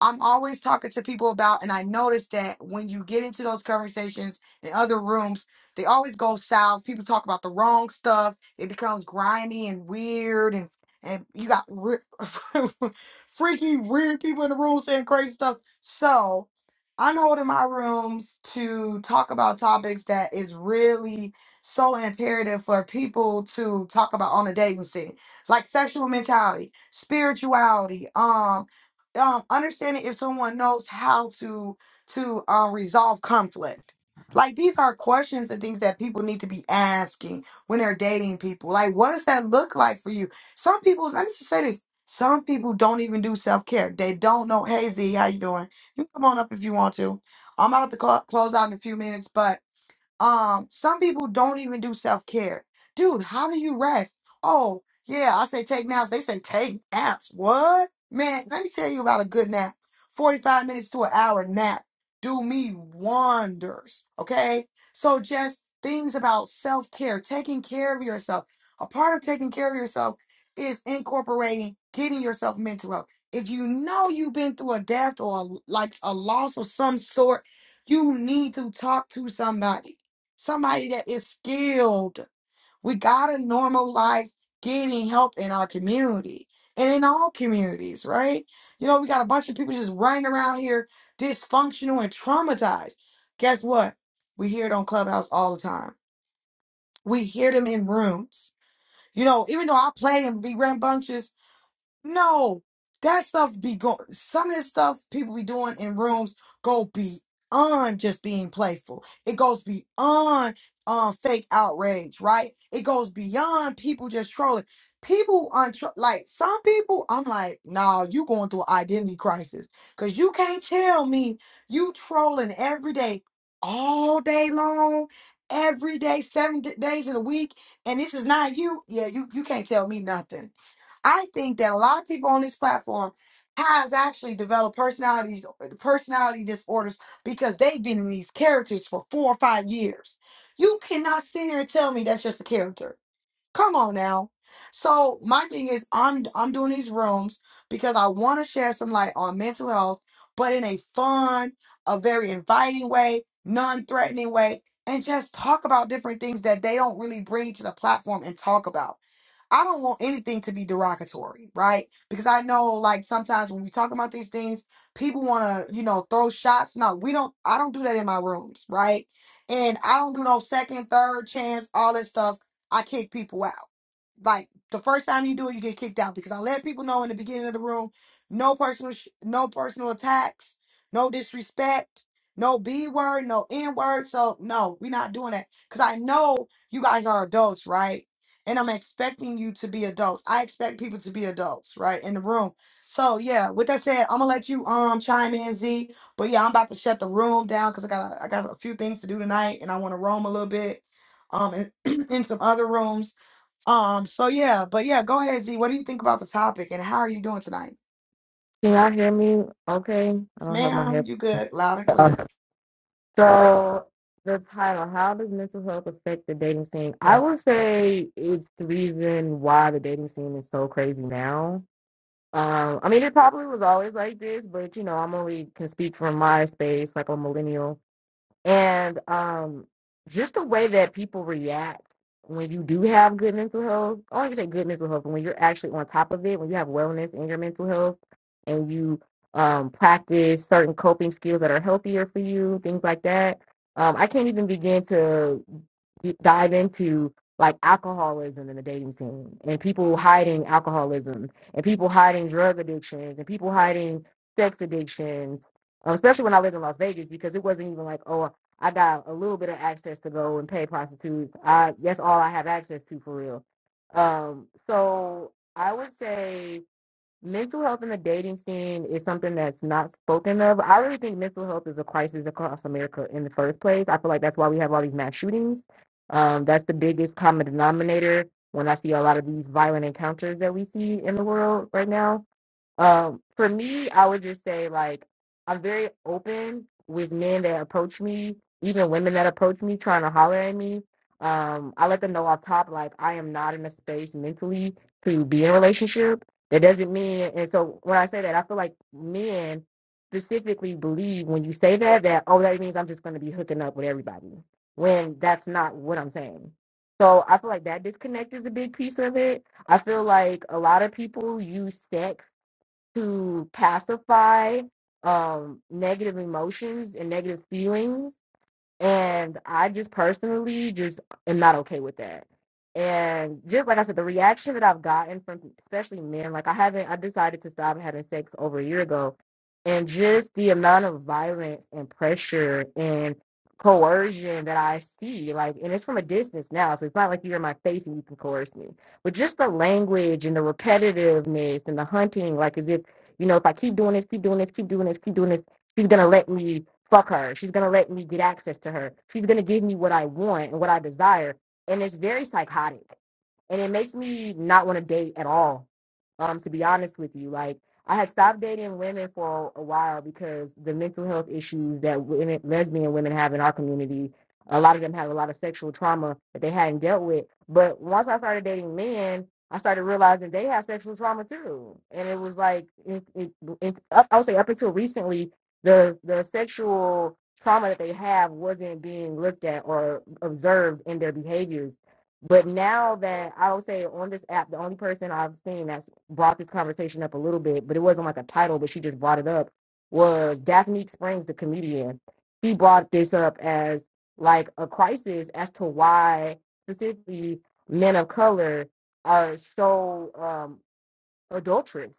Speaker 1: I'm always talking to people about, and I noticed that when you get into those conversations in other rooms, they always go south. People talk about the wrong stuff. It becomes grimy and weird, and and you got re- freaky, weird people in the room saying crazy stuff. So I'm holding my rooms to talk about topics that is really so imperative for people to talk about on a dating scene, like sexual mentality, spirituality, um um, understanding if someone knows how to to uh, resolve conflict. Like these are questions and things that people need to be asking when they're dating people. Like, what does that look like for you? Some people, let me just say this: some people don't even do self care. They don't know. Hey Z, how you doing? You can come on up if you want to. I'm about to cl- close out in a few minutes, but um, some people don't even do self care. Dude, how do you rest? Oh, yeah, I say take naps. They say take naps. What? Man, let me tell you about a good nap. 45 minutes to an hour nap do me wonders. Okay? So just things about self care, taking care of yourself. A part of taking care of yourself is incorporating getting yourself mental health. If you know you've been through a death or a, like a loss of some sort, you need to talk to somebody somebody that is skilled. We got to normalize getting help in our community and in all communities, right? You know, we got a bunch of people just running around here dysfunctional and traumatized. Guess what? We hear it on Clubhouse all the time. We hear them in rooms. You know, even though I play and be rambunctious no, that stuff be go. Some of his stuff people be doing in rooms go beyond just being playful. It goes beyond um fake outrage, right? It goes beyond people just trolling. People on tr- like some people, I'm like, nah, you going through an identity crisis because you can't tell me you trolling every day, all day long, every day, seven d- days in a week, and this is not you. Yeah, you you can't tell me nothing I think that a lot of people on this platform has actually developed personalities, personality disorders because they've been in these characters for four or five years. You cannot sit here and tell me that's just a character. Come on now. So my thing is I'm I'm doing these rooms because I want to share some light on mental health, but in a fun, a very inviting way, non-threatening way, and just talk about different things that they don't really bring to the platform and talk about. I don't want anything to be derogatory, right? Because I know like sometimes when we talk about these things, people want to, you know, throw shots. No, we don't I don't do that in my rooms, right? And I don't do no second, third chance, all that stuff I kick people out. Like the first time you do it, you get kicked out because I let people know in the beginning of the room, no personal, sh- no personal attacks, no disrespect, no b word, no n word. So no, we're not doing that because I know you guys are adults, right? And I'm expecting you to be adults. I expect people to be adults, right, in the room. So yeah, with that said, I'm gonna let you um chime in, Z. But yeah, I'm about to shut the room down because I got a, I got a few things to do tonight, and I want to roam a little bit um in, in some other rooms. Um, so yeah, but yeah, go ahead, Z. What do you think about the topic and how are you doing tonight?
Speaker 16: Can y'all hear me? Okay, I
Speaker 1: Yes,
Speaker 16: don't have my
Speaker 1: ma'am,
Speaker 16: head.
Speaker 1: you good, loud and
Speaker 16: Uh,
Speaker 1: clear.
Speaker 16: So the title: How does mental health affect the dating scene? I would say it's the reason why the dating scene is so crazy now. Um, I mean, it probably was always like this, but you know, I'm only can speak from my space, like a millennial and um, just the way that people react when you do have good mental health. I don't even say good mental health, but when you're actually on top of it, when you have wellness in your mental health, and you um, practice certain coping skills that are healthier for you, things like that. Um, I can't even begin to dive into like alcoholism in the dating scene and people hiding alcoholism and people hiding drug addictions and people hiding sex addictions um, especially when i lived in las vegas because it wasn't even like oh I got a little bit of access to go and pay prostitutes. I that's all I have access to for real. Um, so I would say mental health in the dating scene is something that's not spoken of. I really think mental health is a crisis across America in the first place. I feel like that's why we have all these mass shootings. Um, that's the biggest common denominator when I see a lot of these violent encounters that we see in the world right now um, for me, I would just say like I'm very open with men that approach me, even women that approach me trying to holler at me. Um, I let them know off top like I am not in a space mentally to be in a relationship. That doesn't mean, and so when I say that, I feel like men specifically believe when you say that that oh that means I'm just going to be hooking up with everybody when that's not what I'm saying. So I feel like that disconnect is a big piece of it. I feel like a lot of people use sex to pacify um, negative emotions and negative feelings and I just personally just am not okay with that. And just like I said, the reaction that I've gotten from especially men, like I haven't, I decided to stop having sex over a year ago. And just the amount of violence and pressure and coercion that I see, like, and it's from a distance now. So it's not like you're in my face and you can coerce me. But just the language and the repetitiveness and the hunting, like as if, you know, if I keep doing this, keep doing this, keep doing this, keep doing this, he's gonna let me Fuck her. She's gonna let me get access to her. She's gonna give me what I want and what I desire. And it's very psychotic and it makes me not want to date at all. Um, to be honest with you, like I had stopped dating women for a while because the mental health issues that women, lesbian women have in our community, a lot of them have a lot of sexual trauma that they hadn't dealt with. But once I started dating men, I started realizing they have sexual trauma too, and it was like it, it, it, up, I would say up until recently, the the sexual trauma that they have wasn't being looked at or observed in their behaviors but now that I would say on this app, the only person I've seen that's brought this conversation up a little bit, but it wasn't like a title, but she just brought it up, was Daphne Springs, the comedian. She brought this up as like a crisis as to why specifically men of color are so um, adulterous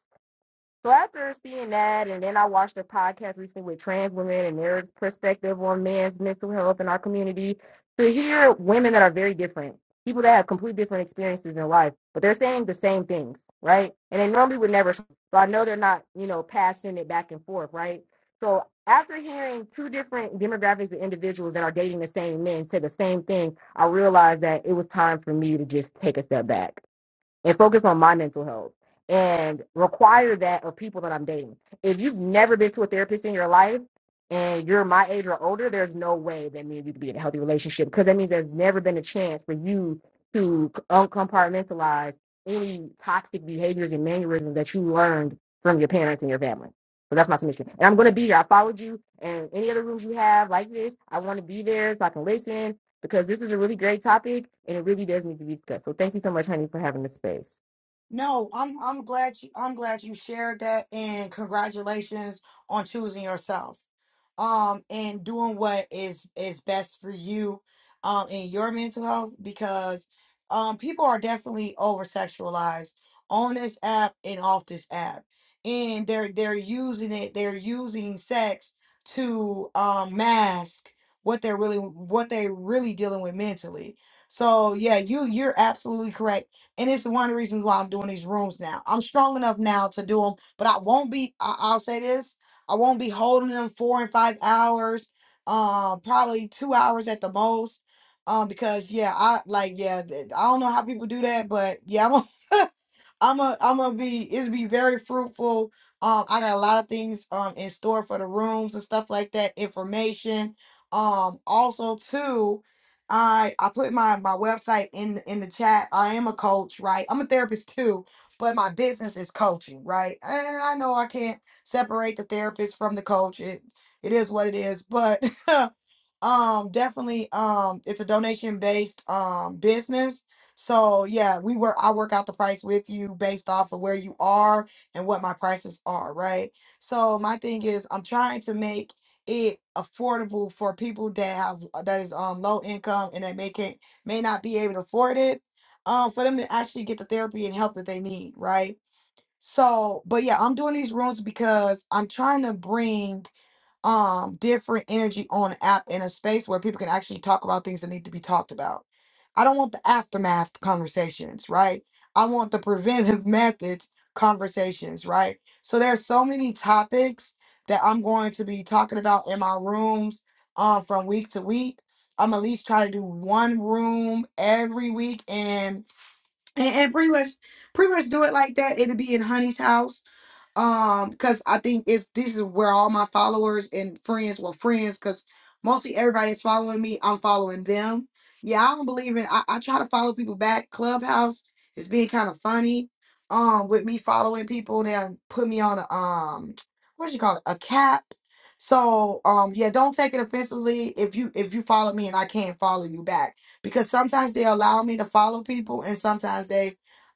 Speaker 16: so after seeing that, and then I watched a podcast recently with trans women and their perspective on men's mental health in our community. To hear women that are very different, people that have completely different experiences in life, but they're saying the same things, right? And they normally would never. So I know they're not, you know, passing it back and forth, right? So after hearing two different demographics of individuals that are dating the same men say the same thing, I realized that it was time for me to just take a step back and focus on my mental health and require that of people that I'm dating. If you've never been to a therapist in your life and you're my age or older, there's no way that me and you could be in a healthy relationship because that means there's never been a chance for you to uncompartmentalize any toxic behaviors and mannerisms that you learned from your parents and your family. So that's my submission. And I'm going to be here. I followed you. And any other rooms you have like this, I want to be there so I can listen because this is a really great topic and it really does need to be discussed. So thank you so much, honey, for having the space.
Speaker 1: No, I'm I'm glad you I'm glad you shared that and congratulations on choosing yourself. Um and doing what is is best for you um in your mental health because um people are definitely over sexualized on this app and off this app. And they're they're using it, they're using sex to um mask what they're really what they're really dealing with mentally. So yeah, you you're absolutely correct and it's one of the reasons why I'm doing these rooms now. I'm strong enough now to do them, but I won't be, I, I'll say this, I won't be holding them four and five hours, um, probably two hours at the most. Um, because yeah, I like yeah, th- I don't know how people do that, but yeah, I'm a I'm gonna be it's be very fruitful. Um, I got a lot of things um in store for the rooms and stuff like that. Information. Um, also too, I I put my my website in in the chat. I am a coach, right? I'm a therapist too, but my business is coaching, right? And I know I can't separate the therapist from the coach. It it is what it is, but Um, definitely. Um, it's a donation based um business. So yeah, we work. I work out the price with you based off of where you are and what my prices are, right? So my thing is, I'm trying to make it affordable for people that have uh, that is um low income and that may can may not be able to afford it. Um, for them to actually get the therapy and help that they need, right? So, but yeah, I'm doing these rooms because I'm trying to bring um different energy on the app in a space where people can actually talk about things that need to be talked about. I don't want the aftermath conversations, right? I want the preventive methods conversations, right? So there's so many topics that I'm going to be talking about in my rooms um from week to week. I'm at least try to do one room every week and and, and pretty much pretty much do it like that. It'll be in Honey's house um because i think it's this is where all my followers and friends well friends because mostly everybody is following me i'm following them yeah i don't believe in i, I try to follow people back clubhouse is being kind of funny um with me following people and put me on a um what do you call it a cap so um yeah don't take it offensively if you if you follow me and i can't follow you back because sometimes they allow me to follow people and sometimes they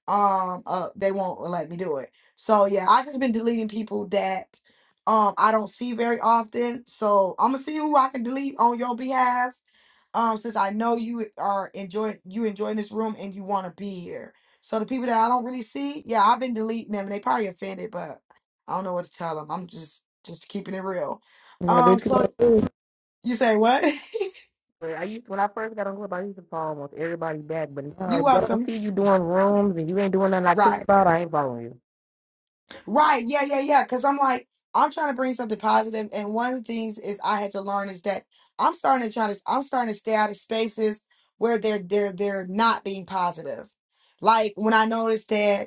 Speaker 1: um uh they won't let me do it so yeah, I just been deleting people that um I don't see very often. So I'm gonna see who I can delete on your behalf. Um, since I know you are enjoying you enjoying this room and you want to be here. So the people that I don't really see, yeah, I've been deleting them and they probably offended, but I don't know what to tell them. I'm just just keeping it real.
Speaker 16: Now
Speaker 1: Um,
Speaker 16: that you
Speaker 1: so
Speaker 16: going do?
Speaker 1: you say what?
Speaker 16: I used when I first got on Club, I used to follow almost everybody back, but now
Speaker 1: you
Speaker 16: if y'all
Speaker 1: welcome.
Speaker 16: see you doing rooms and you ain't doing nothing I
Speaker 1: Right.
Speaker 16: care about, I ain't following you.
Speaker 1: Right. Yeah, yeah, yeah. Because I'm like, I'm trying to bring something positive, and one of the things is I had to learn is that I'm starting to try to I'm starting to stay out of spaces where they're they're they're not being positive. Like when I noticed that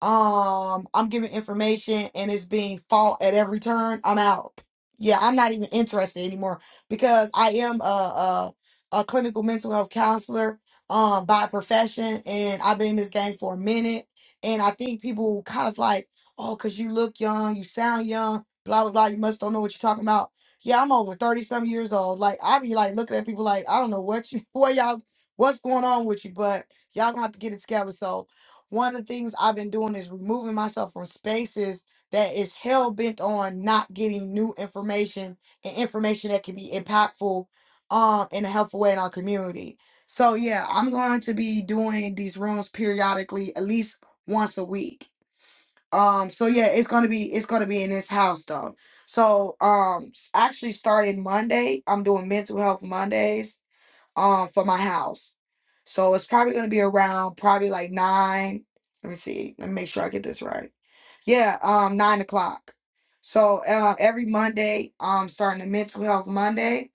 Speaker 1: um i'm giving information and it's being fought at every turn i'm out yeah i'm not even interested anymore because i am a a, a clinical mental health counselor um by profession and i've been in this game for a minute and i think people kind of like oh because you look young you sound young blah blah blah you must don't know what you're talking about yeah i'm over 30 some years old like i be like looking at people like i don't know what you what y'all what's going on with you but y'all gonna have to get it together so one of the things I've been doing is removing myself from spaces that is hell bent on not getting new information and information that can be impactful um in a helpful way in our community. So yeah, I'm going to be doing these rooms periodically at least once a week. Um so yeah, it's going to be it's going to be in this house though. So um s- actually starting Monday, I'm doing mental health Mondays um for my house. So it's probably gonna be around probably like nine. Let me see. Let me make sure I get this right. Yeah, um, nine o'clock. So uh, every Monday, um, starting the mental health Monday,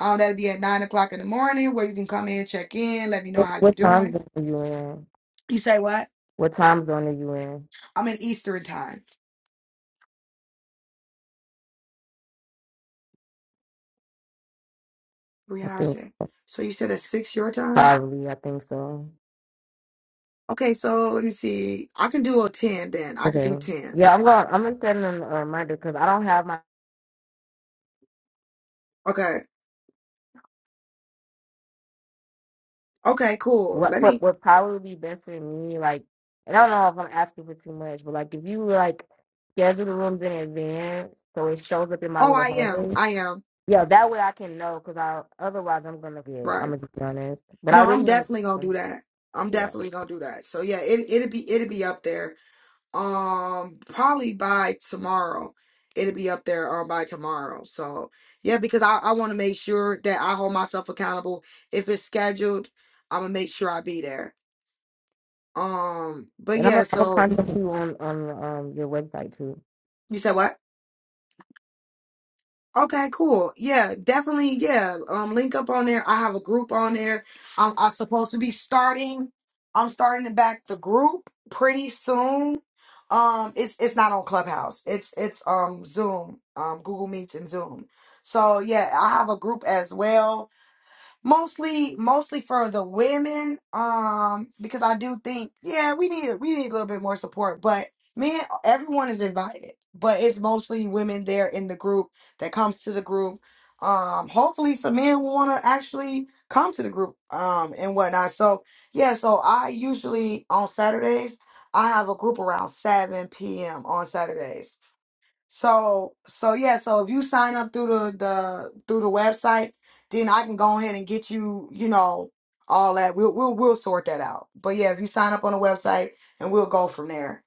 Speaker 1: um, that'll be at nine o'clock in the morning where you can come in, check in, let me know
Speaker 16: What,
Speaker 1: how you're
Speaker 16: what time
Speaker 1: doing.
Speaker 16: zone are you in?
Speaker 1: You say what?
Speaker 16: What time zone are you in?
Speaker 1: I'm in Eastern time. Three
Speaker 16: I
Speaker 1: hours
Speaker 16: think
Speaker 1: in. So you said at six your time?
Speaker 16: probably I think so.
Speaker 1: Okay, so let me see. I can do a ten then. I could do
Speaker 16: Okay.
Speaker 1: ten.
Speaker 16: Yeah, I'm going. I'm gonna send them a reminder because I don't have my.
Speaker 1: Okay. Okay, cool.
Speaker 16: what
Speaker 1: Let
Speaker 16: what
Speaker 1: me
Speaker 16: would probably be best for me, like, and I don't know if I'm asking for too much, but like if you like schedule the rooms in advance so it shows up in my
Speaker 1: Oh
Speaker 16: little
Speaker 1: I am.
Speaker 16: hallway,
Speaker 1: I am.
Speaker 16: yeah, that way I can know because I otherwise I'm gonna be, I'm
Speaker 1: Right.
Speaker 16: gonna just be honest, but I
Speaker 1: No, I'm
Speaker 16: really want to,
Speaker 1: definitely gonna do
Speaker 16: come,
Speaker 1: that. I'm
Speaker 16: yeah,
Speaker 1: definitely gonna do that. So yeah, it it'll be it'll be up there. Um, probably by tomorrow. It'll be up there um by tomorrow. So yeah, because I, I want to make sure that I hold myself accountable. If it's scheduled, I'm gonna make sure I be there. Um, but
Speaker 16: and I'm
Speaker 1: yeah,
Speaker 16: gonna I'm gonna
Speaker 1: so
Speaker 16: contact you on on um your website too.
Speaker 1: you said what? Okay, cool. Yeah, definitely. Yeah, um, link up on there. I have a group on there. I'm, I'm supposed to be starting. I'm starting to back the group pretty soon Um, it's it's not on Clubhouse. It's it's um Zoom, um Google Meets and Zoom. So yeah, I have a group as well mostly mostly for the women um because i do think yeah we need we need a little bit more support but men everyone is invited but it's mostly women there in the group that comes to the group um hopefully some men will want to actually come to the group um and whatnot so yeah so i usually on saturdays i have a group around 7 p.m on saturdays so so yeah, so if you sign up through the, the through the website, then I can go ahead and get you, you know, all that. We'll we'll we'll sort that out. But yeah, if you sign up on the website and we'll go from there.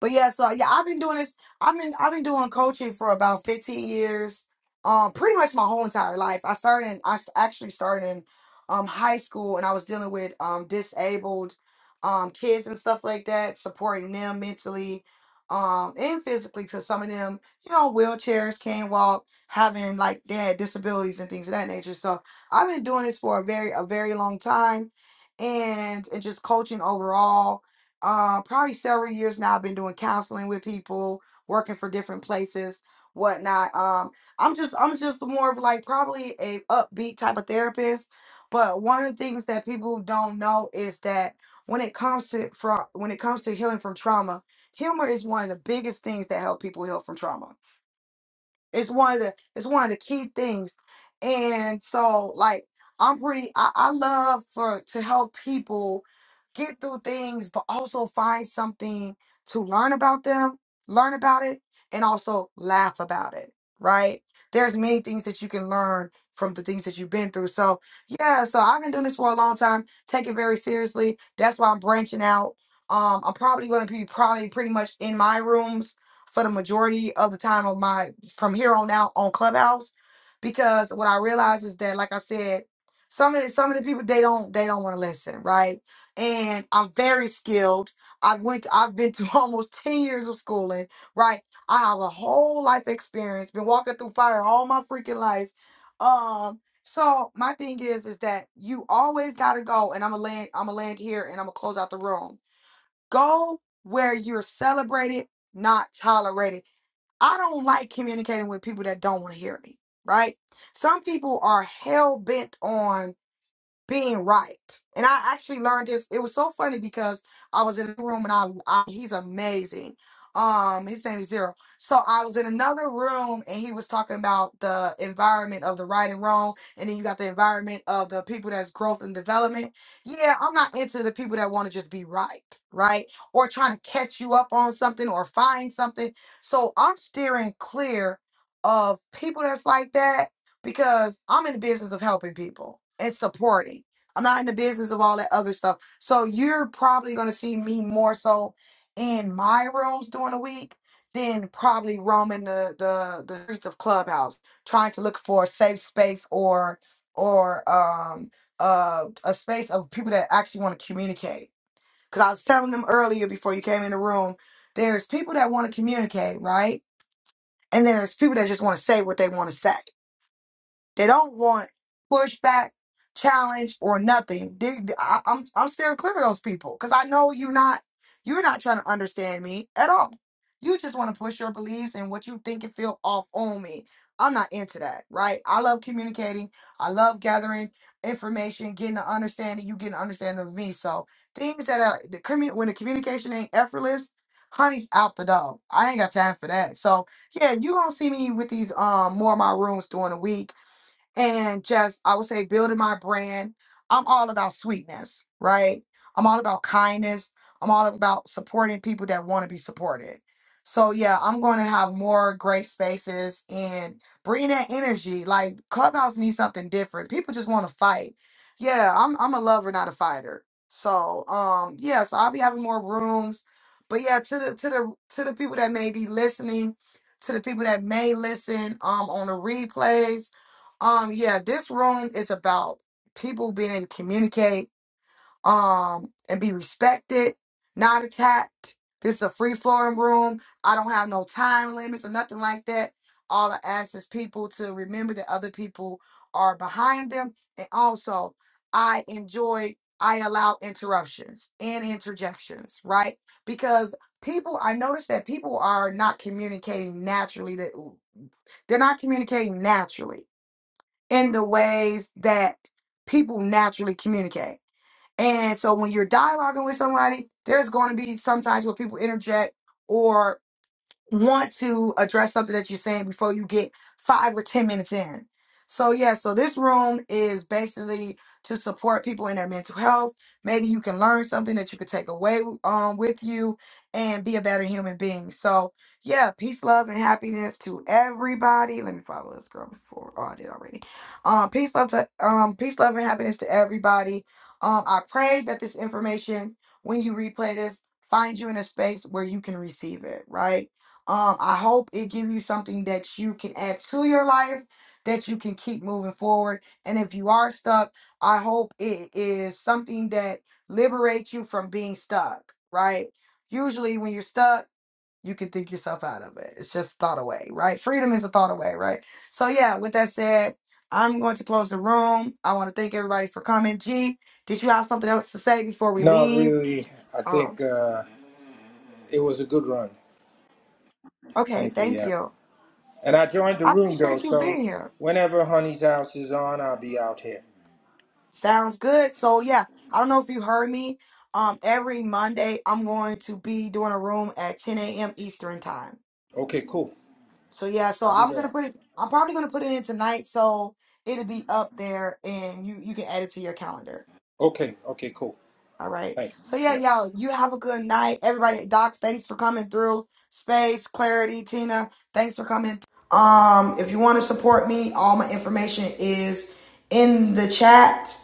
Speaker 1: But yeah, so yeah, I've been doing this. I've been I've been doing coaching for about 15 years. Um, pretty much my whole entire life. I started. In, I s- actually started in um high school, and I was dealing with um disabled um kids and stuff like that, supporting them mentally, um and physically. Because some of them, you know, wheelchairs, can't walk, having like they had disabilities and things of that nature. So I've been doing this for a very a very long time, and and just coaching overall uh, probably several years now. I've been doing counseling with people, working for different places, whatnot. Um, I'm just I'm just more of like probably a upbeat type of therapist. But one of the things that people don't know is that when it comes to from when it comes to healing from trauma, humor is one of the biggest things that help people heal from trauma it's one of the it's one of the key things. And so like I'm pretty I, I love for to help people get through things but also find something to learn about them, learn about it, and also laugh about it. Right? There's many things that you can learn from the things that you've been through. So yeah, so I've been doing this for a long time. Take it very seriously. That's why I'm branching out. Um, I'm probably gonna be probably pretty much in my rooms for the majority of the time of my from here on out on Clubhouse because what I realize is that, like I said, some of the, some of the people they don't they don't want to listen, right? And I'm very skilled. I've went I've been through almost ten years of schooling, right? I have a whole life experience, been walking through fire all my freaking life. Um, so my thing is is that you always gotta go, and I'm gonna land I'm gonna land here, and I'm gonna close out the room. Go where you're celebrated, not tolerated I don't like communicating with people that don't want to hear me, right? Some people are hell bent on being right. And I actually learned this. It was so funny because I was in a room and I, I he's amazing. Um, his name is Zero. So I was in another room and he was talking about the environment of the right and wrong, and then you got the environment of the people that's growth and development. Yeah, I'm not into the people that want to just be right, right? Or trying to catch you up on something or find something. So I'm steering clear of people that's like that because I'm in the business of helping people and supporting. I'm not in the business of all that other stuff. So you're probably going to see me more so in my rooms during the week than probably roaming the the the streets of Clubhouse trying to look for a safe space or or um uh a space of people that actually want to communicate. Cuz I was telling them earlier before you came in the room, there's people that want to communicate, right? And there's people that just want to say what they want to say they don't want pushback, challenge, or nothing. They, I, I'm I'm steering clear of those people because I know you're not you're not trying to understand me at all. You just want to push your beliefs and what you think and feel off on me. I'm not into that, right? I love communicating. I love gathering information, getting an understanding. You get an understanding of me. So things that are the commu- when the communication ain't effortless, honey's out the door. I ain't got time for that. So yeah, you gonna see me with these um more of my rooms during the week and just I would say building my brand. I'm all about sweetness, right? I'm all about kindness. I'm all about supporting people that want to be supported. So yeah, I'm going to have more great spaces and bring that energy. Like Clubhouse needs something different. People just want to fight. Yeah, I'm I'm a lover, not a fighter. So um yeah, so I'll be having more rooms. But yeah, to the to the to the people that may be listening, to the people that may listen um on the replays, um, yeah, this room is about people being able to communicate, um, and be respected, not attacked. This is a free flowing room. I don't have no time limits or nothing like that. All I ask is people to remember that other people are behind them. And also, I enjoy, I allow interruptions and interjections, right? Because people, I notice that people are not communicating naturally. That They're not communicating naturally in the ways that people naturally communicate. And so when you're dialoguing with somebody, there's going to be sometimes where people interject or want to address something that you're saying before you get five or ten minutes in. So yeah, so this room is basically to support people in their mental health. Maybe you can learn something that you could take away um, with you and be a better human being. So yeah, peace, love, and happiness to everybody. Let me follow this girl before. Oh, I did already. Um, peace, love to um, peace, love, and happiness to everybody. Um, I pray that this information, when you replay this, find you in a space where you can receive it. Right um, I hope it give you something that you can add to your life, that you can keep moving forward. And if you are stuck, I hope it is something that liberates you from being stuck, right? Usually when you're stuck, you can think yourself out of it. It's just thought away, right? Freedom is a thought away, right? So yeah, with that said, I'm going to close the room. I want to thank everybody for coming. G, did you have something else to say before we
Speaker 7: Not
Speaker 1: leave?
Speaker 7: really. I
Speaker 1: Um,
Speaker 7: think uh, it was a good run.
Speaker 1: okay,
Speaker 7: Thank you,
Speaker 1: thank
Speaker 7: yeah.
Speaker 1: you.
Speaker 7: And I joined the
Speaker 1: I
Speaker 7: room though,
Speaker 1: appreciate you
Speaker 7: so
Speaker 1: being here.
Speaker 7: whenever Honey's house is on, I'll be out here.
Speaker 1: Sounds good. So yeah, I don't know if you heard me. Um, every Monday I'm going to be doing a room at 10 a.m. Eastern time.
Speaker 7: Okay, cool.
Speaker 1: So yeah, so
Speaker 7: I'll be
Speaker 1: I'm gonna
Speaker 7: there.
Speaker 1: put it. I'm probably gonna put it in tonight, so it'll be up there, and you you can add it to your calendar.
Speaker 7: Okay, okay, cool.
Speaker 1: All right.
Speaker 7: Thanks.
Speaker 1: So yeah,
Speaker 7: Yeah.
Speaker 1: y'all, you have a good night. Everybody, Doc, thanks for coming through. Space, Clarity, Tina, thanks for coming. Um, if you want to support me, all my information is in the chat.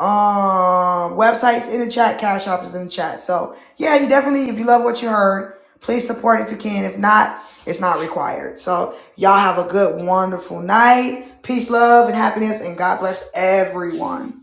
Speaker 1: Um, websites in the chat, Cash App is in the chat. So yeah, you definitely, if you love what you heard, please support if you can. If not, it's not required. So y'all have a good, wonderful night. Peace, love, and happiness, and God bless everyone.